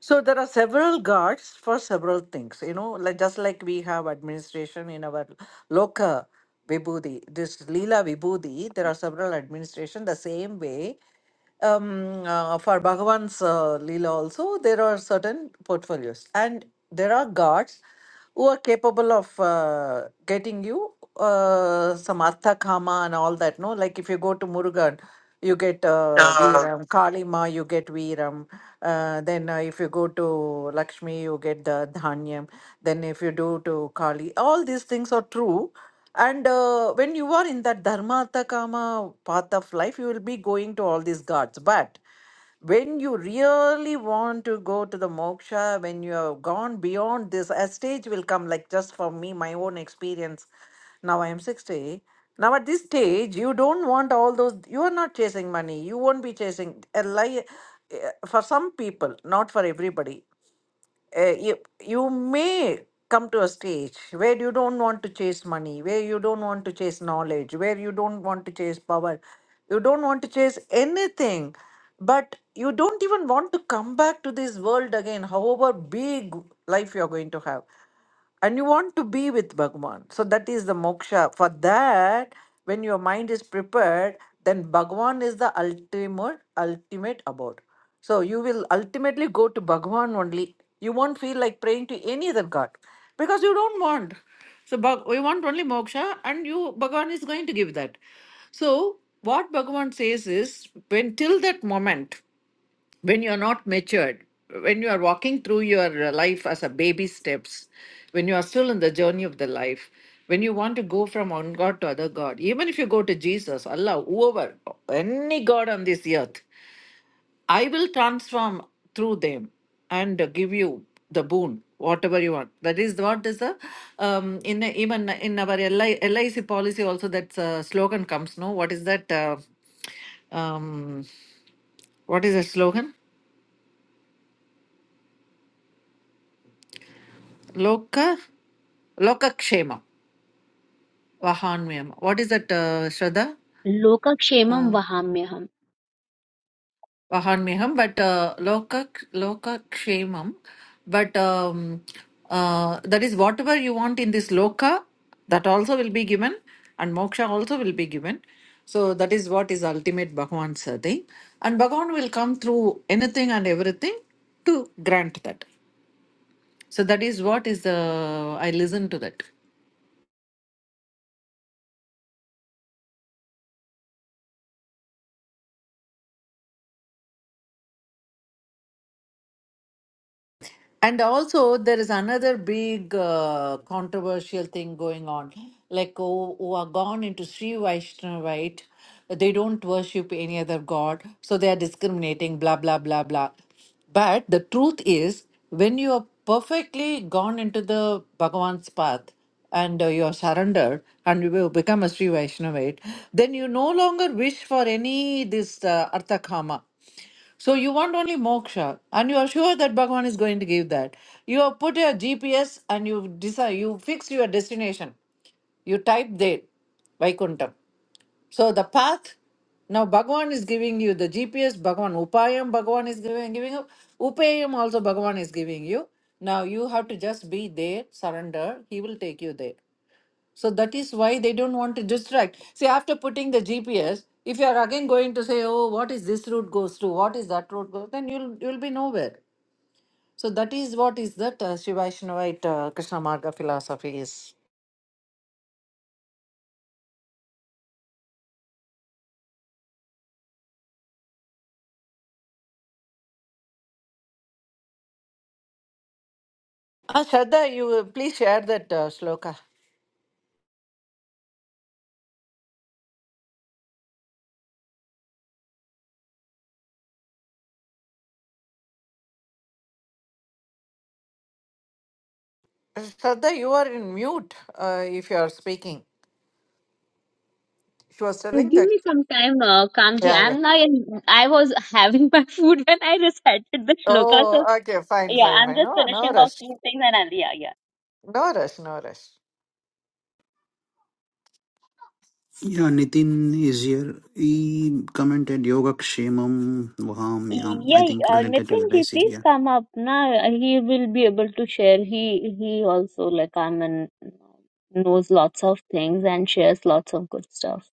Speaker 1: so there are several guards for several things, you know, like just like we have administration in our loka vibhuti, this lila vibhuti, there are several administration the same way um, uh, for Bhagavan's uh, Leela also, there are certain portfolios, and there are gods who are capable of uh, getting you uh, some Artha Kama and all that. No, like if you go to Murugan, you get uh,
Speaker 7: Uh,
Speaker 1: Veeram, Kalima, you get Veeram. Uh, then uh, if you go to Lakshmi, you get the Dhanyam. Then if you do to Kali, all these things are true. And uh, when you are in that dharma artha, kama path of life, you will be going to all these gods. But when you really want to go to the moksha, when you have gone beyond this, a stage will come, like just for me, my own experience. Now I am 60. Now at this stage, you don't want all those, you are not chasing money. You won't be chasing a lie. eh, For some people, not for everybody uh, you, you may come to a stage where you don't want to chase money, where you don't want to chase knowledge, where you don't want to chase power, you don't want to chase anything, but you don't even want to come back to this world again, however big life you're going to have and you want to be with Bhagwan. So that is the moksha. For that, when your mind is prepared, then Bhagwan is the ultimate, ultimate abode. So you will ultimately go to Bhagwan only. You won't feel like praying to any other god because you don't want. So Bhag- we want only moksha, and you Bhagwan is going to give that. So what Bhagavan says is, when till that moment when you are not matured, when you are walking through your uh, life as a baby steps, when you are still in the journey of the life, when you want to go from one God to other God, even if you go to Jesus, Allah, whoever, any God on this earth, I will transform through them and uh, give you the boon, whatever you want. That is what is the um, in even in our LI, LIC policy also that uh, slogan comes. No, what is that? Uh, um, what is the slogan? Loka, Lokakshema, Vahanmyam. What is that, uh, Shraddha?
Speaker 5: lokakshemam
Speaker 1: Uh,
Speaker 5: vahamyaham
Speaker 1: Vahanmyam, but uh, Loka, Lokakshemam. But um, uh, that is whatever you want in this Loka, that also will be given, and Moksha also will be given. So that is what is ultimate Bhagavan's uh, thing. And Bhagavan will come through anything and everything to grant that. So that is what is the, I listen to that. And also, there is another big uh, controversial thing going on. Like, who, who are gone into Sri Vaishnavite, they don't worship any other god, so they are discriminating, blah, blah, blah, blah. But the truth is, when you are perfectly gone into the Bhagavan's path, and uh, you are surrendered and you will become a Sri Vaishnavite, then you no longer wish for any this uh, Arthakama. So you want only moksha, and you are sure that Bhagavan is going to give that. You have put your GPS and you decide, you fix your destination. You type there, Vaikuntham. So the path, now Bhagavan is giving you the GPS, Bhagavan Upayam, Bhagavan is giving, giving you, Upayam also Bhagavan is giving you. Now you have to just be there, surrender, he will take you there. So that is why they don't want to distract. See, after putting the GPS, if you are again going to say, "Oh, what is this route goes to? What is that route goes?" Then you'll you'll be nowhere. So that is what is that uh, Shivaishnavite uh, Krishna Marga philosophy is. Uh, Shraddha, you uh, please share that uh, shloka. Shraddha, you are in mute uh, if you are speaking. She was telling
Speaker 5: Give
Speaker 1: that.
Speaker 5: me some time, uh, Kamji.
Speaker 1: Yeah, yeah.
Speaker 5: I'm not. In, I was having my food when I recited the shloka, so
Speaker 1: Oh, okay, fine,
Speaker 5: Yeah,
Speaker 1: fine,
Speaker 5: I'm
Speaker 1: fine.
Speaker 5: just
Speaker 1: No, no
Speaker 5: finishing off
Speaker 1: rush.
Speaker 5: few things and I'll, yeah, yeah.
Speaker 1: No rush, no rush.
Speaker 7: yeah, Nitin is here. He commented Yoga Kshemam Vaham Yam. I
Speaker 5: Yeah,
Speaker 7: think
Speaker 5: uh,
Speaker 7: related to it.
Speaker 5: Nitin
Speaker 7: I
Speaker 5: ji,
Speaker 7: LIC.
Speaker 5: please
Speaker 7: Yeah.
Speaker 5: come up now. He will be able to share. He he also like I mean knows lots of things and shares lots of good stuff.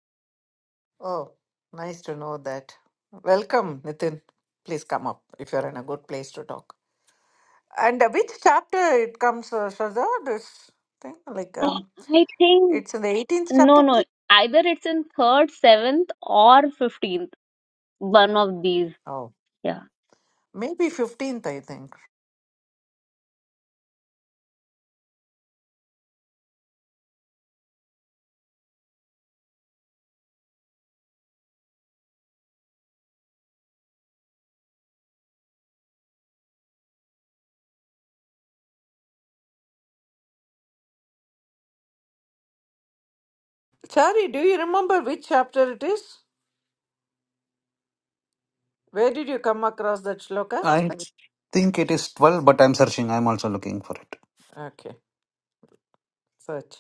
Speaker 1: Oh, nice to know that. Welcome, Nitin. Please come up if you're in a good place to talk. And uh, which chapter it comes, uh, Shraddha, this thing? Like,
Speaker 5: Uh,
Speaker 1: um,
Speaker 5: I think
Speaker 1: it's in the 18th
Speaker 5: no
Speaker 1: chapter?
Speaker 5: no either it's in third, seventh, or fifteenth. One of these.
Speaker 1: Oh,
Speaker 5: Yeah.
Speaker 1: maybe 15th, I think. Sorry, do you remember which chapter it is? Where did you come across that shloka?
Speaker 7: I think it is twelve, but I'm searching. I'm also looking for it.
Speaker 1: Okay, search.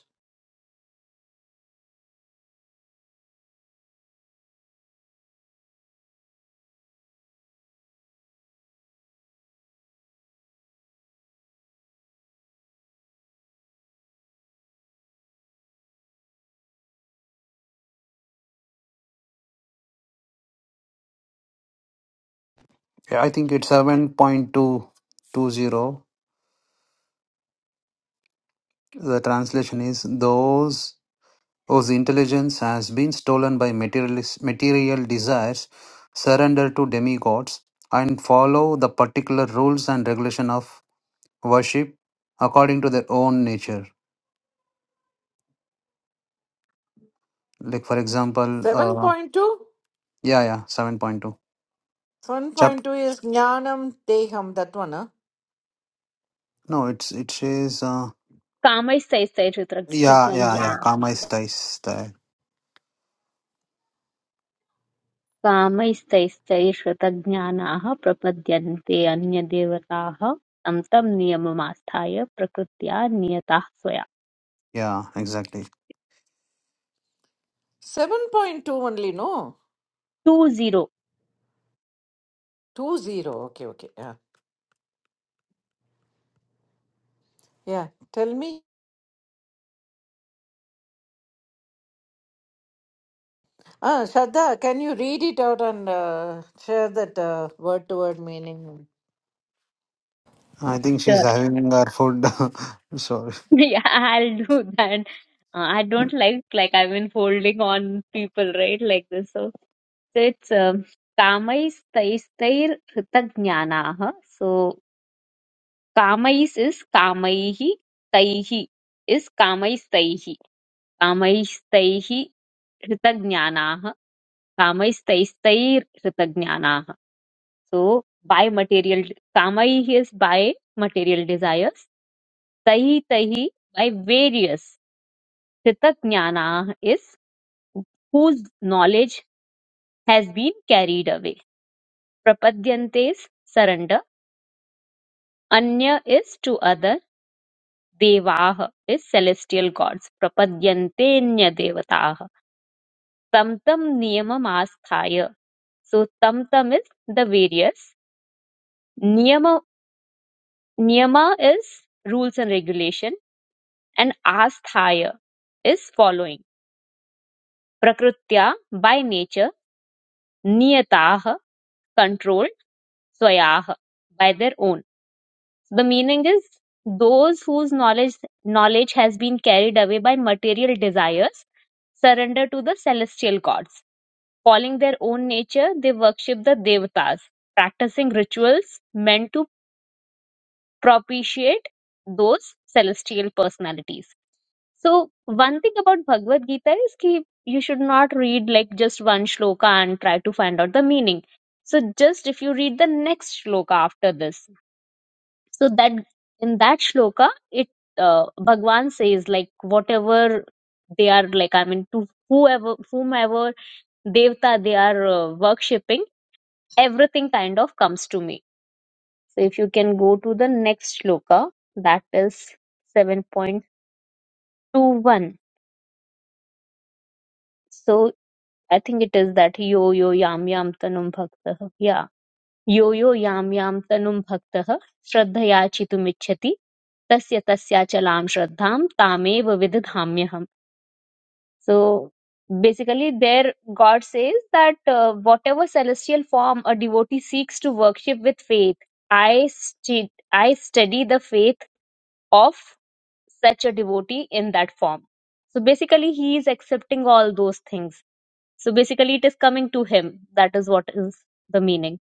Speaker 7: Yeah, I think it's seven point two two zero. The translation is those whose intelligence has been stolen by materialis- material desires surrender to demigods and follow the particular rules and regulation of worship according to their own nature. Like for example, uh,
Speaker 1: 7.2?
Speaker 7: yeah, yeah, seven point two. Chap.
Speaker 1: 7.2 is Jnanam Teham, that one, huh?
Speaker 7: No, it's it says uh,
Speaker 5: Kamai
Speaker 7: yeah, yeah,
Speaker 5: says
Speaker 7: yeah. Karma is dice style.
Speaker 5: कामैस्तैश्चैष तज्ज्ञानाः प्रपद्यन्ते अन्यदेवताः तं तं नियममास्थाय प्रकृत्या नियताः स्वया
Speaker 7: Yeah, exactly.
Speaker 1: 7.2 only, no?
Speaker 5: Two zero
Speaker 1: Two zero. Okay, okay. Yeah, yeah. Tell me, uh, Shraddha, can you read it out and uh, share that uh, word to word meaning?
Speaker 7: I think she's
Speaker 5: Sure.
Speaker 7: having her food. Sorry.
Speaker 5: yeah i'll do that Uh, i don't like like i've been folding on people right like this so, so it's um, कामैस्तैस्तैर् हृतज्ञानाः so कामैस् is कामैः तैः is कामैस्तैः कामैस्तैः हृतज्ञानाः Kamaistaistaiir Ritagnanaha. So by material Kamai is by material desires. Tahi Tahi by various Ritagnana is whose knowledge has been carried away. Prapadyantes surrender. Anya is to other. Devaha is celestial gods. Prapadyantenya devataha. Tamtam niyamam asthaya. So tamtam is the various. Niyama is rules and regulation, and asthaya is following. Prakritya by nature, niyataha controlled, swayaha by their own. So, The meaning is those whose knowledge knowledge has been carried away by material desires surrender to the celestial gods. Following their own nature, they worship the devatas, practicing rituals meant to propitiate those celestial personalities. So one thing about Bhagavad Gita is ki you should not read like just one shloka and try to find out the meaning. So just if you read the next shloka after this, so that in that shloka it uh, Bhagwan says like whatever they are like I mean to whoever whomever devta they are uh, worshipping, everything kind of comes to me so if you can go to the next shloka, that is 7.21. So I think it is that yo yo yam yam tanum bhaktah. Yeah. Yo yo yam yam tanum bhaktah shraddhaya chitumicchati tasya tasya chalam shraddham tamev vididhamyaham. So basically there God says that uh, whatever celestial form a devotee seeks to worship with faith, I, stu- I study the faith of such a devotee in that form. So basically, he is accepting all those things. So basically, it is coming to him. That is what is the meaning.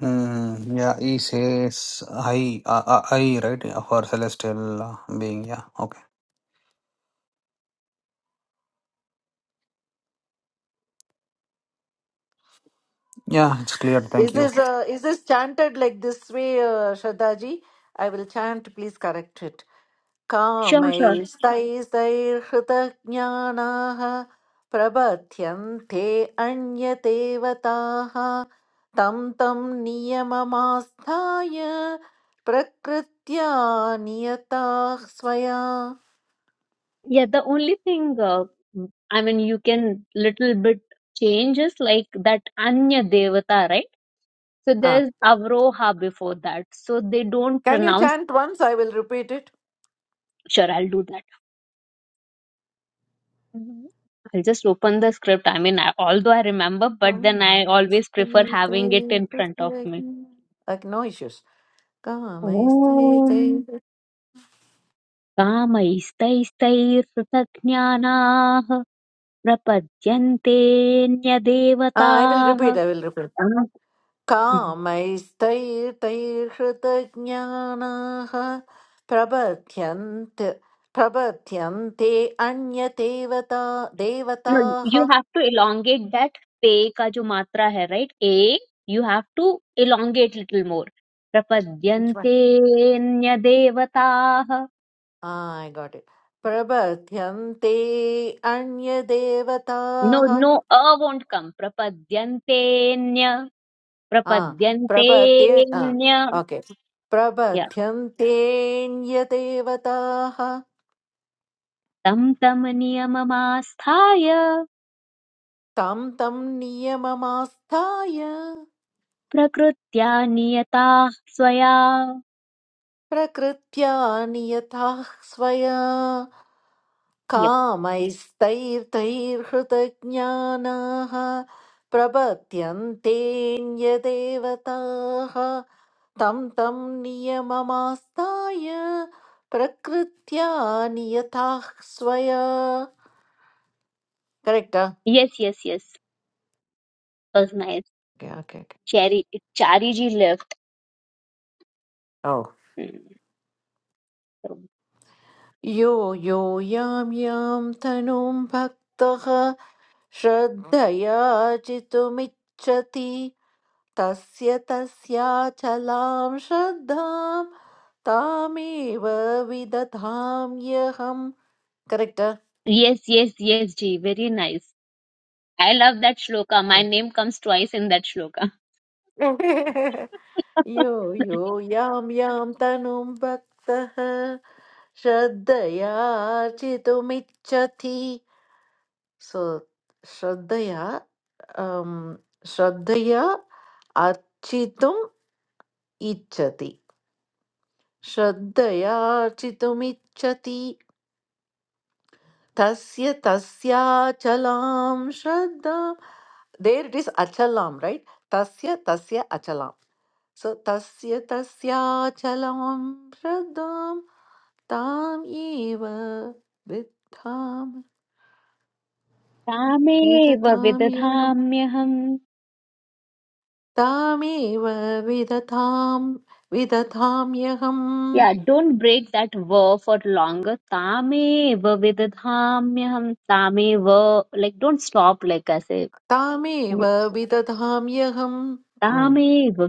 Speaker 7: Mm, yeah, he says I, I, I, right, for celestial uh, being. Yeah, okay. Yeah, it's clear.
Speaker 1: Is
Speaker 7: Thank you.
Speaker 1: this uh, is this chanted like this way, uh, Shraddha ji? I will chant. Please correct it.
Speaker 5: Sure, sure.
Speaker 1: कामैस्तैस्तैर्हृतज्ञानाः प्रबध्यन्ते अन्यदेवताः तं तं नियममास्थाय प्रकृत्या नियताः स्वया
Speaker 5: Yeah, the only thing, uh, I mean, you can little bit change is like that Anya Devata, right? So
Speaker 1: Ah,
Speaker 5: there's Avroha before that. So they don't
Speaker 1: can you
Speaker 5: pronounce.
Speaker 1: chant once? I will repeat it.
Speaker 5: Sure, I'll do that. Mhm. I'll just open the script. I mean, I, although I remember, but then I always prefer having it in front of me.
Speaker 1: Like no issues.
Speaker 5: Om
Speaker 1: कामैस्तैर्तैर्-
Speaker 5: कामैस्तैस्तैरृतज्ञानाः
Speaker 1: Ah, I will
Speaker 5: प्रपद्यन्तेऽन्यदेवताः
Speaker 1: repeat. I will repeat.
Speaker 5: Uh,
Speaker 1: कामैस्तैर्तैर्हृतज्ञानाः प्रबध्यन्त प्रबध्यन्ते अन्यदेवता
Speaker 5: no
Speaker 1: देवताः
Speaker 5: you have to elongate that pe ka jo matra hai right a you have to elongate little more
Speaker 1: Which one?
Speaker 5: prapadyante nya
Speaker 1: Ah, I got it. प्रबध्यन्ते
Speaker 5: no
Speaker 1: अन्यदेवताः
Speaker 5: no a won't come prapadyante nya
Speaker 1: Ah,
Speaker 5: prapadyante
Speaker 1: prabhati ah,
Speaker 5: nya
Speaker 1: okay.
Speaker 5: yeah
Speaker 1: Prabhati antenya devata ha
Speaker 5: tam tam niyamamaasthaya
Speaker 1: tam tam niyama mastaye
Speaker 5: प्रकृत्या नियताः स्वया
Speaker 1: prakritya niyatah swaya
Speaker 5: yep
Speaker 1: kama istair tair khudagnyanah. Prabhati antenya devata ha tam tam niyama mastaye prakritya niyatah swaya. Correcta.
Speaker 5: yes yes yes was nice
Speaker 1: Okay, okay, okay.
Speaker 5: cherry chari ji left
Speaker 1: Oh.
Speaker 5: Hmm. So,
Speaker 1: यो यो यां यां तनुं भक्तः श्रद्धया चितुमिच्छति तस्य तस्याचलां श्रद्धां तामेव विदधाम्यहम् correct
Speaker 5: yes yes yes ji very nice i love that shloka my name comes twice in that shloka
Speaker 1: यो यो यां यां तनुं भक्तः श्रद्धया चितुमिच्छति So Shraddhaya um, Shraddhaya Architum Ichati. Shraddhaya Architum Ichati. Tasya Tasya Achalam Shraddha. There it is Achalam, right? Tasya Tasya Achalam. So Tasya Tasya Achalam Shraddham Tam Eva Vidham
Speaker 5: तामेव
Speaker 1: Vidatam Eva.
Speaker 5: विदधाम्यहम्
Speaker 1: Tamiwa vidatham vidatham yam
Speaker 5: या don't break that व for long तामेव विदधाम्यहम् तामेव like don't stop like ऐसे
Speaker 1: Tamiwa vidatham yam
Speaker 5: तामेव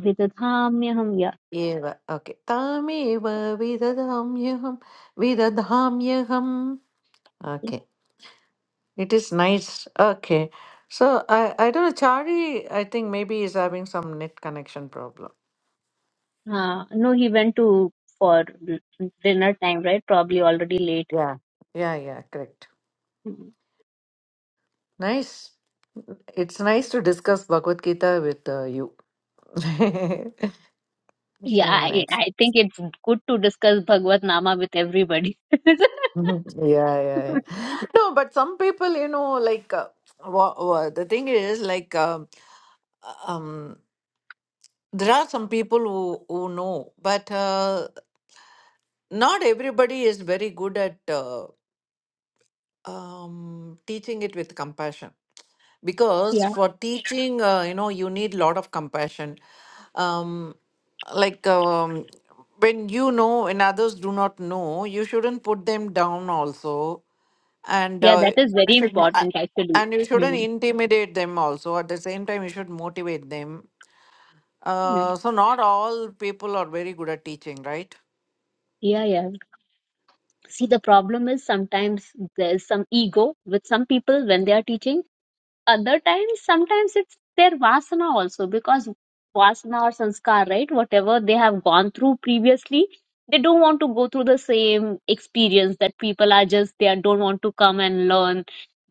Speaker 5: Yeah.
Speaker 1: Yeah okay Tamiwa vidatham yam vidatham yam Okay, it is nice. Okay, so I I don't know Chari I think maybe is having some net connection problem.
Speaker 5: Uh, no, he went to for dinner time, right? Probably already late.
Speaker 1: Yeah, yeah, yeah. Correct.
Speaker 5: Mm.
Speaker 1: Nice. It's nice to discuss Bhagavad Gita with uh, you. It's
Speaker 5: Yeah,
Speaker 1: having
Speaker 5: I,
Speaker 1: nice.
Speaker 5: I think it's good to discuss Bhagavad Nama with everybody.
Speaker 1: Mhm. Yeah, yeah, yeah. No, but some people, you know, like uh, wha wha- the thing is, like, um, uh, um, there are some people who who know, but uh, not everybody is very good at uh, um, teaching it with compassion. Because
Speaker 5: Yeah,
Speaker 1: for Sure. teaching, uh, you know, you need lot of compassion. Um, like um, when you know and others do not know, you shouldn't put them down also and
Speaker 5: yeah,
Speaker 1: uh,
Speaker 5: that is
Speaker 1: you
Speaker 5: very
Speaker 1: should mo- uh,
Speaker 5: important actually.
Speaker 1: and you shouldn't
Speaker 5: Mm.
Speaker 1: intimidate them also at the same time you should motivate them
Speaker 5: Mm.
Speaker 1: uh, so not all people are very good at teaching right
Speaker 5: Yeah, yeah. See, the problem is sometimes there's some ego with some people when they are teaching. other times sometimes it's their vasana also because vasana or sanskar right whatever they have gone through previously they don't want to go through the same experience that people are just they are- don't want to come and learn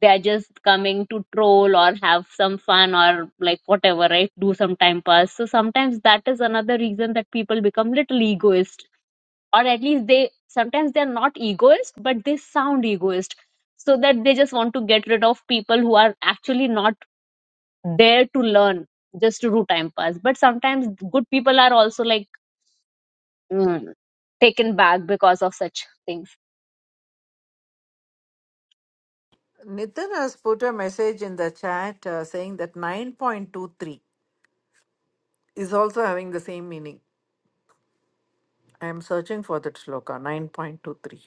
Speaker 5: they are just coming to troll or have some fun or like whatever right do some time pass so sometimes that is another reason that people become little egoist or at least they sometimes they're not egoist but they sound egoist so that they just want to get rid of people who are actually not there to learn just to do time pass but sometimes good people are also like mm, taken back because of such things
Speaker 1: nitin has put a message in the chat uh, saying that 9.23 is also having the same meaning i am searching for that shloka 9.23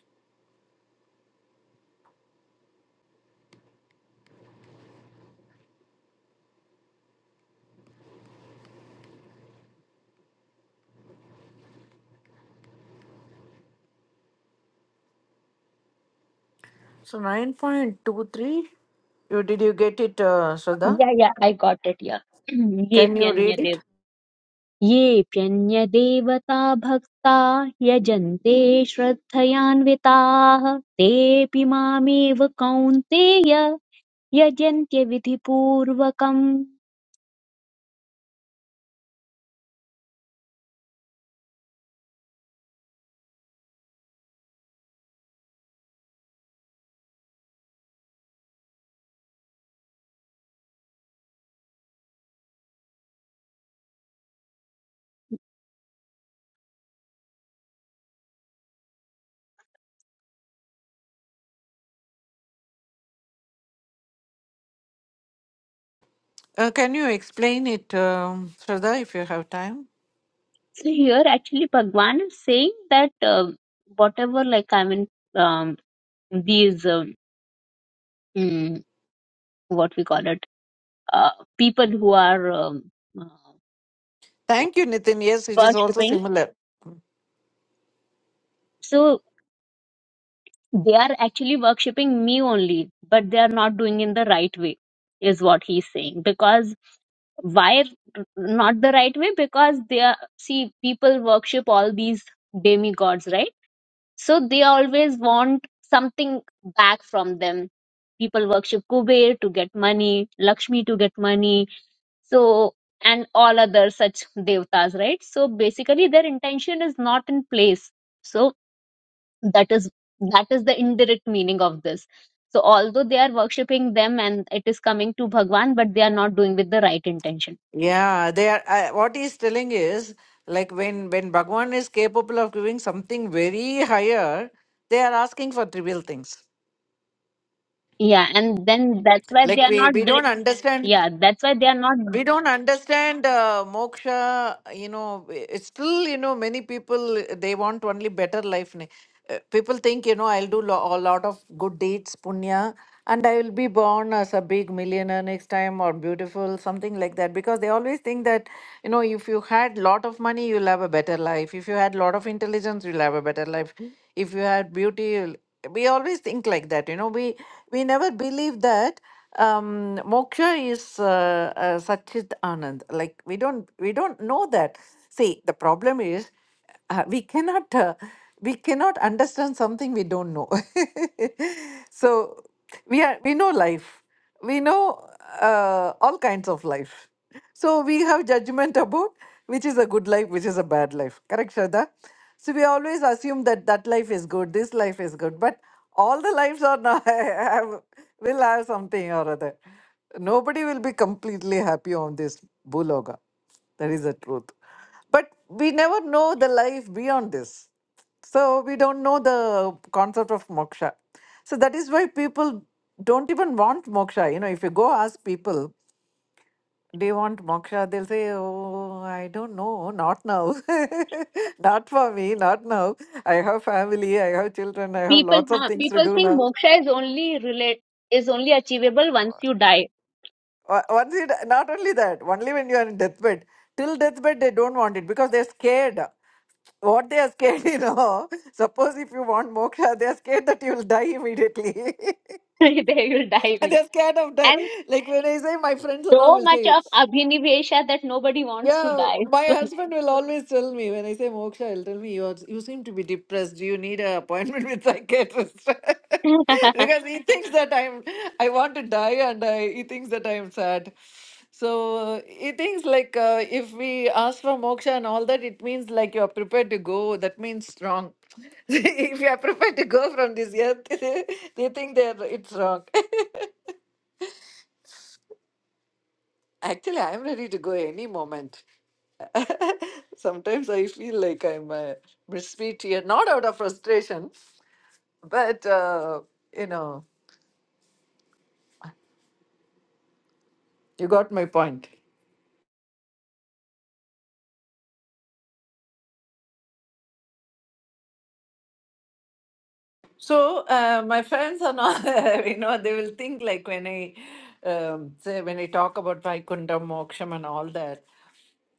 Speaker 1: so 9.23 you did you get it uh, shraddha
Speaker 5: yeah yeah i got it yeah
Speaker 1: can you read
Speaker 5: येऽप्यन्यदेव
Speaker 1: it
Speaker 5: येऽप्यन्यदेवता भक्ता यजन्ते श्रद्धयान्विताः तेऽपि मामेव कौन्तेय यजन्त्य विधिपूर्वकम्
Speaker 1: uh, can you explain it um, shraddha if you have time
Speaker 5: So here actually Bhagwan is saying that uh, whatever like I mean um, these um, what we call it uh, people who are um, uh,
Speaker 1: Thank you, Nitin. Yes, it is also
Speaker 5: worshipping
Speaker 1: similar.
Speaker 5: so they are actually worshipping me only but they are not doing in the right way is what he's saying because why not the right way because they are see people worship all these demigods right so they always want something back from them people worship kuber to get money lakshmi to get money so and all other such devtas right so basically their intention is not in place so that is that is the indirect meaning of this so although they are worshipping them and it is coming to bhagwan but they are not doing with the right intention
Speaker 1: Yeah, they are. Uh, what he's telling is like when when Bhagwan is capable of giving something very higher, they are asking for trivial things.
Speaker 5: yeah and then that's why
Speaker 1: Like
Speaker 5: they are
Speaker 1: we
Speaker 5: not
Speaker 1: we don't
Speaker 5: dir-
Speaker 1: understand.
Speaker 5: yeah that's why they are not
Speaker 1: we don't understand uh, moksha you know i- it's still you know many people uh, they want only better life ne- uh, people think you know i'll do lo- a lot of good deeds punya and i will be born as a big millionaire next time or beautiful something like that because they always think that you know if you had lot of money you'll have a better life if you had lot of intelligence you'll have a better life Mm. if you had beauty you'll... we always think like that you know we we never believe that um, moksha is uh, uh, Satchit Anand. Like we don't we don't know that. See, the problem is uh, we cannot uh, we cannot understand something we don't know. so we are we know life. We know uh, all kinds of life. So we have judgment about which is a good life, which is a bad life. Correct, Shraddha? So we always assume that that life is good, this life is good, but all the lives are not have, will have something or other. Nobody will be completely happy on this buloga. That is the truth. But we never know the life beyond this. So we don't know the concept of moksha. So that is why people don't even want moksha. You know, if you go ask people, do you want moksha? They'll say, Oh, I don't know, not now. not for me, not now. I have family, I have children, I have
Speaker 5: people
Speaker 1: lots of
Speaker 5: huh,
Speaker 1: things to
Speaker 5: people
Speaker 1: do
Speaker 5: think
Speaker 1: now.
Speaker 5: moksha is only relate is only achievable once you die
Speaker 1: O- Once you, d- not only that, only when you are in deathbed. Till deathbed, they don't want it because they're scared. What they are scared, you know. Suppose if you want moksha, they are scared that you will die immediately.
Speaker 5: they will
Speaker 1: and
Speaker 5: die
Speaker 1: they're scared of dying.
Speaker 5: and
Speaker 1: Like when I say, my friends and all
Speaker 5: so
Speaker 1: will
Speaker 5: much
Speaker 1: say,
Speaker 5: of abhinivesha that nobody wants to
Speaker 1: Yeah,
Speaker 5: die
Speaker 1: my husband will always tell me when I say Moksha, he'll tell me you are, you seem to be depressed. Do you need an appointment with psychiatrist? because he thinks that I'm I want to die and I, he thinks that I am sad. So uh, he thinks like uh, if we ask for moksha and all that, it means like you are prepared to go. That means strong. if you are prepared to go from this earth, they think they are it's wrong. Actually, I am ready to go any moment. Sometimes I feel like I'm a misfit here, not out of frustration, but uh, you know, you got my point. So uh, my friends are not, you know, they will think like when I um, say when I talk about Vaikuntham, Moksham, and all that,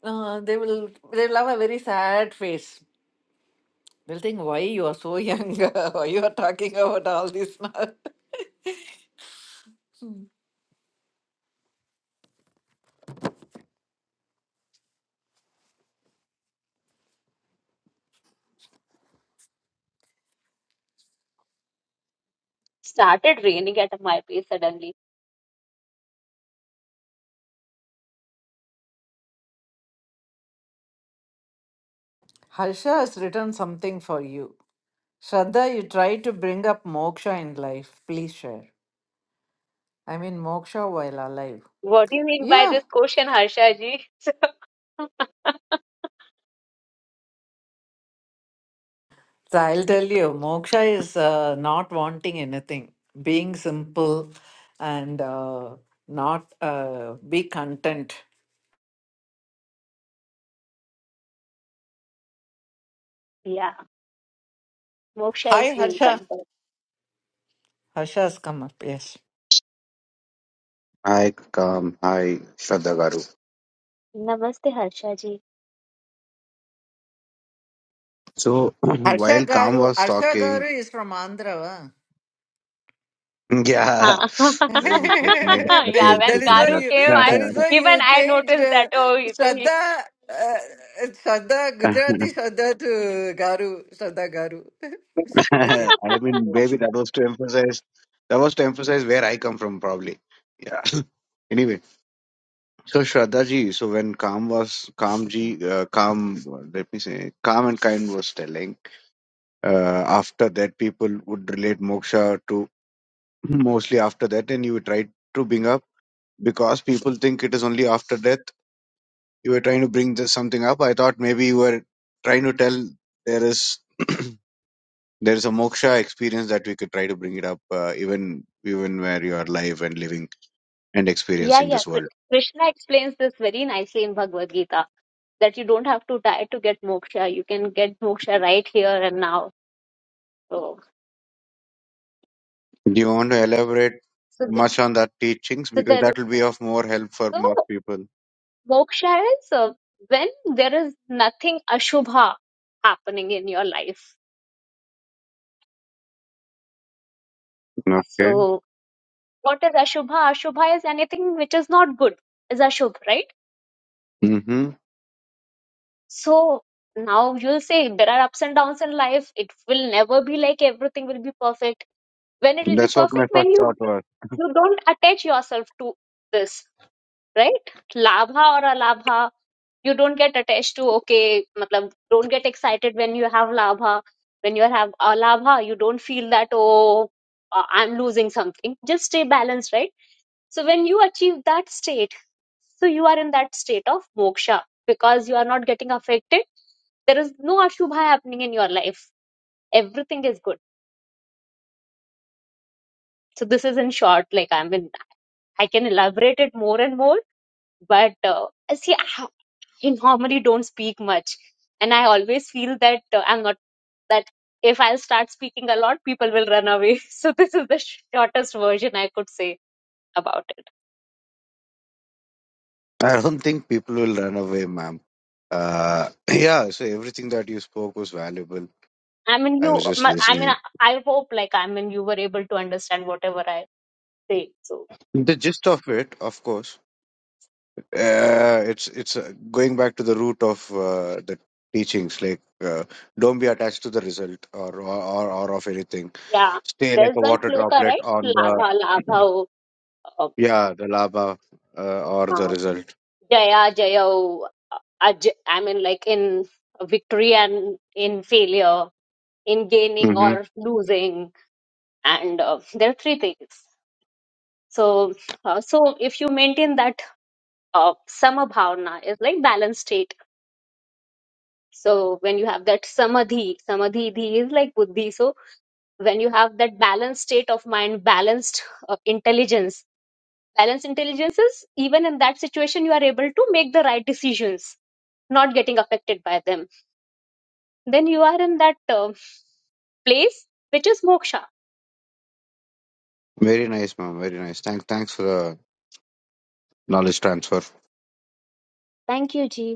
Speaker 1: uh, they will they'll have a very sad face. They'll think, why you are so young? why you are talking about all this now?
Speaker 5: Started raining at my place suddenly.
Speaker 1: Harsha has written something for you. Shraddha, you try to bring up moksha in life. Please share. I mean, Moksha while alive.
Speaker 5: What do you mean by
Speaker 1: Yeah,
Speaker 5: this question, Harsha ji? So,
Speaker 1: so I'll tell you, Moksha is uh, not wanting anything, being simple and uh, not uh, be content.
Speaker 5: yeah, Moksha is
Speaker 1: Hi,
Speaker 5: being
Speaker 1: Harsha.
Speaker 5: content.
Speaker 1: Harsha's come up, yes.
Speaker 8: Hi, Kam. Hi, Shraddha Garu.
Speaker 5: Namaste, Harsha ji.
Speaker 8: So
Speaker 1: Harsha
Speaker 8: while Kam
Speaker 1: Garu,
Speaker 8: was
Speaker 1: Harsha
Speaker 8: talking,
Speaker 1: Garu is from Andhra. huh?
Speaker 8: yeah,
Speaker 5: Huh.
Speaker 8: um, like made a subtle
Speaker 5: Yeah,
Speaker 1: that
Speaker 5: when
Speaker 1: is
Speaker 8: impression
Speaker 1: why
Speaker 5: Garu
Speaker 1: you.
Speaker 5: came, I
Speaker 1: That is
Speaker 8: that.
Speaker 1: why
Speaker 5: even
Speaker 1: you
Speaker 5: I
Speaker 1: changed
Speaker 5: noticed that.
Speaker 1: uh,
Speaker 5: Oh, he- so he.
Speaker 1: Shraddha, uh, Shraddha Gujarati Shraddha to Garu Shraddha Garu. okay.
Speaker 8: I mean, maybe that was to emphasize. That was to emphasize where I come from, probably. Yeah. Anyway, so Shraddha ji, so when Kam was Kam ji, uh, Kam, let me say, Kam and Kind was telling. Uh, after that, people would relate moksha to mostly after that, and you would try to bring up. because people think it is only after death. You were trying to bring this something up. I thought maybe you were trying to tell there is there is a moksha experience that we could try to bring it up uh, even even where you are alive and living and
Speaker 5: Yeah,
Speaker 8: experiencing
Speaker 5: yeah.
Speaker 8: this
Speaker 5: Kr-
Speaker 8: world.
Speaker 5: Krishna explains this very nicely in Bhagavad Gita that you don't have to die to get moksha. You can get moksha right here and now. So,
Speaker 8: Do you want to elaborate
Speaker 5: so, the,
Speaker 8: much on that teachings
Speaker 5: so
Speaker 8: because
Speaker 5: there.
Speaker 8: that will be of more help for more people.
Speaker 5: Moksha is uh, when there is nothing Ashubha happening in your life.
Speaker 8: Okay.
Speaker 5: So what is Ashubha? Ashubha is anything which is not good, is Ashubh, right?
Speaker 8: hmm
Speaker 5: So now you'll say there are ups and downs in life. It will never be like everything will be perfect. When it will be
Speaker 8: That's what
Speaker 5: perfect,
Speaker 8: my first
Speaker 5: when you
Speaker 8: thought was.
Speaker 5: you don't attach yourself to this. right? Labha or alabha, you don't get attached to okay, matlab, don't get excited when you have labha. When you have alabha, you don't feel that oh, uh, I'm losing something. Just stay balanced, right? So when you achieve that state, so you are in that state of moksha because you are not getting affected. There is no ashubha happening in your life. Everything is good. So this is in short, like I mean, I can elaborate it more and more, but uh, see, you normally don't speak much and i always feel that uh, i'm not that if i'll start speaking a lot people will run away so this is the shortest version i could say about it
Speaker 8: I don't think people will run away, ma'am. Uh, yeah, so everything that you spoke was valuable
Speaker 5: i mean
Speaker 8: I
Speaker 5: you
Speaker 8: was just
Speaker 5: my- i mean
Speaker 8: listening.
Speaker 5: i hope like i mean you were able to understand whatever i say so
Speaker 8: The gist of it, of course, uh, it's it's uh, going back to the root of uh, the teachings. Like, uh, don't be attached to the result or or, or or of anything.
Speaker 5: yeah
Speaker 8: Stay like
Speaker 5: there's
Speaker 8: a
Speaker 5: one
Speaker 8: water
Speaker 5: shloka
Speaker 8: droplet
Speaker 5: right
Speaker 8: on the
Speaker 5: labha labha oh, uh,
Speaker 8: yeah the lava uh, or the
Speaker 5: uh,
Speaker 8: result.
Speaker 5: jaya jaya oh, uh, aj- i mean like in victory and in failure in gaining or
Speaker 8: hmm
Speaker 5: losing and uh, there are three things so uh, so if you maintain that uh, sama bhavana is like balanced state so when you have that samadhi samadhi dhi is like buddhi so when you have that balanced state of mind balanced uh, intelligence balanced intelligence is even in that situation you are able to make the right decisions not getting affected by them then you are in that uh, place which is moksha
Speaker 8: Very nice, ma'am. Very nice. Thanks, thanks for the knowledge transfer.
Speaker 5: thank you ji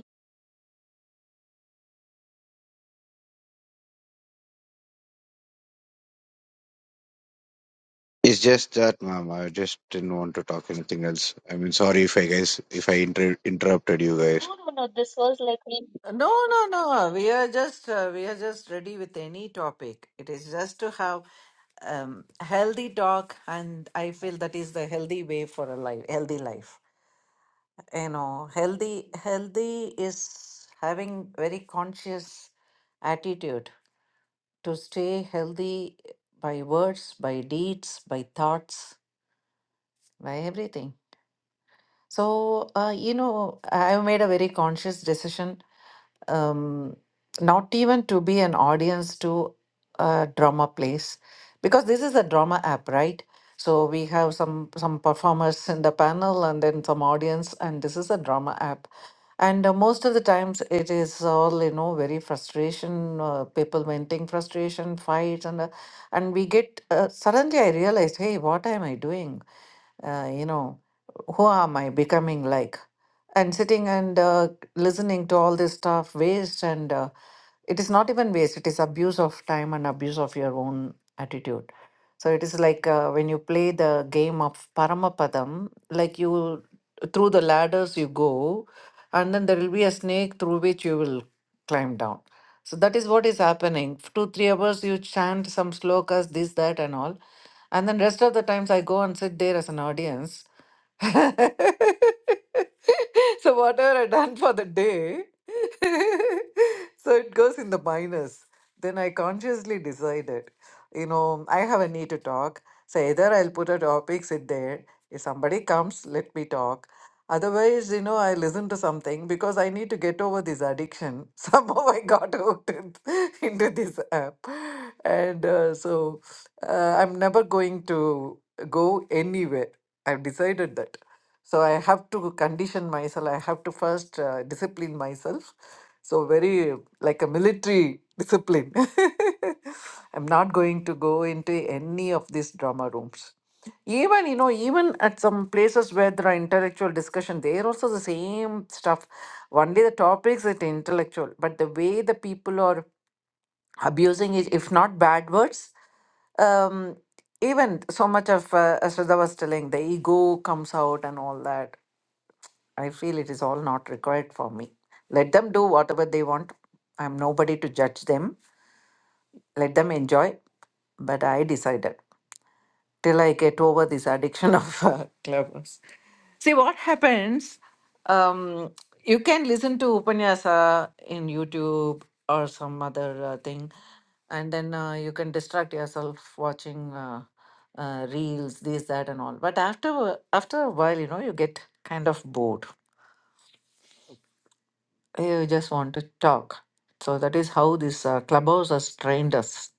Speaker 8: It's just that, ma'am. I just didn't want to talk anything else. I mean, sorry if I guys if I inter- interrupted you guys.
Speaker 5: no no no this was like
Speaker 1: No, no, no. We are just uh, we are just ready with any topic. It is just to have um, healthy talk, and I feel that is the healthy way for a life, healthy life. You know, healthy healthy is having very conscious attitude to stay healthy by words, by deeds, by thoughts, by everything. So, uh, you know, I have made a very conscious decision um, not even to be an audience to a drama place because this is a drama app right so we have some some performers in the panel and then some audience and this is a drama app and uh, most of the times it is all you know very frustration uh, people venting frustration fights and uh, and we get uh, suddenly i realized hey what am i doing uh, you know who am i becoming like and sitting and uh, listening to all this stuff waste and uh, it is not even waste it is abuse of time and abuse of your own attitude so it is like uh, when you play the game of Paramapadam, like you through the ladders you go, and then there will be a snake through which you will climb down. So that is what is happening. For two, three hours you chant some slokas, this, that, and all. And then rest of the times I go and sit there as an audience. so whatever I done for the day, so it goes in the minus. Then I consciously decided you know, I have a need to talk. So either I'll put a topic, sit there. If somebody comes, let me talk Otherwise, you know, I listen to something because I need to get over this addiction. Somehow I got hooked in- into this app. And uh, so uh, I'm never going to go anywhere. I've decided that. So I have to condition myself. I have to first uh, discipline myself. So, very uh, like a military discipline. I'm not going to go into any of these drama rooms. Even, you know, even at some places where there are intellectual discussion, there also the same stuff. Only the topics it intellectual, but the way the people are abusing it, if not bad words, um, even so much of, uh, as Shraddha was telling, the ego comes out and all that. I feel it is all not required for me. Let them do whatever they want. I'm nobody to judge them. Let them enjoy. But I decided till I get over this addiction of uh, clubhouse. See what happens. Um, you can listen to Upanyasa in YouTube or some other uh, thing, and then uh, you can distract yourself watching uh, uh, reels, this, that, and all. But after after a while, you know, you get kind of bored. You just want to talk. So that is how this uh, clubhouse has trained us.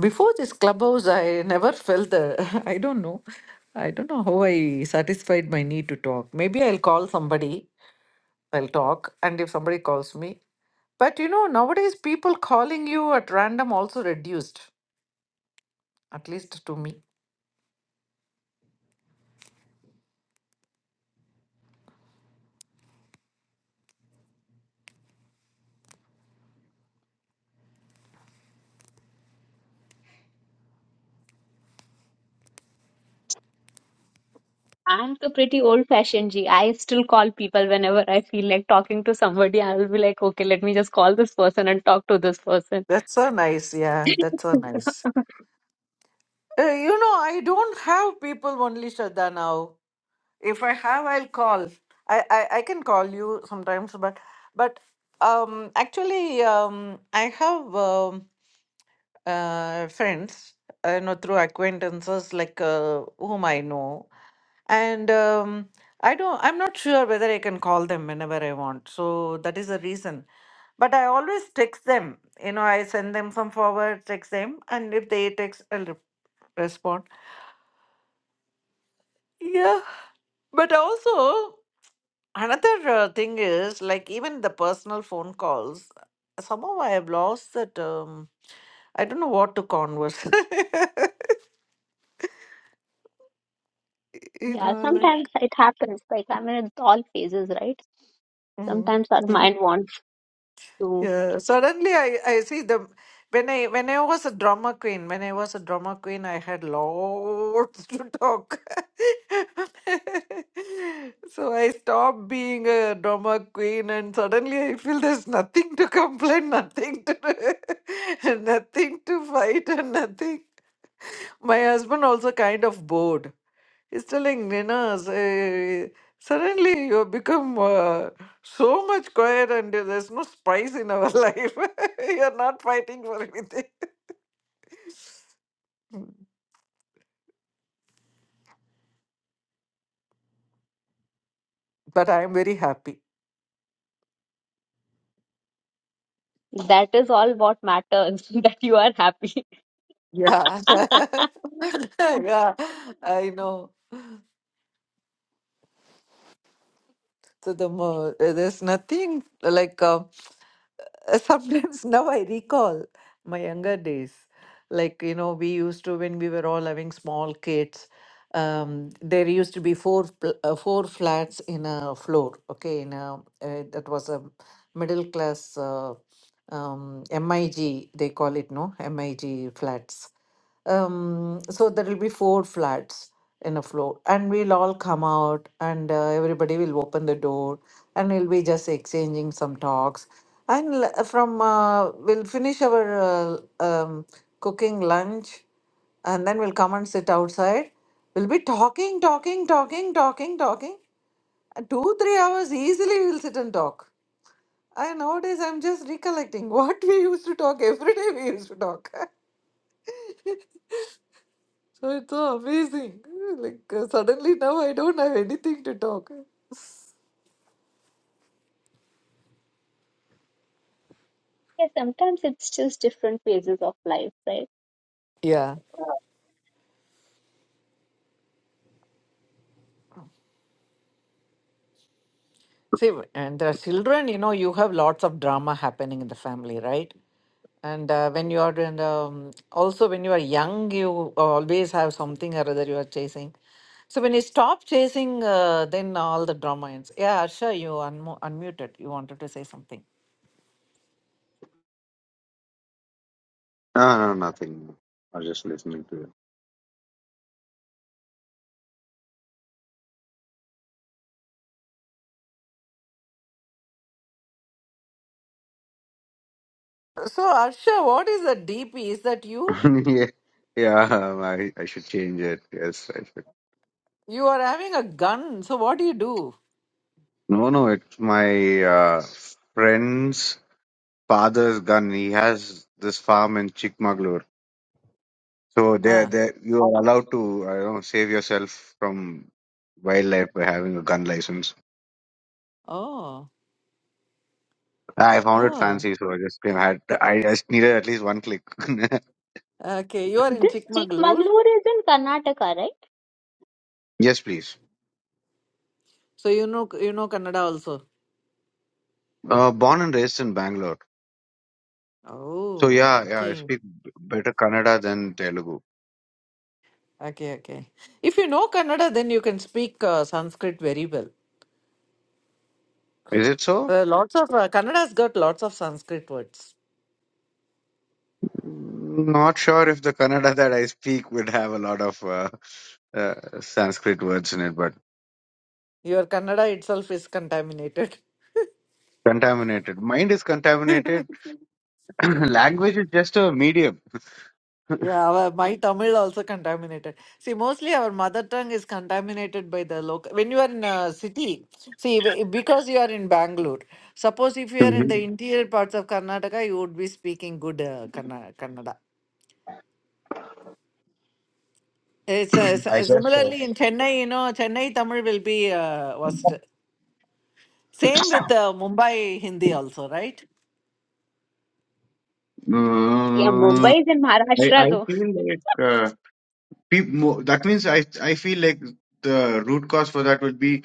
Speaker 1: Before this clubhouse, I never felt the. I don't know. I don't know how I satisfied my need to talk. Maybe I'll call somebody I'll talk. And if somebody calls me, but you know, nowadays people calling you at random also reduced, at least to me.
Speaker 5: I'm the pretty old fashioned G. I still call people whenever I feel like talking to somebody. I'll be like, okay, let me just call this person and talk to this person.
Speaker 1: That's so nice. Yeah, that's so nice. Uh, you know, I don't have people only Shraddha now. If I have, I'll call. I, I, I can call you sometimes, but but um actually um I have um, uh, friends, uh, you know, through acquaintances like uh, whom I know. and um, i don't i'm not sure whether i can call them whenever i want so that is the reason but i always text them you know i send them some forward text them and if they text i'll re- respond yeah but also another uh, thing is like even the personal phone calls somehow i have lost that um i don't know what to converse you
Speaker 5: Yeah,
Speaker 1: know like
Speaker 5: sometimes it happens. Like, I mean, it's all phases, right?
Speaker 1: Yeah.
Speaker 5: Sometimes our
Speaker 1: mm.
Speaker 5: mind wants to.
Speaker 1: Yeah, suddenly I, I see the when I when I was a drama queen, when I was a drama queen, I had lots to talk. So I stopped being a drama queen, and suddenly I feel there's nothing to complain, nothing to nothing to fight, and nothing. My husband also kind of bored. He's telling Nina, "Say, suddenly you have become uh, so much quiet and there's no spice in our life. You're not fighting for anything. But I'm very happy.
Speaker 5: That is all what matters, that you are happy.
Speaker 1: Yeah. yeah, I know. So the mo- there's nothing like. uh, Uh, sometimes now I recall my younger days. Like, you know, we used to, when we were all having small kids, um, there used to be four pl- uh, four flats in a floor. Okay, in a uh, that was a middle class uh, um, MIG. They call it no MIG flats um, so there will be four flats in a floor and we'll all come out and uh, everybody will open the door and we'll be just exchanging some talks and l- uh, from uh, we'll finish our uh, um, cooking lunch and then we'll come and sit outside we'll be talking talking talking talking talking and two three hours easily we'll sit and talk i nowadays i'm just recollecting what we used to talk every day we used to talk So it's so amazing. Like uh, suddenly now I don't have anything to talk.
Speaker 5: Yeah, sometimes it's just different phases of life, right?
Speaker 1: Yeah. See, w- and the children, you know, you have lots of drama happening in the family, right? And uh, when you are and um, also when you are young, you always have something or other you are chasing. So when you stop chasing, uh, then all the drama ends. Yeah, Arsha, you unmu unmuted. You wanted to say something.
Speaker 8: No, no, nothing. I was just listening to
Speaker 1: So Arsha, what is the DP? Is that you?
Speaker 8: it. yeah, yeah. um, I I should change it. Yes, I should.
Speaker 1: You are having a gun. So what do you do?
Speaker 8: No, no. It's my uh, friend's father's gun. He has this farm in Chikmagalur. So there,
Speaker 1: Ah,
Speaker 8: there you are allowed to I don't know, save yourself from wildlife by having a gun license.
Speaker 1: oh,
Speaker 8: I found it
Speaker 1: oh.
Speaker 8: fancy, so I just came. Had I just needed at least one click.
Speaker 1: Okay, you are in
Speaker 5: This
Speaker 1: Chikmagalur,
Speaker 5: Chikmagalur is in Karnataka, right?
Speaker 8: yes, please.
Speaker 1: so you know you know Kannada also.
Speaker 8: Uh, born and raised in Bangalore. So
Speaker 1: Oh,
Speaker 8: yeah, yeah. I
Speaker 1: okay,
Speaker 8: speak b- better Kannada than Telugu.
Speaker 1: okay, okay. If you know Kannada, then you can speak uh, Sanskrit very well.
Speaker 8: Is it so?
Speaker 1: There lots of uh, Kannada has got lots of Sanskrit words.
Speaker 8: Mm, Not sure if the Kannada that I speak would have a lot of uh, uh, Sanskrit words in it, but
Speaker 1: Your Kannada itself is contaminated.
Speaker 8: contaminated. Mind is contaminated. Language is just a medium.
Speaker 1: Yeah, our, my Tamil also contaminated. See, mostly our mother tongue is contaminated by the local. When you are in a city, see, be- because you are in Bangalore, suppose if you are in the
Speaker 8: hmm
Speaker 1: interior parts of Karnataka, you would be speaking good uh, Kanna- Kannada. It's uh,
Speaker 8: I
Speaker 1: s-
Speaker 8: guess so.
Speaker 1: similarly in Chennai, you know, Chennai Tamil will be uh, worst. Same with uh, Mumbai Hindi also, right?
Speaker 5: Yeah,
Speaker 8: Mm,
Speaker 5: Mumbai is in
Speaker 8: I, I
Speaker 5: Maharashtra,
Speaker 8: feel like uh, peop mo that means I I feel like the root cause for that would be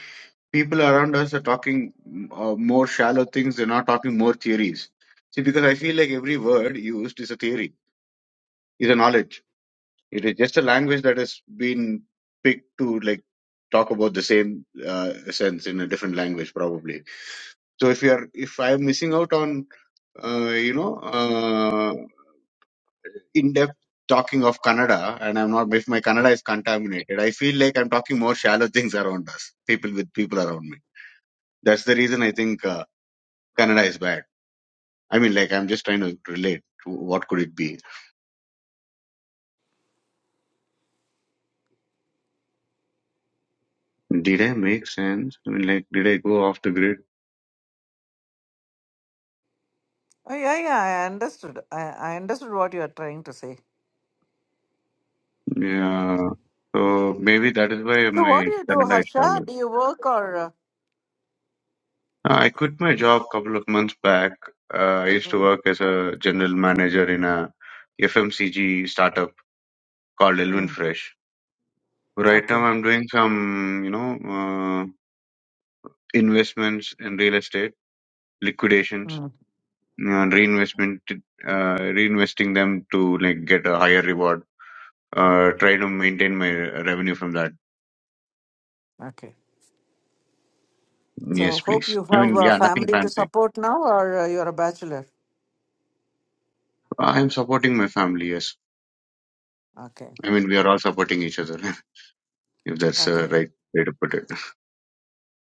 Speaker 8: people around us are talking mm, uh, more shallow things. They're not talking more theories. See, because I feel like every word used is a theory. is a knowledge. It is just a language that has been picked to like talk about the same uh, sense in a different language, probably. So if you are, if I am missing out on, uh, you know, uh, in-depth talking of Kannada, and I'm not, if my Kannada is contaminated, I feel like I'm talking more shallow things around us, people with people around me. That's the reason I think uh, Kannada is bad. I mean, like I'm just trying to relate. to What could it be? Did I make sense? I mean, like, did I go off the grid?
Speaker 1: Oh, yeah, yeah, I understood. I, I understood what you are trying to say.
Speaker 8: Yeah. So maybe that is why
Speaker 1: So, what
Speaker 8: my
Speaker 1: do you do,
Speaker 8: Canada is
Speaker 1: Harsha?
Speaker 8: shallow.
Speaker 1: Do you work or? Uh,
Speaker 8: Uh, I quit my job couple of months back. Uh, I used to
Speaker 1: mm,
Speaker 8: work as a general manager in a FMCG startup called Elwin
Speaker 1: mm,
Speaker 8: Fresh. Right now,
Speaker 1: okay.
Speaker 8: I'm doing some, you know, uh, investments in real estate, liquidations,
Speaker 1: Mm,
Speaker 8: and reinvestment, uh, reinvesting them to like get a higher reward. Uh, try to maintain my revenue from that.
Speaker 1: okay. So,
Speaker 8: Yes,
Speaker 1: hope
Speaker 8: please.
Speaker 1: you
Speaker 8: I
Speaker 1: have
Speaker 8: mean,
Speaker 1: a
Speaker 8: yeah, nothing
Speaker 1: family to
Speaker 8: fancy.
Speaker 1: support now, or uh, you are a bachelor.
Speaker 8: Uh, I'm supporting my family, yes.
Speaker 1: Okay.
Speaker 8: I mean, we are all supporting each other, if that's the
Speaker 1: Okay.
Speaker 8: right way to put it.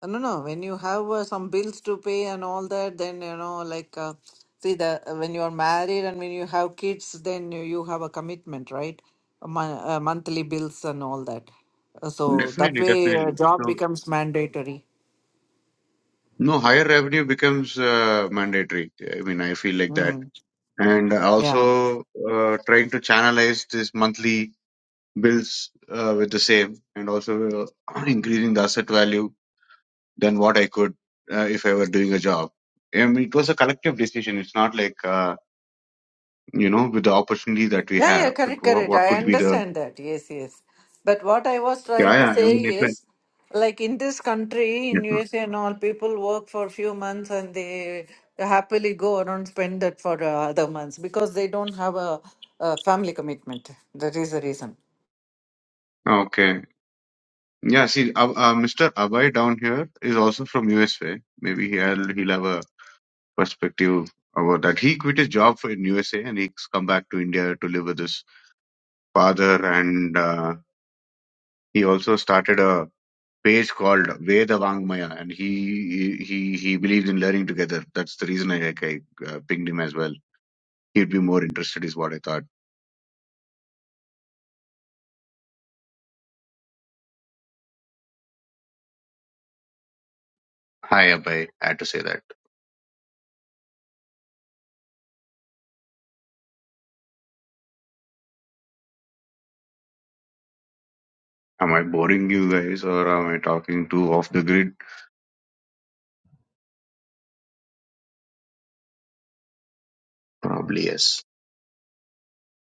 Speaker 1: Uh, No, no. When you have uh, some bills to pay and all that, then you know, like, uh, see the uh, when you are married and when you have kids, then you, you have a commitment, right? A mon- uh, monthly bills and all that. Uh, so that
Speaker 8: Definitely,
Speaker 1: way, uh,
Speaker 8: definitely.
Speaker 1: job
Speaker 8: So,
Speaker 1: becomes mandatory.
Speaker 8: no, higher revenue becomes uh, mandatory. I mean, I feel like that.
Speaker 1: Mm.
Speaker 8: And also uh, trying to channelize this monthly bills uh, with the same and also uh, increasing the asset value than what I could uh, if I were doing a job. I mean, it was a collective decision. It's not like, uh, you know, with the opportunity that we
Speaker 1: Yeah, yeah,
Speaker 8: have, but
Speaker 1: correct,
Speaker 8: what,
Speaker 1: correct.
Speaker 8: what
Speaker 1: I
Speaker 8: could be the
Speaker 1: understand that. Yes, yes. But what I was
Speaker 8: yeah,
Speaker 1: trying to
Speaker 8: yeah. I
Speaker 1: say
Speaker 8: mean, it a,
Speaker 1: is, like in this country, in
Speaker 8: Yes, ma'am.
Speaker 1: USA and all, people work for a few months and they happily go around spend that for uh, other months because they don't have a, a family commitment. That is the reason.
Speaker 8: Okay. Yeah, see, uh, uh, Mr. Abhay down here is also from USA. Maybe he'll he'll have a perspective about that. He quit his job for in USA and he's come back to India to live with his father. And uh, he also started a page called Veda Vangmaya, and he he he believes in learning together. That's the reason I I, uh, pinged him as well. He'd be more interested, is what I thought. Hi, Abhay. I had to say that. Am I boring you guys, or am I talking too off the grid? Probably yes.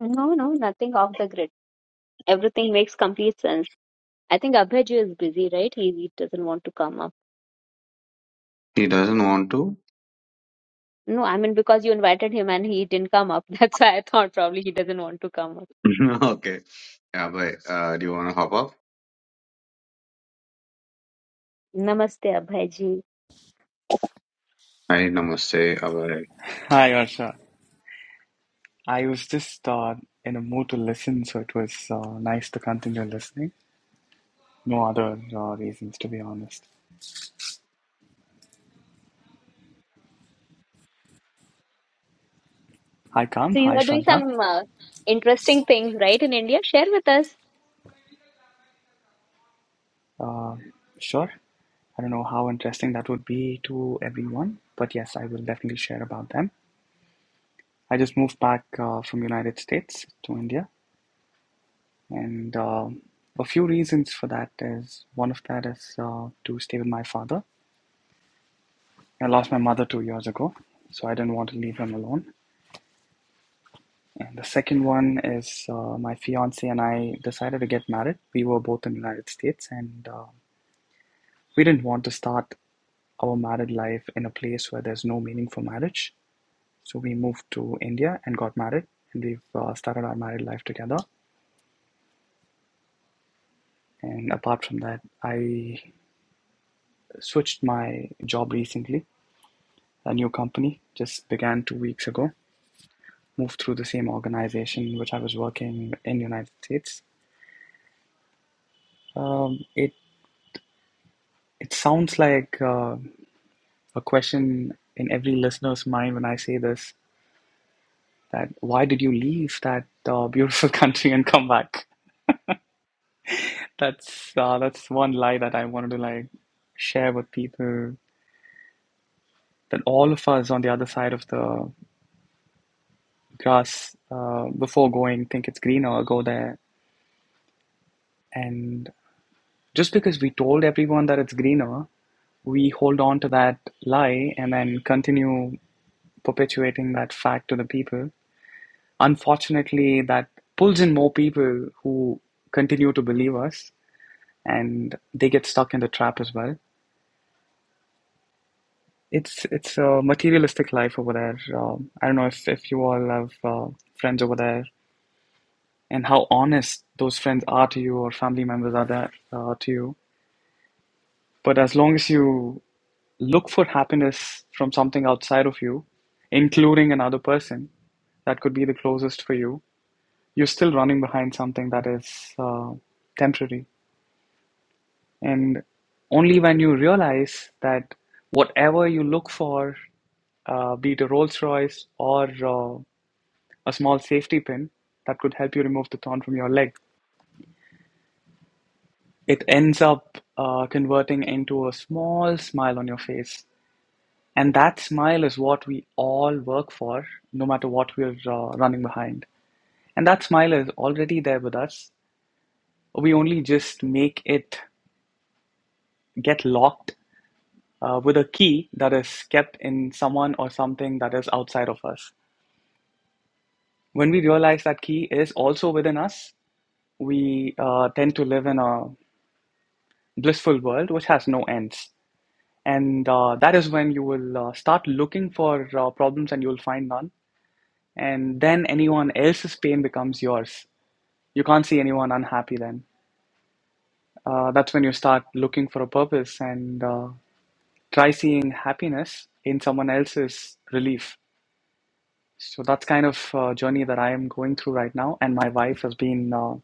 Speaker 5: No, no, nothing off the grid. Everything makes complete sense. I think Abhijit is busy, right? He, he doesn't want to come up.
Speaker 8: He doesn't want to?
Speaker 5: No, I mean because you invited him and he didn't come up. That's why I thought probably he doesn't want to come up.
Speaker 8: okay. Abhay, uh, do you want to hop up?
Speaker 5: Namaste, Abhijit.
Speaker 8: I namaste, Abhay.
Speaker 9: Hi, Varsha. I was just uh, in a mood to listen, so it was uh, nice to continue listening. No other uh, reasons, to be honest. Hi, Kam.
Speaker 5: So you
Speaker 9: Hi,
Speaker 5: are doing
Speaker 9: Shraddha.
Speaker 5: some uh, interesting things, right, in India? Share with us.
Speaker 9: Sure. I don't know how interesting that would be to everyone, but yes, I will definitely share about them. I just moved back uh, from United States to India, and um a few reasons for that is one of that is uh, to stay with my father. I lost my mother two years ago, so I didn't want to leave him alone. And the second one is uh, my fiance and I decided to get married. We were both in the United States, and uh, we didn't want to start our married life in a place where there's no meaning for marriage. So we moved to India and got married, and we've uh, started our married life together. And apart from that, I switched my job recently. A new company just began two weeks ago. Moved through the same organization which I was working in the United States. Um, it it sounds like. Uh, a question in every listener's mind when I say this that why did you leave that uh, beautiful country and come back? That's uh, that's one lie that I wanted to like share with people that all of us on the other side of the grass uh, before going think it's greener, go there. And just because we told everyone that it's greener, we hold on to that lie and then continue perpetuating that fact to the people unfortunately that pulls in more people who continue to believe us and they get stuck in the trap as well it's it's a materialistic life over there um, i don't know if, if you all have uh, friends over there and how honest those friends are to you or family members are there uh, to you but as long as you look for happiness from something outside of you including another person that could be the closest for you you're still running behind something that is uh, temporary And only when you realize that whatever you look for, uh, be it a Rolls Royce or uh, a small safety pin that could help you remove the thorn from your leg, it ends up uh, converting into a small smile on your face. And that smile is what we all work for, no matter what we're uh, running behind. And that smile is already there with us. We only just make it get locked uh, with a key that is kept in someone or something that is outside of us. When we realize that key is also within us, we uh, tend to live in a blissful world which has no ends. And uh, that is when you will uh, start looking for uh, problems and you will find none. And then anyone else's pain becomes yours. You can't see anyone unhappy then. Uh, that's when you start looking for a purpose and uh, try seeing happiness in someone else's relief So that's kind of uh, journey that I am going through right now. And my wife has been uh,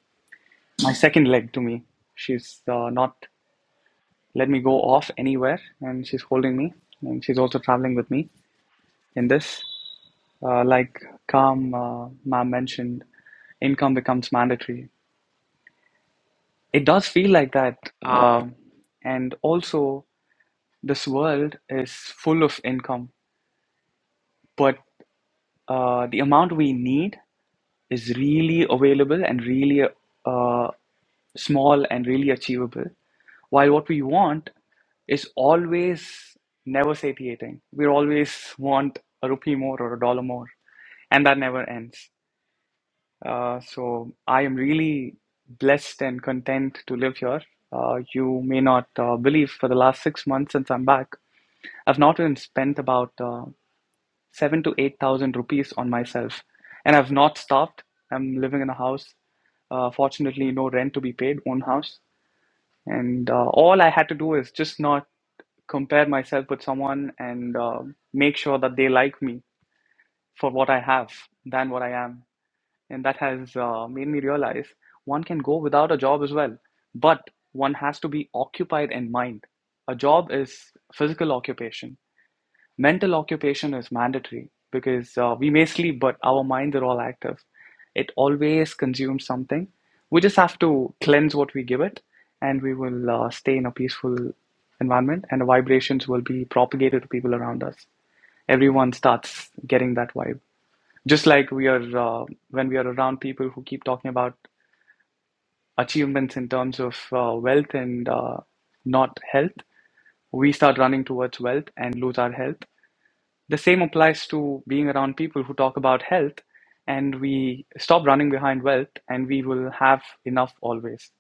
Speaker 9: my second leg to me. She's uh, not let me go off anywhere, and she's holding me, and she's also traveling with me in this. Uh, like Kam, uh, ma'am mentioned, income becomes mandatory. It does feel like that, um, and also this world is full of income, but uh, the amount we need is really available and really uh, small and really achievable. While what we want is always never satiating. We always want a rupee more or a dollar more, and that never ends. Uh, so I am really blessed and content to live here. Uh, you may not uh, believe for the last six months since I'm back, I've not even spent about uh, seven to eight thousand rupees on myself, and I've not starved. I'm living in a house. Uh, fortunately, no rent to be paid, own house, and uh, all I had to do is just not compare myself with someone and uh, make sure that they like me for what I have than what I am. And that has uh, made me realize one can go without a job as well, but one has to be occupied in mind. A job is physical occupation, Mental occupation is mandatory because uh, we may sleep, but our minds are all active. It always consumes something. We just have to cleanse what we give it, and we will uh, stay in a peaceful environment, and the vibrations will be propagated to people around us. Everyone starts getting that vibe. Just like we are uh, when we are around people who keep talking about achievements in terms of uh, wealth and uh, not health, we start running towards wealth and lose our health the same applies to being around people who talk about health, and we stop running behind wealth, and we will have enough always.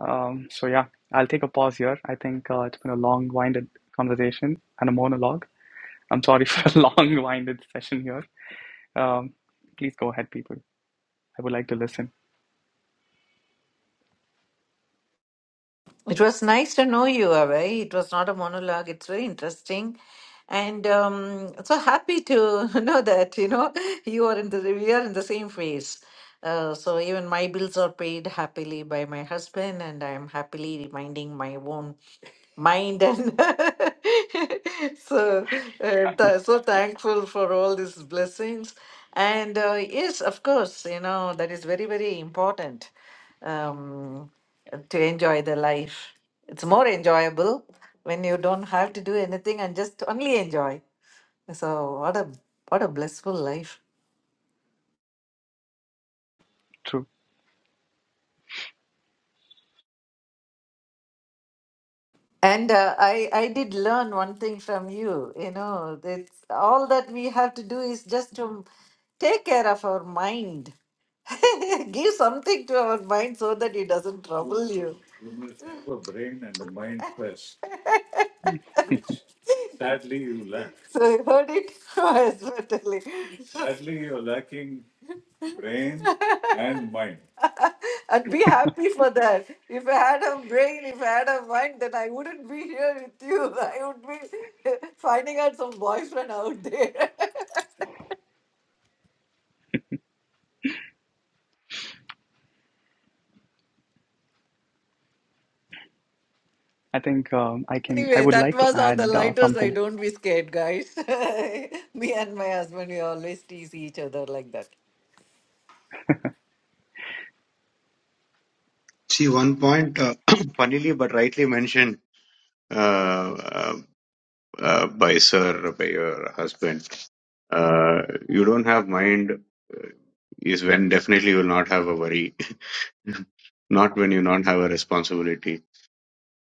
Speaker 9: Um, so yeah, I'll take a pause here. I think uh, it's been a long-winded conversation and a monologue. I'm sorry for a long-winded session here. Um, please go ahead, people. I would like to listen.
Speaker 1: It was nice to know you, Avi. It was not a monologue. It's very interesting. And um, so happy to know that, you know, you are in the, we are in the same phase. Uh, so even my bills are paid happily by my husband, and I'm happily reminding my own mind and so uh, th- so thankful for all these blessings. And uh, yes, of course, you know, that is very, very important Um, to enjoy the life. It's more enjoyable when you don't have to do anything and just only enjoy. So what a what a blissful life.
Speaker 9: True.
Speaker 1: And uh, I I did learn one thing from you. You know, it's all that we have to do is just to take care of our mind. Give something to our mind so that it doesn't trouble you. So I heard it myself. and be happy for that. If I had a brain, if I had a mind, then I wouldn't be here with you. I would be finding out some boyfriend out there.
Speaker 9: I think um, I can. I
Speaker 1: anyway,
Speaker 9: would
Speaker 1: that
Speaker 9: like to
Speaker 1: was on the
Speaker 9: add uh,
Speaker 1: lighter side.
Speaker 9: something.
Speaker 1: Don't be scared, guys. Me and my husband, we always tease each other like that.
Speaker 8: See, one point, uh, funnily but rightly mentioned uh, uh, uh, by Sir, by your husband, uh, you don't have mind uh, is when definitely you will not have a worry. not when you not have a responsibility.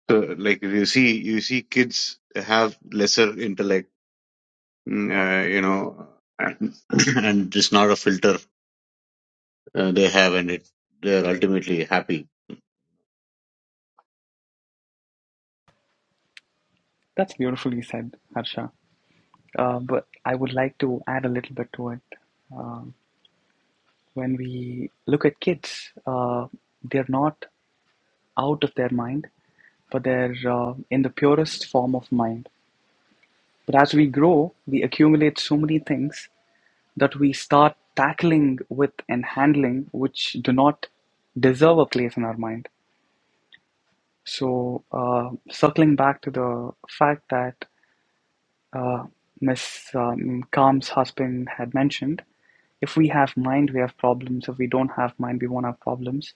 Speaker 8: So, like you see, you see kids have lesser intellect, mm, uh, you know, and, and it's not a filter uh, they have, and it, they are ultimately happy.
Speaker 9: That's beautifully said, Harsha. Uh, but I would like to add a little bit to it. Uh, when we look at kids, uh, they're not out of their mind, but they're uh, in the purest form of mind. But as we grow, we accumulate so many things that we start tackling with and handling which do not deserve a place in our mind. So, uh, circling back to the fact that uh, Ms. Um, Kam's husband had mentioned, if we have mind, we have problems. If we don't have mind, we won't have problems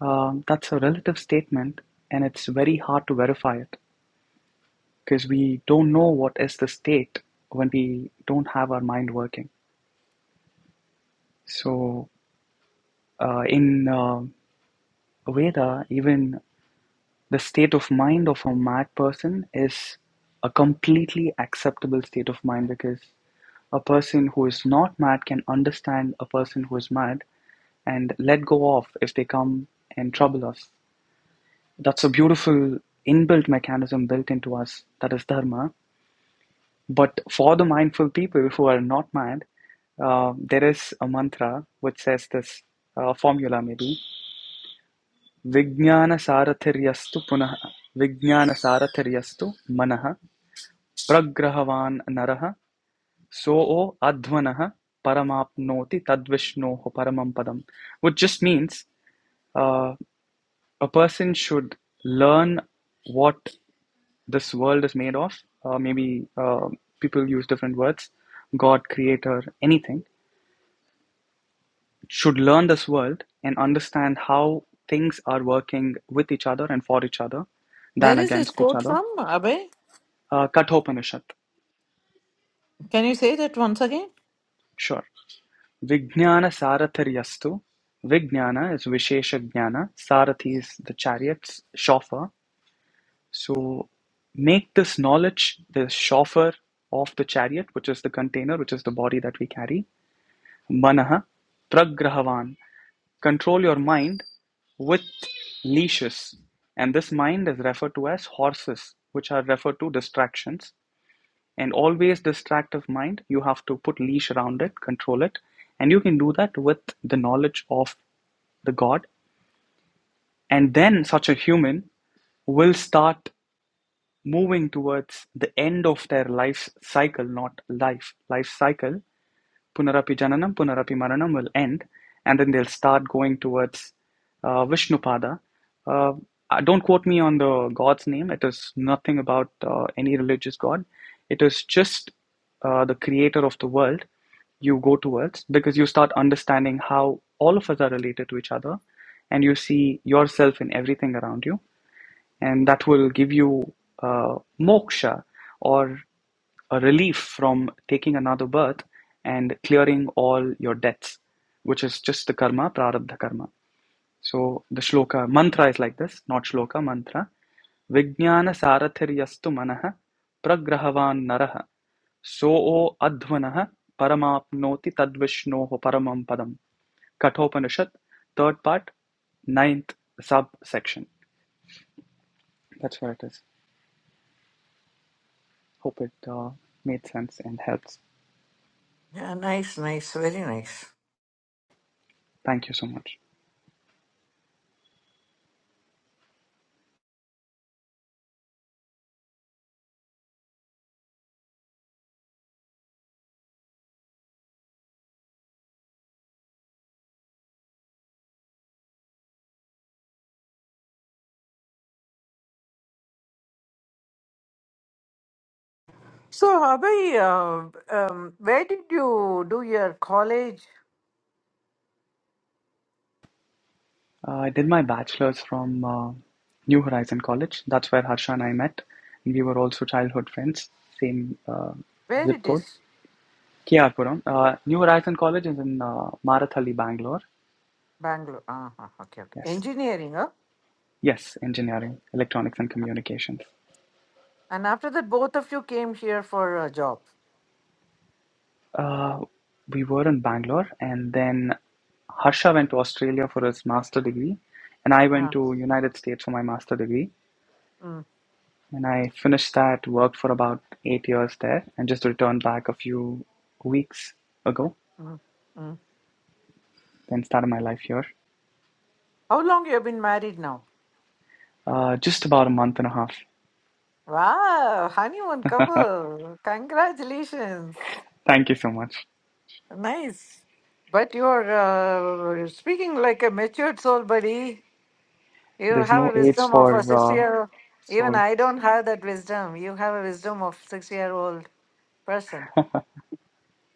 Speaker 9: Um, that's a relative statement, and it's very hard to verify it because we don't know what is the state when we don't have our mind working. So, uh, in uh, Veda, even the state of mind of a mad person is a completely acceptable state of mind because a person who is not mad can understand a person who is mad and let go off if they come and trouble us. That's a beautiful inbuilt mechanism built into us that is dharma. But for the mindful people who are not mad, uh, there is a mantra which says this uh, formula maybe Vijnana Saratharyastu Punaha Vijnana Saratharyastu Manaha Pragrahavan Naraha Soo Advanaha Paramapnoti Tadvishnoho Paramam Padam which just means uh, a person should learn what this world is made of. Uh, maybe uh, people use different words God, Creator, anything. Should learn this world and understand how things are working with each other and for each other
Speaker 1: Where
Speaker 9: than
Speaker 1: is this
Speaker 9: against each
Speaker 1: quote
Speaker 9: other.
Speaker 1: from, Abhay?
Speaker 9: Uh, Kathopanishad,
Speaker 1: Can you say that once again?
Speaker 9: sure. Vijnana Saratharyastu. Vijnana is Vishesha Jnana. Sarathi is the chariot's chauffeur. So make this knowledge the chauffeur of the chariot, which is the container, which is the body that we carry Manaha, pragrahavaN: Control your mind with leashes, and this mind is referred to as horses, which are referred to distractions. And always distractive mind, you have to put leash around it, control it, and you can do that with the knowledge of the God. And then such a human will start moving towards the end of their life cycle, not life, life cycle, Punarapi Jananam, Punarapi Maranam will end, and then they'll start going towards uh, Vishnupada. Uh, uh, don't quote me on the god's name. It is nothing about uh, any religious god. It is just uh, the creator of the world you go towards because you start understanding how all of us are related to each other and you see yourself in everything around you and that will give you uh, moksha or a relief from taking another birth and clearing all your debts, which is just the karma, prarabdha karma. So the shloka mantra is like this, not shloka mantra. Vijnana saratharyastu manaha pragrahavan naraha so advanaha paramapnoti tadvishnoho paramam padam. Kathopanishad, third part, ninth subsection. That's what it is. Hope it uh, made sense and helps.
Speaker 1: Yeah, nice, nice, very nice.
Speaker 9: Thank you so much.
Speaker 1: So, Abhay, uh, um, where did you do your college?
Speaker 9: Uh, I did my bachelor's from uh, New Horizon College. That's where Harsha and I met. and We were also childhood friends, same uh,
Speaker 1: Where
Speaker 9: zip
Speaker 1: it
Speaker 9: code,
Speaker 1: is?
Speaker 9: Kiarpuram. Uh, New Horizon College is in uh, Marathali, Bangalore.
Speaker 1: Bangalore. Ah, okay, okay.
Speaker 9: Yes,
Speaker 1: Engineering, huh?
Speaker 9: yes, engineering, electronics, and communications.
Speaker 1: And after that, both of you came here for a job.
Speaker 9: Uh, we were in Bangalore, and then Harsha went to Australia for his master degree, and I went
Speaker 1: Ah,
Speaker 9: to United States for my master degree.
Speaker 1: mm,
Speaker 9: And I finished that, worked for about eight years there, and just returned back a few weeks ago,
Speaker 1: mm, mm.
Speaker 9: then started my life here.
Speaker 1: How long you have been married now?
Speaker 9: Uh, just about a month and a half.
Speaker 1: Wow, honeymoon couple. Congratulations.
Speaker 9: Thank you so much.
Speaker 1: Nice. But you're uh, speaking like a matured soul, buddy. You
Speaker 9: There's no
Speaker 1: have a
Speaker 9: age
Speaker 1: wisdom of a
Speaker 9: for uh,
Speaker 1: six-year. old Even
Speaker 9: soul.
Speaker 1: I don't have that wisdom. You have a wisdom of six-year-old person.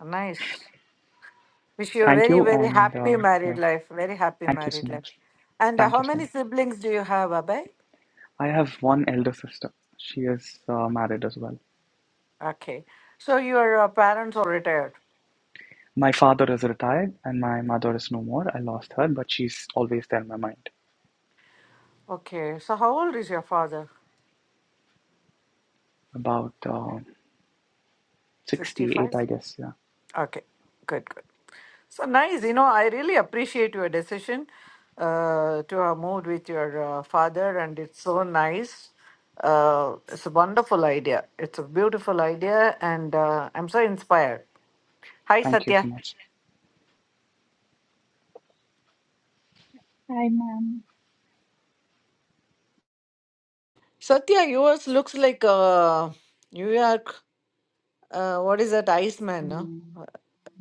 Speaker 1: Nice. Wish you a
Speaker 9: Thank
Speaker 1: very,
Speaker 9: you,
Speaker 1: very
Speaker 9: and
Speaker 1: happy
Speaker 9: uh, yeah,
Speaker 1: married life. Very happy
Speaker 9: thank you so
Speaker 1: married life.
Speaker 9: much.
Speaker 1: And uh,
Speaker 9: Thank
Speaker 1: how
Speaker 9: you so
Speaker 1: many
Speaker 9: much.
Speaker 1: siblings do you have, Abhay?
Speaker 9: I have one elder sister. She is uh, married as well.
Speaker 1: Okay. So your uh, parents are retired.
Speaker 9: My father is retired, and my mother is no more. I lost her, but she's always there in my mind.
Speaker 1: Okay. So how old is your father?
Speaker 9: About uh, 68,
Speaker 1: 65?
Speaker 9: I guess. Yeah.
Speaker 1: Okay. Good, good. So nice. You know, I really appreciate your decision uh, to have moved with your uh, father, and it's so nice. Uh, it's a wonderful idea. It's a beautiful idea, and uh, I'm so inspired. Hi,
Speaker 9: Thank you
Speaker 1: Satya.
Speaker 9: so much.
Speaker 10: Hi, ma'am.
Speaker 1: Satya, yours looks like uh, New York. Uh, what is that, Iceman? No?
Speaker 10: Um,
Speaker 1: Uh,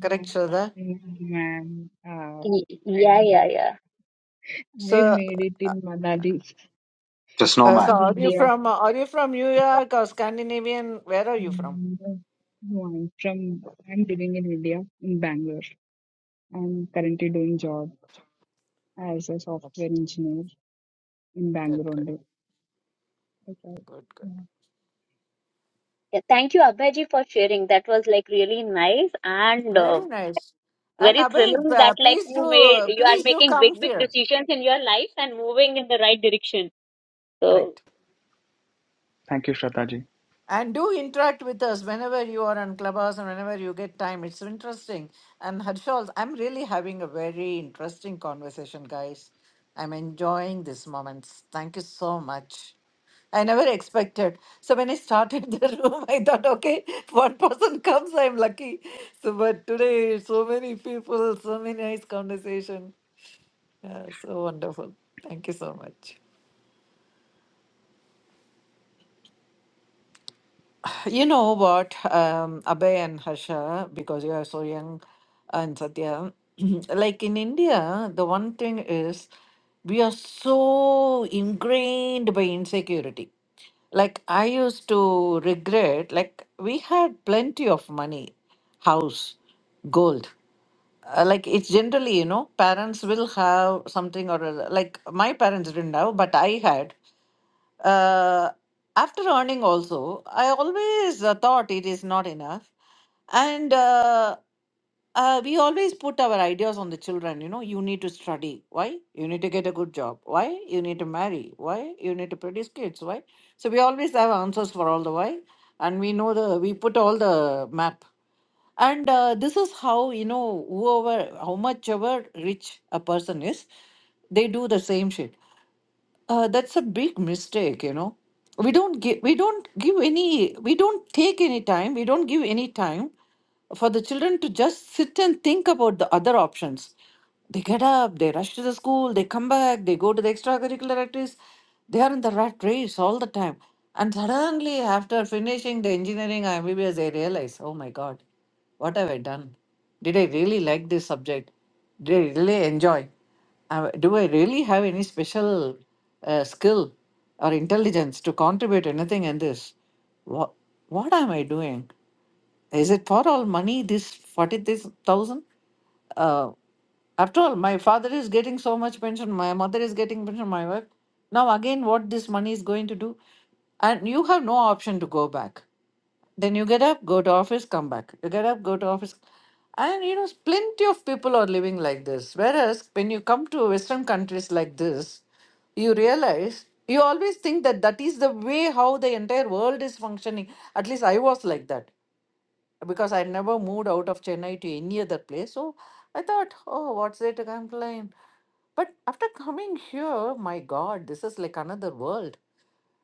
Speaker 10: yeah,
Speaker 1: Shraddha?
Speaker 10: thank you, ma'am. Uh,
Speaker 5: Y-
Speaker 10: I
Speaker 5: Yeah, yeah, yeah.
Speaker 10: I
Speaker 1: So,
Speaker 10: made it in Manali
Speaker 8: The
Speaker 1: uh, so
Speaker 8: snowman.
Speaker 10: in
Speaker 1: are you
Speaker 10: India.
Speaker 1: from uh, are you from New York or Scandinavian? Where are you from?
Speaker 10: Mm, No, I'm from I'm living in India in Bangalore. I'm currently doing job as a
Speaker 1: Good,
Speaker 10: software engineer in Bangalore
Speaker 1: good,
Speaker 10: only. Okay.
Speaker 1: good, good.
Speaker 5: yeah thank you, Abhijit, for sharing. That was like really nice and uh,
Speaker 1: Very nice. And
Speaker 5: very
Speaker 1: Abhay,
Speaker 5: thrilling that
Speaker 1: uh,
Speaker 5: like
Speaker 1: please
Speaker 5: you made
Speaker 1: do
Speaker 5: you are
Speaker 1: please do
Speaker 5: making
Speaker 1: come
Speaker 5: big, big
Speaker 1: here.
Speaker 5: decisions in your life and moving in the right direction.
Speaker 1: Correct.
Speaker 5: So.
Speaker 9: Thank you, Shraddha ji.
Speaker 1: And do interact with us whenever you are on Clubhouse and whenever you get time. It's interesting. And Harshal, I'm really having a very interesting conversation, guys. I'm enjoying these moments. Thank you so much. I never expected. So when I started the room, I thought, okay, if one person comes, I'm lucky. So but today, so many people, so many nice conversation. Yeah, so wonderful. Thank you so much. You know what, um, Abhay and Harsha, because you are so young, and Satya, like in India, the one thing is we are so ingrained by insecurity. Like I used to regret, like we had plenty of money, house, gold. Uh, like it's generally, you know, parents will have something or other. Like my parents didn't have, but I had. Uh, after earning, also, I always uh, thought it is not enough. And uh, uh, we always put our ideas on the children, you know, you need to study. Why? You need to get a good job. Why? You need to marry. Why? You need to produce kids. Why? So we always have answers for all the why. And we know the, we put all the map. And uh, this is how, you know, whoever, how much ever rich a person is, they do the same shit uh, that's a big mistake, you know. We don't give we don't give any we don't take any time, we don't give any time for the children to just sit and think about the other options. They get up, they rush to the school, they come back, they go to the extracurricular activities. They are in the rat race all the time. And suddenly after finishing the engineering MBBS, they realize, oh my God, what have I done? Did I really like this subject? Did I really enjoy? Uh, do I really have any special uh, skill or intelligence to contribute anything in this? What, what am I doing? Is it for all money, this 40,000? Uh, after all, my father is getting so much pension, my mother is getting pension, my wife. Now, again, what this money is going to do? And you have no option to go back. Then you get up, go to office, come back. You get up, go to office. And you know, plenty of people are living like this. Whereas when you come to Western countries like this, you realize you always think that that is the way how the entire world is functioning. At least I was like that because I never moved out of Chennai to any other place. So I thought, oh, what's there to complain? But after coming here, my God, this is like another world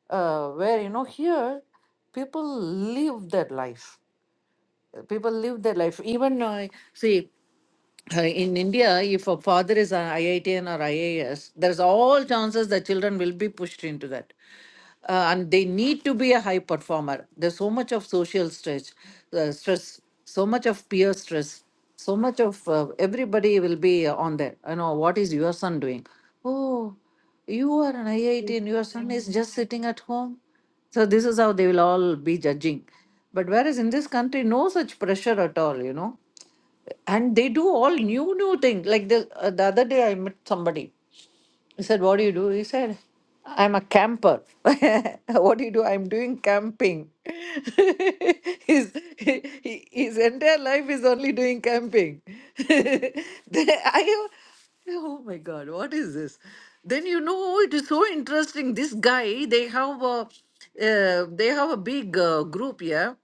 Speaker 1: uh, where you know here people live their life Uh, people live their life even uh, see uh, in India, if a father is an IITN or IAS, there's all chances the children will be pushed into that. Uh, and they need to be a high performer. There's so much of social stress, uh, stress, so much of peer stress, so much of uh, everybody will be on there. You know, what is your son doing? Oh, you are an IITN, your son
Speaker 10: Yeah.
Speaker 1: is just sitting at home. So this is how they will all be judging. But whereas in this country, no such pressure at all, you know and they do all new new things like the, uh, the other day i met somebody he said, What do you do? He said, I'm a camper. what do you do? I'm doing camping. his, he- he- his entire life is only doing camping. Then I, oh my God, what is this? Then you know, it is so interesting. This guy, they have a, uh, they have a big uh, group here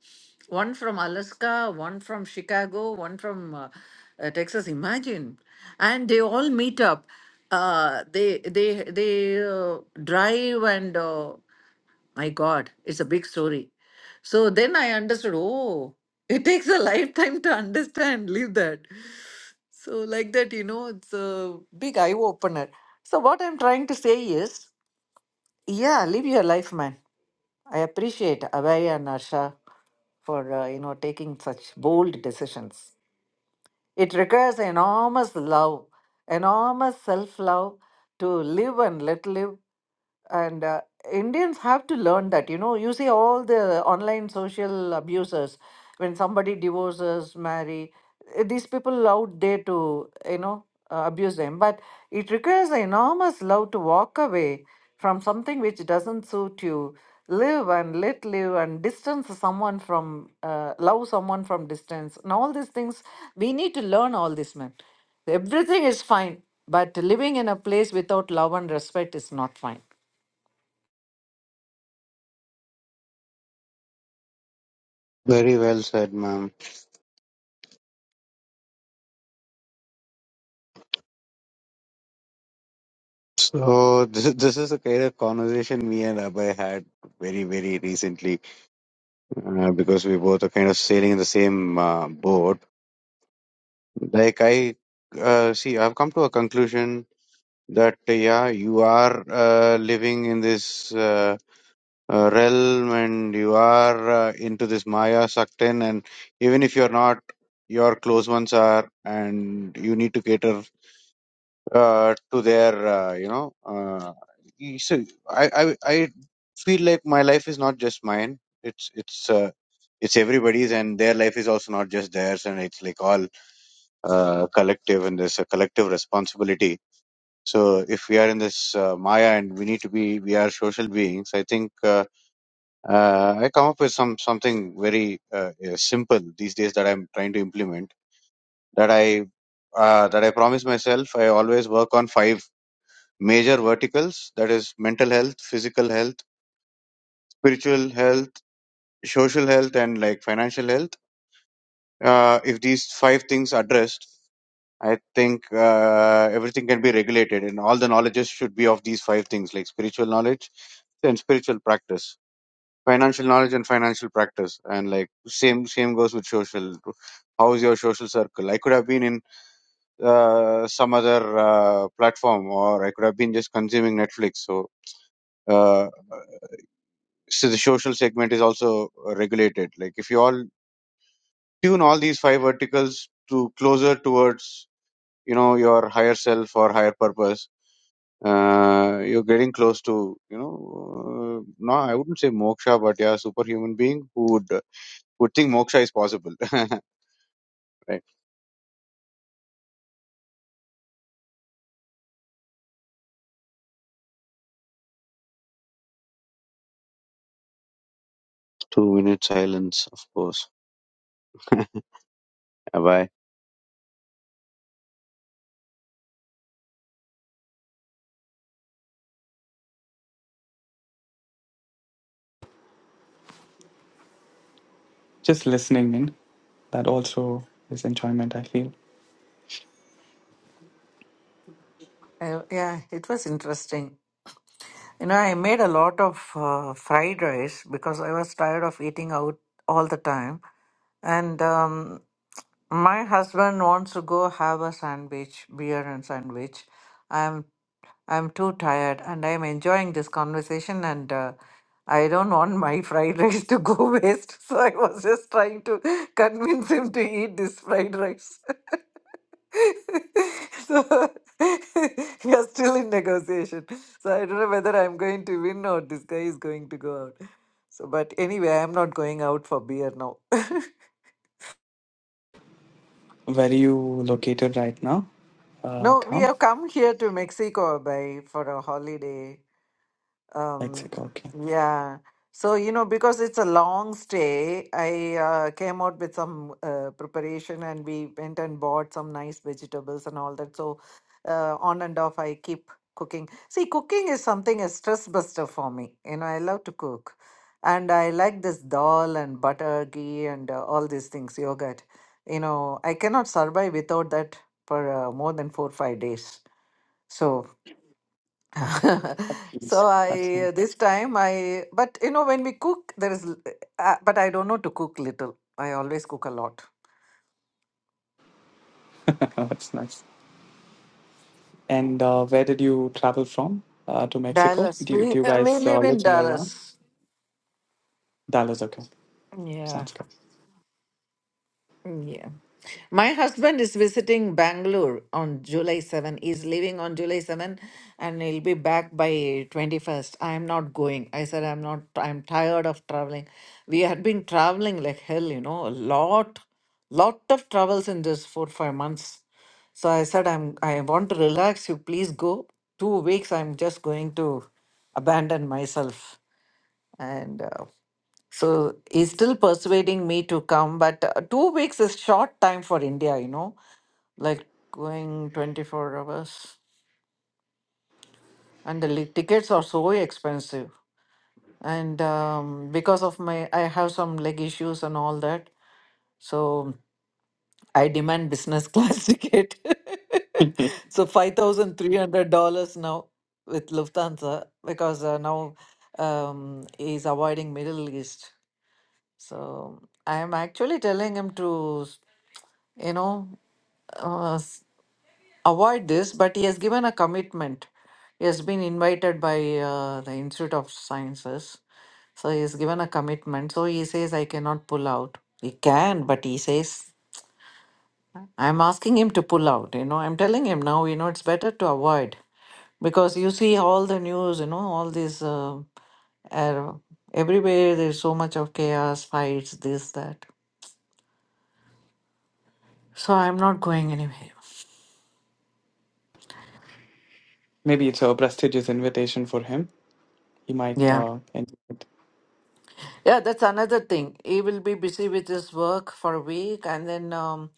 Speaker 1: one from Alaska, one from Chicago, one from uh, uh, Texas. Imagine. And they all meet up uh, they they they uh, drive and uh, my god it's a big story so then i understood oh it takes a lifetime to understand leave that so like that you know it's a big eye opener so what i'm trying to say is yeah live your life man i appreciate abhay and asha for uh, you know taking such bold decisions it requires enormous love, enormous self love to live and let live. And uh, Indians have to learn that. You know, you see all the online social abusers, when somebody divorces, marry, eh, these people out there to, you know, uh, abuse them. But it requires enormous love to walk away from something which doesn't suit you live and let live and distance someone from uh, love someone from distance and all these things we need to learn all this man everything is fine but living in a place without love and respect is not fine
Speaker 8: Very well said, ma'am. So this, this is the kind of conversation me and Abhay had very, very recently uh, because we both are kind of sailing in the same uh, boat. Like I uh, see, I've come to a conclusion that uh, yeah, you are uh, living in this. Uh, uh, realm and you are uh, into this Maya sucked in, and even if you're not, your close ones are, and you need to cater uh, to their, uh, you know. Uh, y- so I, I, I feel like my life is not just mine. It's it's uh, it's everybody's, and their life is also not just theirs, and it's like all uh, collective, and there's a collective responsibility. So if we are in this uh, Maya and we need to be, we are social beings. I think. Uh, uh, I come up with some something very uh, uh, simple these days that I'm trying to implement. That I uh, that I promise myself. I always work on five major verticals. That is mental health, physical health, spiritual health, social health, and like financial health. Uh, if these five things addressed, I think uh, everything can be regulated, and all the knowledges should be of these five things, like spiritual knowledge and spiritual practice financial knowledge and financial practice and like same same goes with social how is your social circle i could have been in uh, some other uh, platform or i could have been just consuming netflix so uh, so the social segment is also regulated like if you all tune all these five verticals to closer towards you know your higher self or higher purpose uh, you're getting close to you know uh, no i wouldn't say moksha but yeah superhuman being who would Good thing moksha is possible. right. Two minute silence, of course. Bye.
Speaker 9: Just listening in, that also is enjoyment, I feel.
Speaker 1: uh, yeah it was interesting you know i made a lot of uh, fried rice because i was tired of eating out all the time and um, my husband wants to go have a sandwich beer and sandwich I'm. I'm too tired and I'm enjoying this conversation and uh, I don't want my fried rice to go waste. So I was just trying to convince him to eat this fried rice. so we are still in negotiation. So I don't know whether I'm going to win or this guy is going to go out. So, but anyway, I'm not going out for beer now.
Speaker 9: Where are you located right now? Uh,
Speaker 1: no, we
Speaker 9: Kham?
Speaker 1: have come here to Mexico by for a holiday. Um,
Speaker 9: Mexico, okay.
Speaker 1: yeah. So, you know, because it's a long stay, I uh, came out with some uh, preparation and we went and bought some nice vegetables and all that. So, uh, on and off, I keep cooking. See, cooking is something a stress buster for me. You know, I love to cook. And I like this dal and butter ghee and uh, all these things, yogurt. You know, I cannot survive without that for uh, more than four, five days. So. so
Speaker 9: Yes, That's
Speaker 1: I
Speaker 9: nice.
Speaker 1: this time I but you know when we cook there is l- uh, but I don't know to cook little. I always cook a lot.
Speaker 9: That's nice. And uh, where did you travel from uh, to Mexico?
Speaker 1: Dallas.
Speaker 9: Do you,
Speaker 1: We
Speaker 9: do you
Speaker 1: uh, we
Speaker 9: guys uh,
Speaker 1: live in
Speaker 9: live in
Speaker 1: Dallas.
Speaker 9: around? Dallas, okay. Sounds
Speaker 1: Yeah. Yeah. My husband is visiting Bangalore on July 7. He's leaving on July 7 and he'll be back by 21st. I'm not going. I said, I'm not, I'm tired of traveling. We had been traveling like hell, you know, a lot, lot of travels in just four, five months. So I said, I'm, I want to relax. You please go. Two weeks, I'm just going to abandon myself. and. uh, so he's still persuading me to come, but uh, two weeks is short time for India, you know, like going 24 hours. And the li- tickets are so expensive. And um, because of my, I have some leg issues and all that. So I demand business class ticket.
Speaker 9: good.
Speaker 1: so $5,300 now with Lufthansa because uh, now um, he's avoiding Middle East. So I am actually telling him to, you know, uh, s- avoid this, but he has given a commitment. He has been invited by uh, the Institute of Sciences. So he has given a commitment. So he says, I cannot pull out. He can, but he says, I'm asking him to pull out. You know, I'm telling him now, you know, it's better to avoid because you see all the news, you know, all these, uh, er- everywhere there's so much of chaos, fights, this, that. So I'm not going anywhere.
Speaker 9: Maybe it's a prestigious invitation for him. He might
Speaker 1: Yeah.
Speaker 9: uh, enjoy it.
Speaker 1: Yeah, that's another thing. He will be busy with his work for a week and then um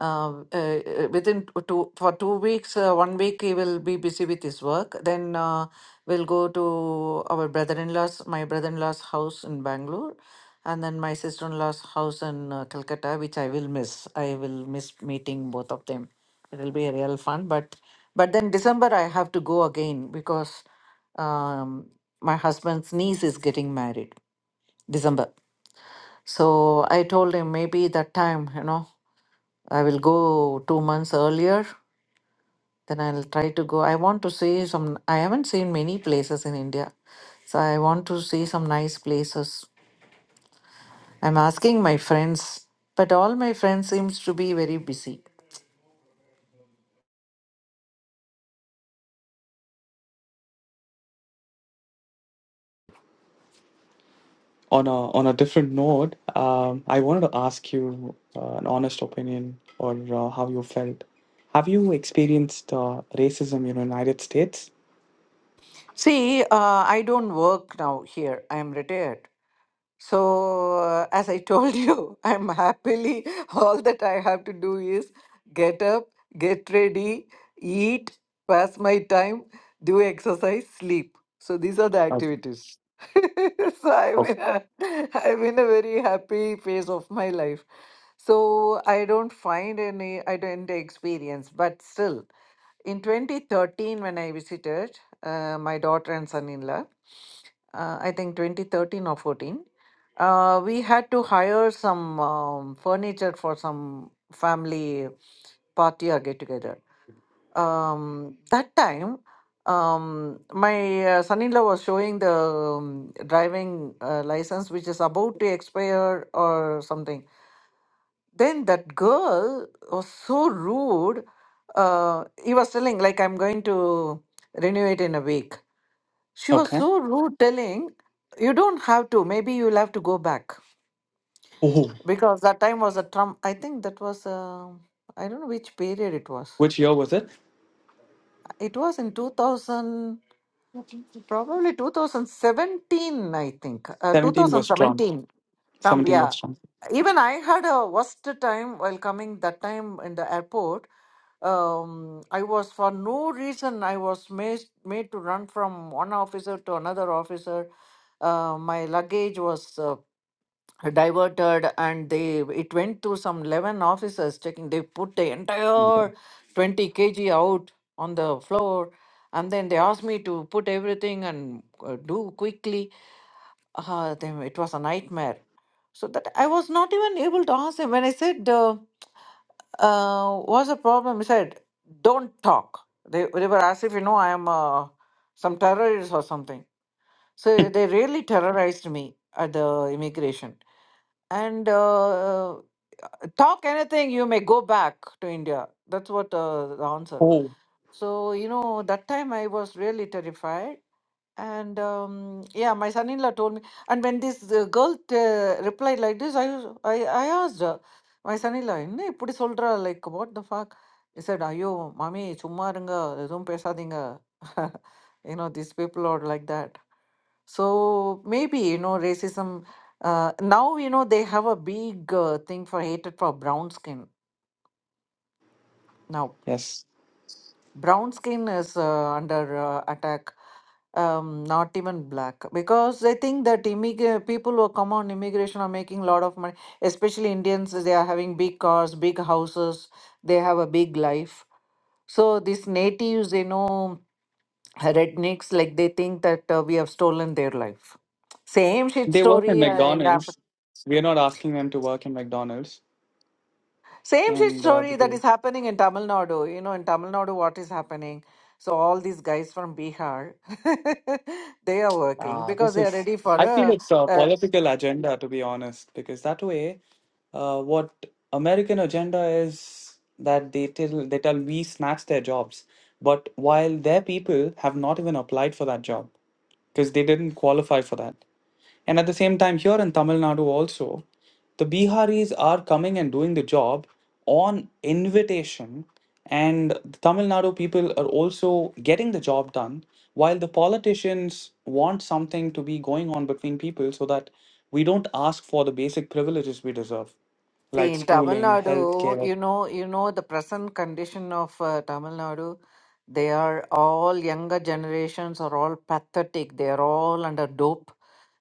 Speaker 1: um, uh, uh, within t- two for two weeks, uh, one week he will be busy with his work. Then uh, we'll go to our brother-in-law's, my brother-in-law's house in Bangalore, and then my sister-in-law's house in uh, Calcutta, which I will miss. I will miss meeting both of them. It'll be a real fun, but but then December I have to go again because um, my husband's niece is getting married. December. So I told him maybe that time, you know, I will go two months earlier. Then I'll try to go. I want to see some, I haven't seen many places in India. So I want to see some nice places. I'm asking my friends, but all my friends seems to be very busy.
Speaker 9: On a on a different note, um, I wanted to ask you uh, an honest opinion or uh, how you felt. Have you experienced uh, racism in the United States?
Speaker 1: See, uh, I don't work now here. I am retired. So, uh, as I told you, I'm happily, all that I have to do is get up, get ready, eat, pass my time, do exercise, sleep. So, these are the
Speaker 9: Okay.
Speaker 1: activities. so I'm
Speaker 9: Okay.
Speaker 1: in, a, I'm in a very happy phase of my life. So I don't find any, I don't experience, but still, in 2013 when i visited uh, my daughter and son-in-law uh, i think 2013 or 14 uh, we had to hire some um, furniture for some family party or get together um, that time um, my uh, son-in-law was showing the um, driving uh, license which is about to expire or something then that girl was so rude. Uh, he was telling, like, I'm going to renew it in a week. She was
Speaker 9: Okay.
Speaker 1: so rude, telling, you don't have to. Maybe you'll have to go back.
Speaker 9: Oh,
Speaker 1: Because that time was a Trump, I think that was, I I don't know which period it was.
Speaker 9: which year was it?
Speaker 1: It was in 2000, probably 2017, I think, uh,
Speaker 9: Seventeen was Trump.
Speaker 1: 2017. Tom,
Speaker 9: Seventeen
Speaker 1: yeah.
Speaker 9: was Trump.
Speaker 1: Even I had a worst time while coming that time in the airport. Um, I was for no reason I was made made to run from one officer to another officer. Uh, my luggage was uh, diverted, and they it went to some eleven officers taking. They put the entire twenty kg out on the floor, and then they asked me to put everything and uh, do quickly. Ah, then it was a nightmare. So that I was not even able to ask him. When I said, uh, uh, what's the problem? He said, don't talk. They, they were as if, you know, I am uh, some terrorist or something. So they really terrorized me at the immigration. And uh, uh, talk anything, you may go back to India. That's what uh, the answer.
Speaker 9: Oh,
Speaker 1: So, you know, that time I was really terrified. And um, yeah, my son-in-law told me. And when this uh, girl uh, replied like this, I, was- I I asked her, my son-in-law, என்ன இப்படி சொல்றா? Like what the fuck? He said, ஐயோ மாமி சும்மா இருங்க எதுவும் பேசாதீங்க you know these people are like that. So maybe you know racism. Uh, now you know they have a big uh, thing for hatred for brown skin now.
Speaker 9: yes.
Speaker 1: brown skin is uh, under uh, attack um not even black because they think that immig- people who come on immigration are making a lot of money especially indians they are having big cars big houses they have a big life so these natives they know rednecks like they think that uh, we have stolen their life same shit
Speaker 9: They work in
Speaker 1: story
Speaker 9: McDonald's. We are not asking them to work in McDonald's.
Speaker 1: Same shit
Speaker 9: And uh, they
Speaker 1: story that is
Speaker 9: do-
Speaker 1: happening in Tamil Nadu. You know, in Tamil Nadu, what is happening? So all these guys from Bihar, they are working
Speaker 9: ah,
Speaker 1: because
Speaker 9: this
Speaker 1: they are
Speaker 9: is,
Speaker 1: ready for
Speaker 9: I feel
Speaker 1: a,
Speaker 9: it's a
Speaker 1: a
Speaker 9: political agenda, to be honest, because that way. uh, what American agenda is that they tell they tell we snatch their jobs, but while their people have not even applied for that job because they didn't qualify for that. And at the same time, here in Tamil Nadu also, the Biharis are coming and doing the job on invitation, and the Tamil Nadu people are also getting the job done while the politicians want something to be going on between people so that we don't ask for the basic privileges we deserve
Speaker 1: See,
Speaker 9: like
Speaker 1: in Tamil
Speaker 9: schooling,
Speaker 1: Nadu,
Speaker 9: healthcare.
Speaker 1: you know, you know the present condition of uh, Tamil Nadu. They are all younger generations are all pathetic. They are all under dope.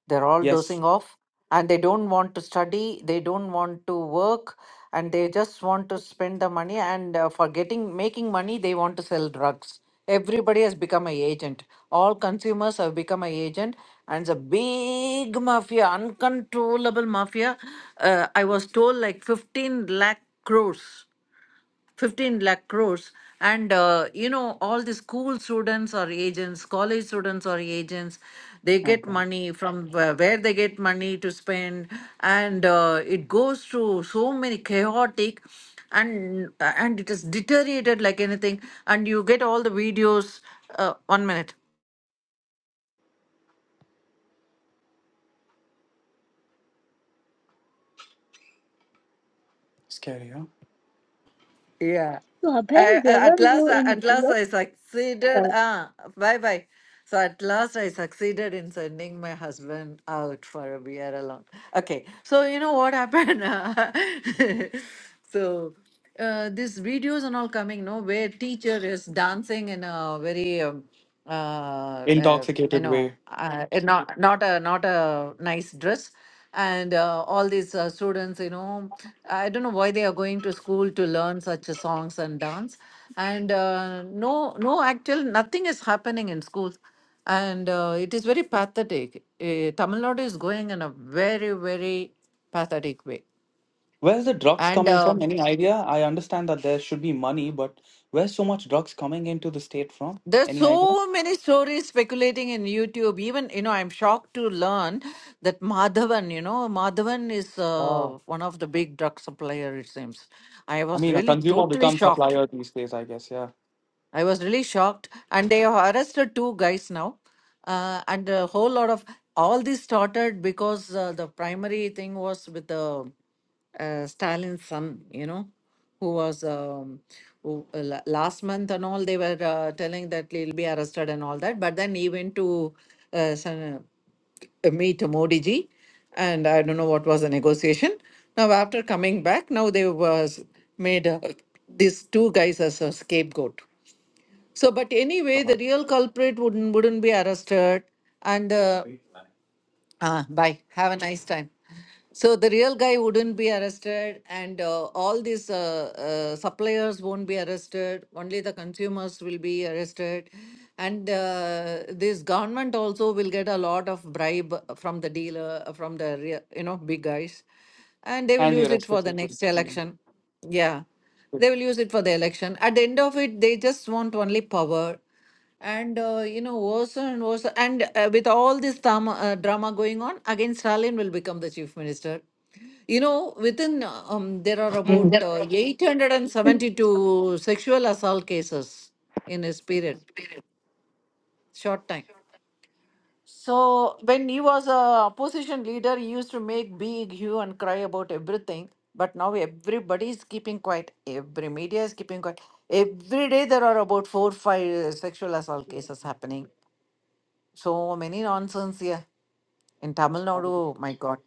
Speaker 1: They're all
Speaker 9: Yes,
Speaker 1: dosing off, and they don't want to study. They don't want to work, and they just want to spend the money. And uh, for getting making money, they want to sell drugs. Everybody has become a agent. All consumers have become a agent, and it's a big mafia, uncontrollable mafia. Uh, I was told like 15 lakh crores, 15 lakh crores. And, uh, you know, all the school students or agents, college students or agents, they
Speaker 9: I
Speaker 1: get
Speaker 9: can.
Speaker 1: money from where where they get money to spend. And uh, it goes through so many chaotic and and it is deteriorated like anything and you get all the videos uh, one minute
Speaker 9: Scary, huh?
Speaker 1: Yeah.
Speaker 5: So, Abhay,
Speaker 1: I,
Speaker 5: where
Speaker 1: I-
Speaker 5: were
Speaker 1: at
Speaker 5: you
Speaker 1: last, I-
Speaker 5: in
Speaker 1: at last,
Speaker 5: Europe?
Speaker 1: I succeeded.
Speaker 5: sir?
Speaker 1: Ah, bye bye. So at last, I succeeded in sending my husband out for a beer alone. Okay. So you know what happened? so uh, these videos and all coming. No, where teacher is dancing in a very um, uh, uh, you
Speaker 9: Intoxicated
Speaker 1: know,
Speaker 9: way.
Speaker 1: uh, uh, not not a not a nice dress, and uh, all these uh, students, you know, I don't know why they are going to school to learn such a songs and dance, and uh, no no actual nothing is happening in schools, and uh, it is very pathetic. Uh, Tamil Nadu is going in a very very pathetic way,
Speaker 9: Where's the drugs
Speaker 1: and.
Speaker 9: coming
Speaker 1: Uh,
Speaker 9: from? Any idea? I understand that there should be money, but where's so much drugs coming into the state from?
Speaker 1: There's
Speaker 9: Any idea?
Speaker 1: so many stories speculating in YouTube. Even, you know, I'm shocked to learn that Madhavan, you know, Madhavan is
Speaker 9: Oh,
Speaker 1: uh, one of the big drug supplier, it seems. I
Speaker 9: I
Speaker 1: was
Speaker 9: mean, a
Speaker 1: really
Speaker 9: consumer
Speaker 1: totally
Speaker 9: becomes
Speaker 1: shocked.
Speaker 9: supplier these days, I guess. Yeah.
Speaker 1: I was really shocked. And they have arrested two guys now. Uh, and a whole lot of all this started because uh, the primary thing was with the uh, Stalin's son, you know, who was um, who, uh, la- last month and all, they were uh, telling that he'll be arrested and all that. But then he went to uh, some, uh, meet Modi ji, and I don't know what was the negotiation. Now, after coming back, now they was made uh, these two guys as a scapegoat. So, but anyway, the
Speaker 9: God.
Speaker 1: real culprit wouldn't wouldn't be arrested, and uh, Right. Ah, bye. Have a nice time. So the real guy wouldn't be arrested, and uh, all these uh, uh, suppliers won't be arrested. Only the consumers will be arrested, and uh, this government also will get a lot of bribe from the dealer, uh, from the rea- you know big guys, and they will
Speaker 9: And the
Speaker 1: use it for
Speaker 9: arrested
Speaker 1: the
Speaker 9: people.
Speaker 1: next
Speaker 9: Mm.
Speaker 1: election. Yeah, they
Speaker 9: It's
Speaker 1: will use it for the election. At the end of it, they just want only power and uh, you know worse and worse and uh, with all this drama, uh, drama going on again stalin will become the chief minister you know within uh, um, there are about uh, 872 sexual assault cases in his period short time so when he was a opposition leader he used to make big hue and cry about everything but now everybody is keeping quiet every media is keeping quiet every day there are about four five sexual assault cases happening So many nonsense here. In Tamil
Speaker 9: horrible.
Speaker 1: Nadu, my God.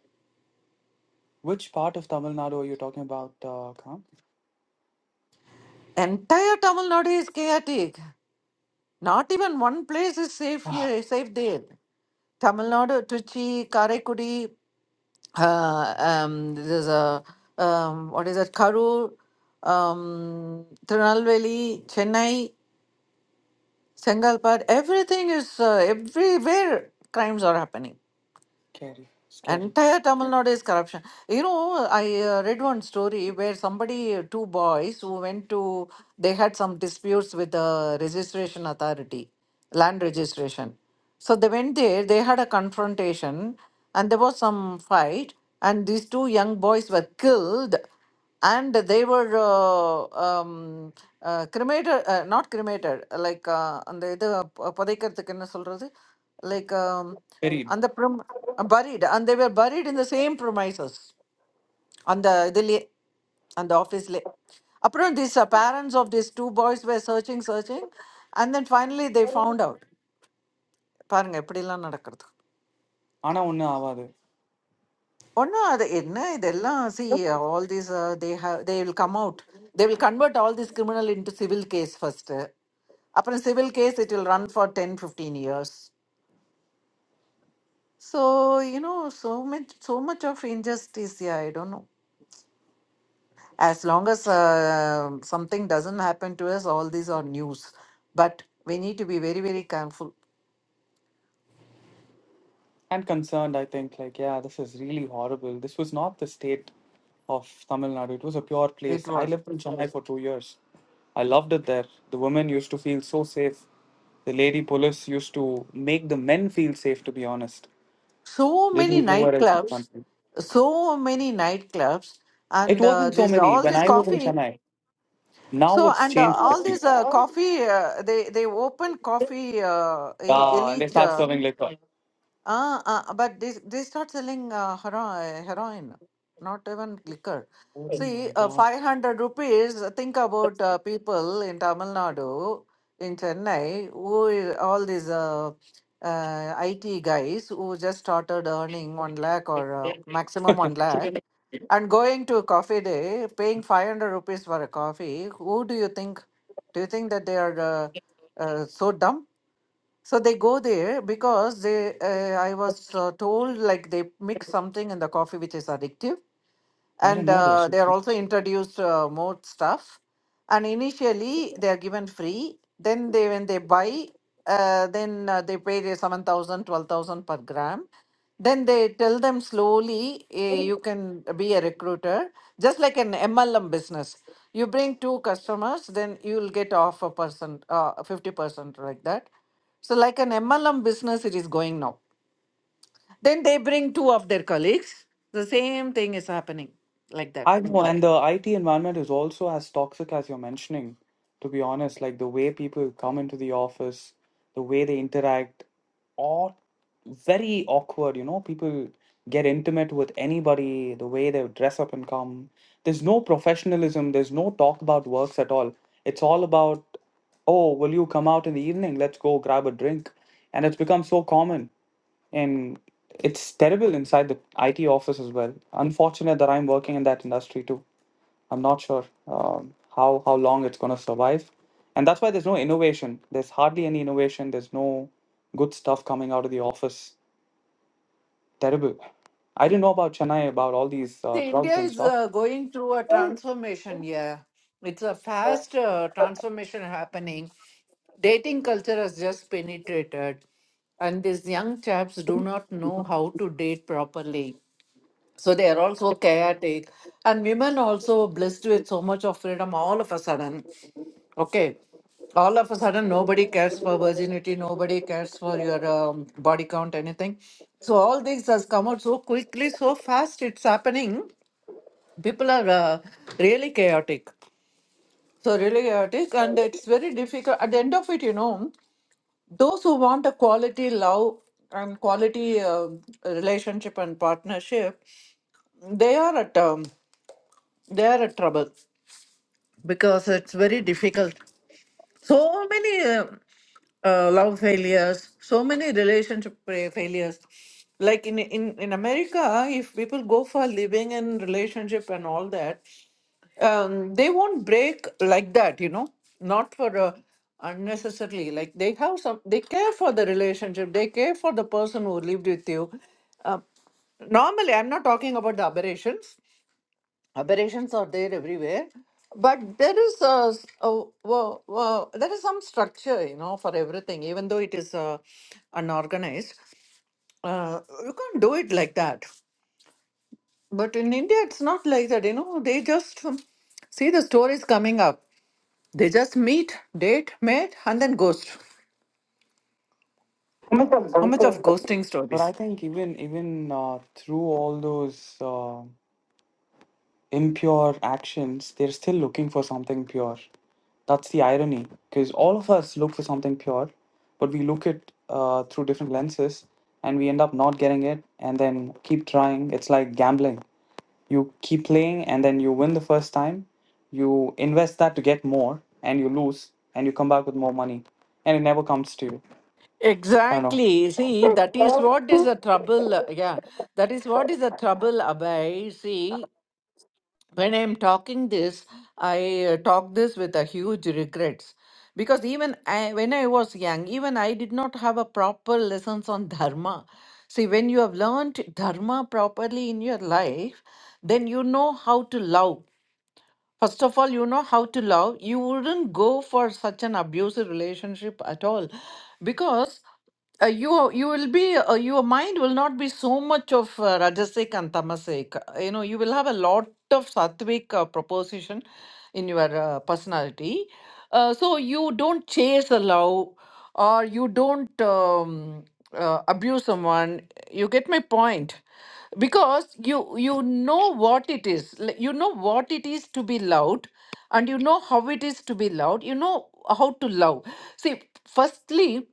Speaker 9: Which part of Tamil Nadu are you talking about, uh, Khan?
Speaker 1: Entire Tamil Nadu is chaotic. Not even one place is safe
Speaker 9: Ah,
Speaker 1: here, safe there. Tamil Nadu, Trichy, Karaikudi, uh, um, there's a, um, what is that, Karur, um, Tirunelveli, Chennai, Sengalpad, everything is, uh, everywhere crimes are happening.
Speaker 9: scary, scary.
Speaker 1: Entire Tamil Nadu is corruption. You know, I uh, read one story where somebody, uh, two boys who went to, they had some disputes with the registration authority, land registration. So they went there, they had a confrontation, and there was some fight, and these two young boys were killed and they were uh, um, uh, cremated uh, not cremated uh, like uh, அந்த இது ப- புதைக்கிறதுக்கு என்ன சொல்றது like um,
Speaker 9: Very.
Speaker 1: அந்த prom- uh, buried and they were buried in the same premises அந்த இதுலயே அந்த ஆஃபீஸ்லயே அப்புறம் these uh, parents of these two boys were searching searching and then finally they found out பாருங்க எப்படிலாம் நடக்கிறது
Speaker 9: ஆனா ஒண்ணும் ஆகாது.
Speaker 1: ஒன்றும் அது என்ன இதெல்லாம் see all these uh, they have they will come out they will convert all this criminal into civil case first அப்புறம் civil case it will run for 10, 15 years so you know so much so much of injustice yeah i don't know as long as uh, something doesn't happen to us all these are news but we need to be very very careful
Speaker 9: and concerned, I think, like, yeah, this is really horrible. This was not the state of Tamil Nadu. It was a pure
Speaker 1: it
Speaker 9: place. I
Speaker 1: was
Speaker 9: lived in Chennai for two years. I loved it there. The women used to feel so safe. The lady police used to make the men feel safe, to be honest.
Speaker 1: so many
Speaker 9: Didn't nowhere else in the
Speaker 1: nightclubs
Speaker 9: country.
Speaker 1: so many nightclubs and
Speaker 9: It
Speaker 1: uh,
Speaker 9: wasn't so
Speaker 1: this
Speaker 9: many
Speaker 1: all
Speaker 9: when
Speaker 1: this
Speaker 9: I was in
Speaker 1: coffee
Speaker 9: Chennai. Now
Speaker 1: So
Speaker 9: it's
Speaker 1: and uh,
Speaker 9: changed. I
Speaker 1: all
Speaker 9: think.
Speaker 1: these uh, coffee, uh, they they open coffee uh, el-
Speaker 9: Yeah, and they
Speaker 1: elite,
Speaker 9: start
Speaker 1: uh,
Speaker 9: serving liquor.
Speaker 1: uh, uh, but they they start selling uh, hero- heroin, not even liquor.
Speaker 9: Oh
Speaker 1: See,
Speaker 9: my
Speaker 1: uh,
Speaker 9: God.
Speaker 1: five hundred rupees. Think about uh, people in Tamil Nadu, in Chennai, who is, all these uh, uh, IT guys who just started earning one lakh or uh, maximum one lakh and going to a coffee day, paying 500 rupees for a coffee, who do you think? Do you think that they are uh, uh, so dumb? So they go there because they. Uh, I was uh, told like they mix something in the coffee which is addictive,
Speaker 9: I
Speaker 1: and
Speaker 9: didn't know
Speaker 1: uh,
Speaker 9: this.
Speaker 1: they are also introduced uh, more stuff and initially they are given free then they when they buy uh, then uh, they pay the 7000, 12000 per gram then they tell them slowly eh, you can be a recruiter just like an mlm business you bring two customers then you will get off a percent uh, 50% like that so like an mlm business it is going now then they bring two of their colleagues the same thing is happening like that
Speaker 9: I know, and the IT environment is also as toxic as you're mentioning, to be honest. Like the way people come into the office, the way they interact, all very awkward, you know. People get intimate with anybody, the way they dress up and come. There's no professionalism, there's no talk about works at all. It's all about, oh, will you come out in the evening? Let's go grab a drink. And it's become so common. And it's terrible inside the IT office as well. Unfortunate that I'm working in that industry too. I'm not sure um, how how long it's going to survive, and that's why there's no innovation. There's hardly any innovation. There's no good stuff coming out of the office. Terrible. I didn't know about Chennai about all these uh,
Speaker 1: See, India
Speaker 9: drugs and
Speaker 1: is
Speaker 9: stuff,
Speaker 1: uh, going through a transformation. Yeah, it's a fast uh, transformation happening. Dating culture has just penetrated, and these young chaps do not know how to date properly. So they are also chaotic, and women also blessed with so much of freedom all of a sudden. Okay, all of a sudden nobody cares for virginity, nobody cares for your um, body count, anything. So all this has come out so quickly, so fast. It's happening people are uh, really chaotic so really chaotic and it's very difficult at the end of it you know those who want a quality love and quality uh, relationship and partnership they are at um, they are at trouble because it's very difficult So many uh, uh, love failures, so many relationship fa- failures. Like in, in, in America, if people go for living and relationship and all that, um, they won't break like that, you know, not for uh, unnecessarily. Like they have some, they care for the relationship, they care for the person who lived with you. Uh, normally, I'm not talking about the aberrations aberrations are there everywhere but there is a, s- a- wo- wo- there is some structure you know for everything even though it is uh, unorganized uh, you can't do it like that but in india it's not like that you know they just um, see the stories coming up they just meet date mate and then ghost how much of ghosting
Speaker 9: but I
Speaker 1: stories
Speaker 9: think even even uh, through all those. Uh, impure actions, they're still looking for something pure. That's the irony, because all of us look for something pure, but we look it uh, through different lenses and we end up not getting it and then keep trying. It's like gambling. You keep playing and then you win the first time, you invest that to get more, and you lose, and you come back with more money, and it never comes to you. I don't know.
Speaker 1: Exactly. See, that is what is the trouble. uh, Yeah, that is what is the trouble, Abhay. See, when I'm talking this, I uh, talk this with a huge regrets because even I, when I was young, even I did not have a proper lessons on dharma. See, when you have learned dharma properly in your life, then you know how to love First of all, you know how to love. You wouldn't go for such an abusive relationship at all because uh, you you will be uh, your mind will not be so much of uh, rajasic and tamasic Uh, you know you will have a lot of sattvic uh, proposition in your uh, personality uh, so you don't chase a love or you don't um, uh, abuse someone you get my point because you you know what it is Like, you know what it is to be loved and you know how it is to be loved you know how to love see firstly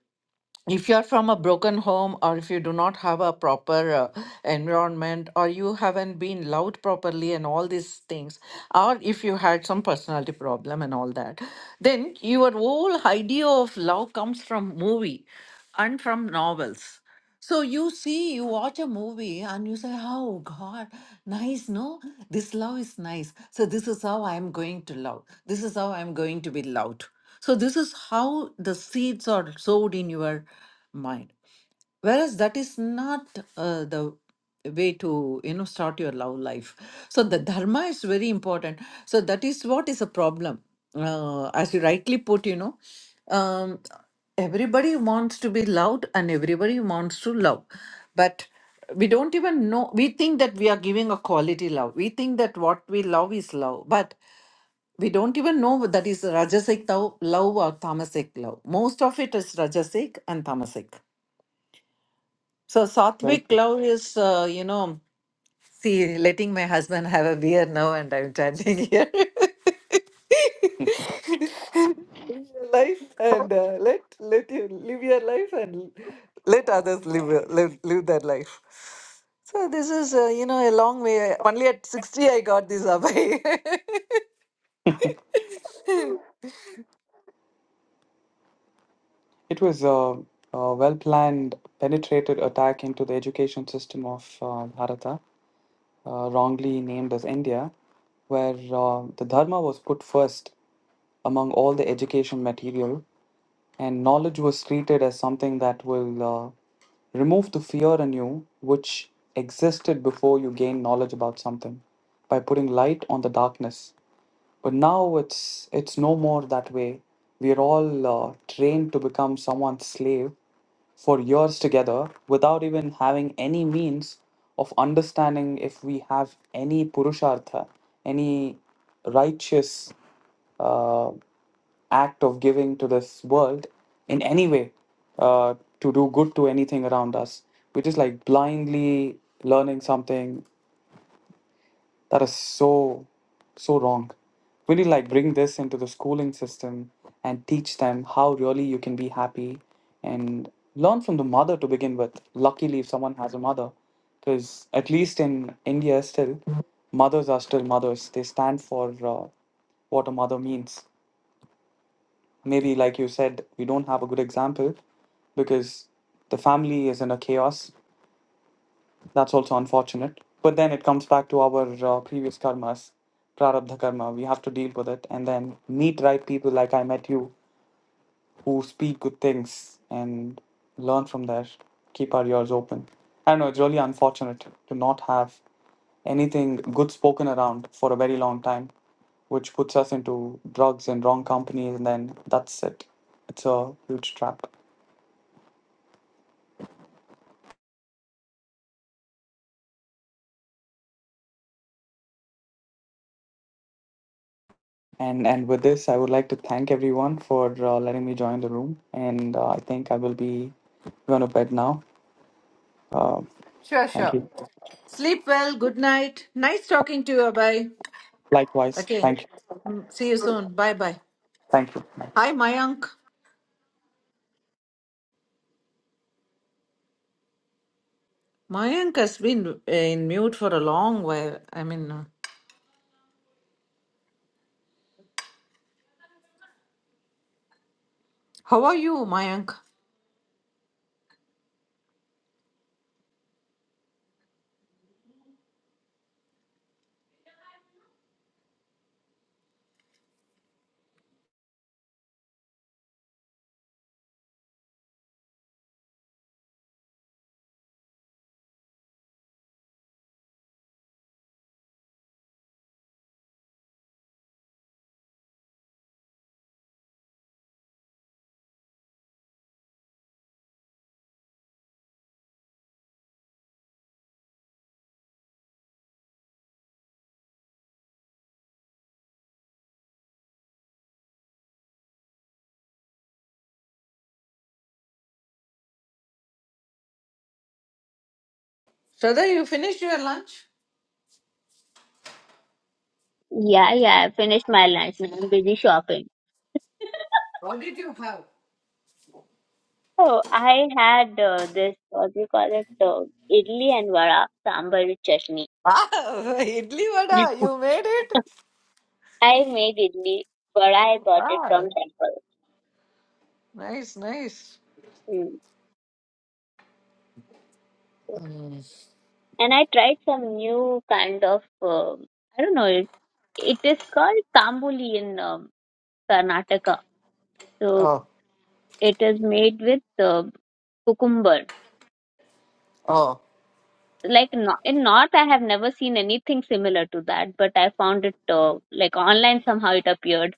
Speaker 1: if you're from a broken home or if you do not have a proper uh, environment or you haven't been loved properly and all these things or if you had some personality problem and all that then your whole idea of love comes from movie and from novels so you see, you watch a movie and you say, Oh God, nice, no? This love is nice. So this is how I'm going to love. This is how I'm going to be loved. So this is how the seeds are sowed in your mind whereas that is not uh, the way to you know start your love life so the dharma is very important so that is what is a problem uh, as you rightly put you know um, everybody wants to be loved and everybody wants to love but we don't even know we think that we are giving a quality love we think that what we love is love but we don't even know that is rajasic tho- love or tamasic love most of it is rajasic and tamasic so
Speaker 9: Very
Speaker 1: Satvik love is, uh, you know, see, letting my husband have a beer now, and I'm chanting here.
Speaker 9: good.
Speaker 1: Live your life and uh, let let you live your life and let others live your- live, live their life. So this is, uh, you know, a long way. Only at sixty, I got this Abhay.
Speaker 9: it was a, a well planned, penetrated attack into the education system of uh, Bharata uh, wrongly named as India, where uh, the Dharma was put first among all the education material, and knowledge was treated as something that will uh, remove the fear in you which existed before you gain knowledge about something by putting light on the darkness but now it's it's no more that way we're all uh, trained to become someone's slave for years together without even having any means of understanding if we have any purushartha any righteous uh, act of giving to this world in any way uh, to do good to anything around us. We're just like blindly learning something that is so, so wrong. Really like bring this into the schooling system and teach them how really you can be happy and learn from the mother to begin with. Luckily, if someone has a mother, because at least in India, still, mothers are still mothers. They stand for uh, what a mother means. Maybe, like you said, we don't have a good example because the family is in a chaos that's also unfortunate. But then it comes back to our uh, previous karmas, prarabdha karma. We have to deal with it and then meet right people like I met you who speak good things and learn from there. Keep our ears open. I know it's really unfortunate to not have anything good spoken around for a very long time, which puts us into drugs and wrong companies, and then that's it. It's a huge trap. And and with this, I would like to thank everyone for uh, letting me join the room. And uh, I think I will be going to bed now. Uh,
Speaker 1: sure,
Speaker 9: thank
Speaker 1: sure.
Speaker 9: you.
Speaker 1: Sleep well. Good night. Nice talking to you, Abhay.
Speaker 9: Likewise.
Speaker 1: Okay.
Speaker 9: Thank you.
Speaker 1: Mm, See you soon. Bye, bye.
Speaker 9: Thank you. Bye.
Speaker 1: Hi, Mayank. Mayank has been uh, in mute for a long while. I mean, uh, how are you, Mayank? Shraddha, you finished your lunch?
Speaker 5: Yeah, yeah, I finished my lunch now. I'm busy shopping.
Speaker 1: What did you have?
Speaker 5: Oh, I had uh, this, what do you call it, uh, idli and vada, sambar with chutney.
Speaker 1: Wow, idli vada, you made it?
Speaker 5: I made idli, vada I bought it
Speaker 1: Wow,
Speaker 5: from temple.
Speaker 1: nice, nice.
Speaker 5: Mm. And I tried some new kind of, um I don't know, it, it is called kambuli in um, Karnataka. So,
Speaker 1: Oh,
Speaker 5: it is made with uh, cucumber.
Speaker 1: oh.
Speaker 5: like no, in north i have never seen anything similar to that but i found it uh, like online somehow it appeared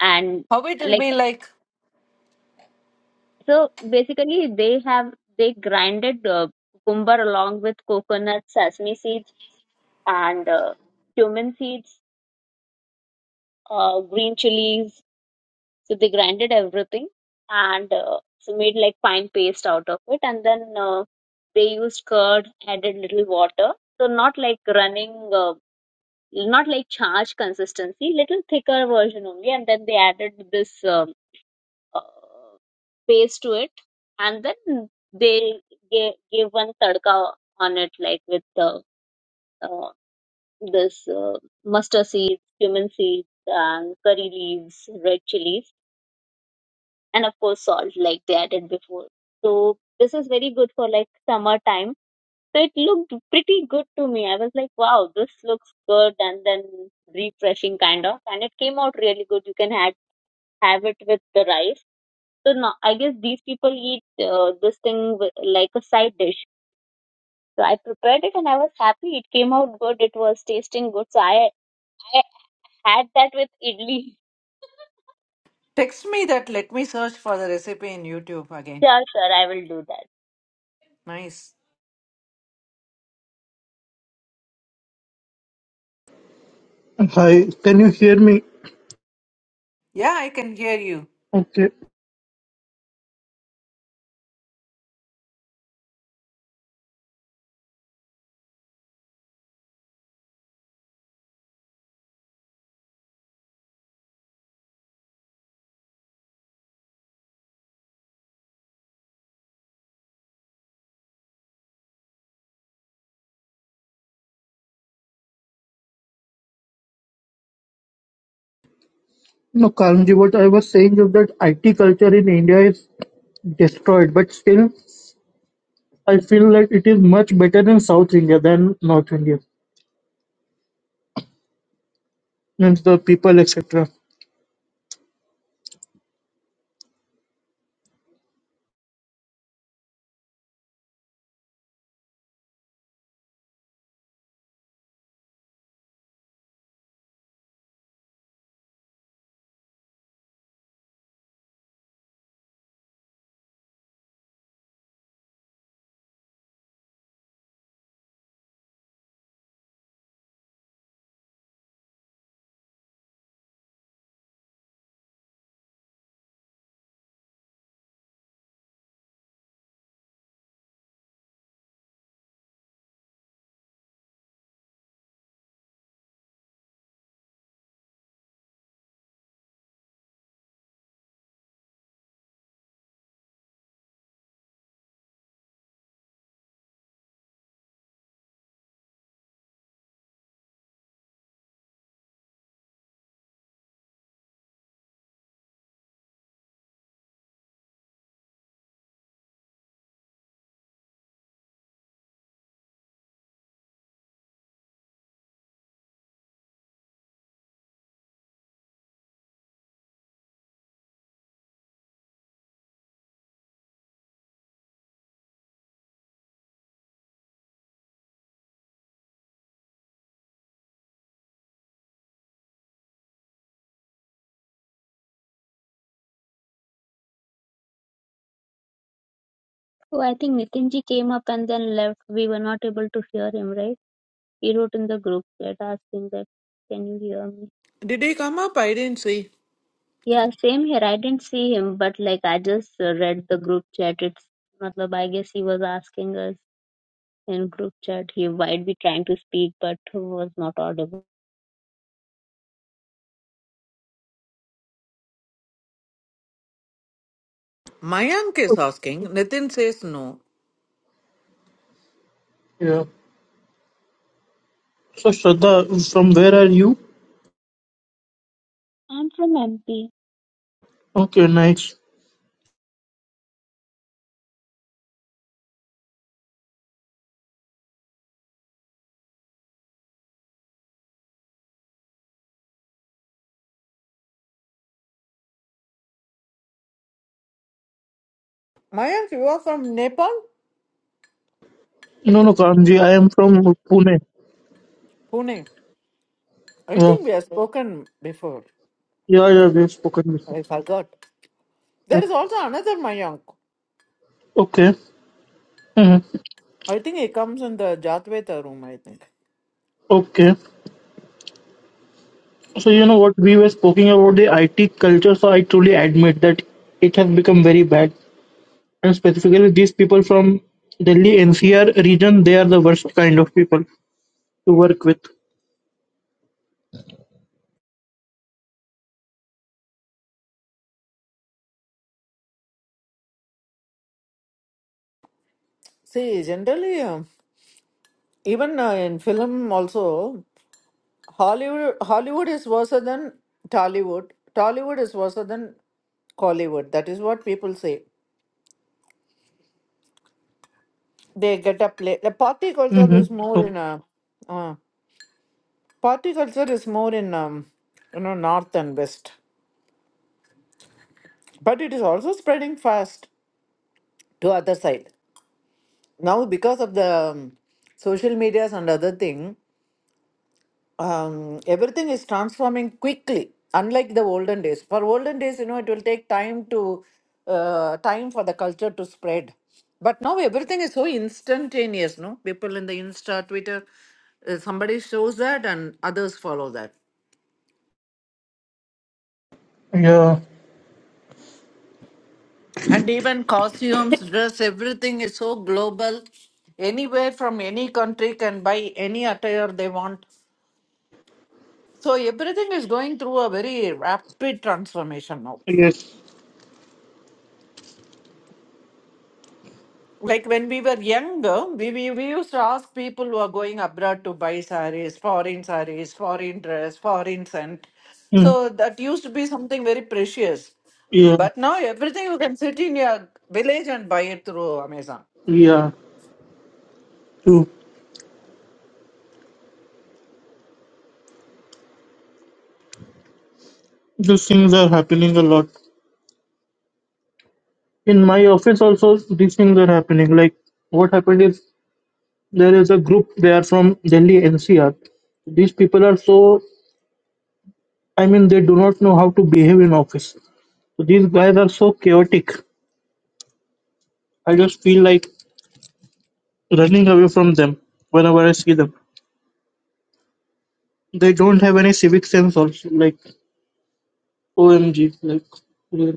Speaker 5: and
Speaker 1: How it will
Speaker 5: like
Speaker 1: be like?
Speaker 5: so basically they have they grinded uh, cucumber along with coconut sesame seeds and uh, cumin seeds uh, green chilies so they grinded everything and uh, so made like fine paste out of it and then uh, they used curd added little water so not like running uh, not like charge consistency, little thicker version only, and then they added this um, uh, paste to it, and then they gave, gave one tadka on it, like with the uh, this uh, mustard seeds, cumin seeds, and curry leaves, red chilies and of course salt like they added before so this is very good for like summer time so it looked pretty good to me i was like wow this looks good and then refreshing kind of and it came out really good you can add have it with the rice so now i guess these people eat uh, this thing with, like a side dish so i prepared it and i was happy it came out good it was tasting good so i i had that with idli
Speaker 1: Text me that, let me search for the recipe in YouTube again.
Speaker 5: sure sure i will do that
Speaker 1: Nice.
Speaker 11: Hi, can you hear me?
Speaker 1: Yeah, I can hear you.
Speaker 11: Okay. No, Kalamji, what I was saying is that IT culture in India is destroyed, but still, I feel like it is much better in South India than North India, means the people, etc.
Speaker 5: Oh, I think Nitinji came up and then left. We were not able to hear him, right? He wrote in the group chat asking that, can you hear me?
Speaker 1: Did he come up? I didn't see.
Speaker 5: Yeah, same here. I didn't see him, but like I just uh, read the group chat. It's, matlab, I guess he was asking us in group chat. He might be trying to speak, but was not audible.
Speaker 1: Mayank is asking. Nitin says no.
Speaker 11: Yeah. So, Shraddha, from where are you?
Speaker 5: I'm from MP.
Speaker 11: Okay, nice.
Speaker 1: Mayank, you are from Nepal?
Speaker 11: No, no, Kalamji, I am from Pune.
Speaker 1: Pune. I
Speaker 11: Oh,
Speaker 1: think we have spoken before.
Speaker 11: yeah, yeah, we have spoken before.
Speaker 1: I forgot.
Speaker 11: Yeah.
Speaker 1: There is also another Mayank.
Speaker 11: Okay. Mhm.
Speaker 1: I think he comes in the Jatveta room, I think.
Speaker 11: Okay. So, you know what, we were speaking about the IT culture, so I truly admit that it has become very bad. And specifically these people from Delhi NCR region, they are the worst kind of people to work with.
Speaker 1: See, generally, um, even uh, in film also, Hollywood Hollywood is worse than Tollywood. Tollywood is worse than Collywood. That is what people say. They get a play. The party culture
Speaker 11: Mm-hmm.
Speaker 1: is more
Speaker 11: Oh,
Speaker 1: in a uh, party culture is more in um, you know north and west, but it is also spreading fast to other side. now because of the um, social medias and other thing um, everything is transforming quickly unlike the olden days for olden days you know it will take time to uh, time for the culture to spread but now everything is so instantaneous no people in the insta twitter uh, somebody shows that and others follow that
Speaker 11: yeah.
Speaker 1: and even costumes dress everything is so global anywhere from any country can buy any attire they want So everything is going through a very rapid transformation now.
Speaker 11: Yes.
Speaker 1: Like when we were younger, we, we, we used to ask people who are going abroad to buy saris, foreign saris, foreign dress, foreign scent.
Speaker 11: Mm.
Speaker 1: So that used to be something very precious.
Speaker 11: Yeah.
Speaker 1: But now everything you can sit in your village and buy it through Amazon.
Speaker 11: Yeah. True. These things are happening a lot. In my office also, these things are happening. Like what happened is there is a group. They are from Delhi NCR. These people are so. I mean, they do not know how to behave in office. So these guys are so chaotic. I just feel like running away from them whenever I see them. They don't have any civic sense also. Like OMG. Like yeah,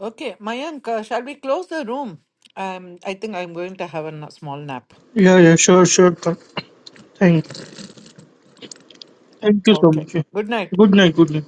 Speaker 1: Okay, Mayank, uh, shall we close the room? Um, I think I'm going to have a n- small nap.
Speaker 11: yeah, yeah, sure, sure. th- Thank, thank you so
Speaker 1: Okay.
Speaker 11: much. yeah.
Speaker 1: Good night.
Speaker 11: Good night. Good night.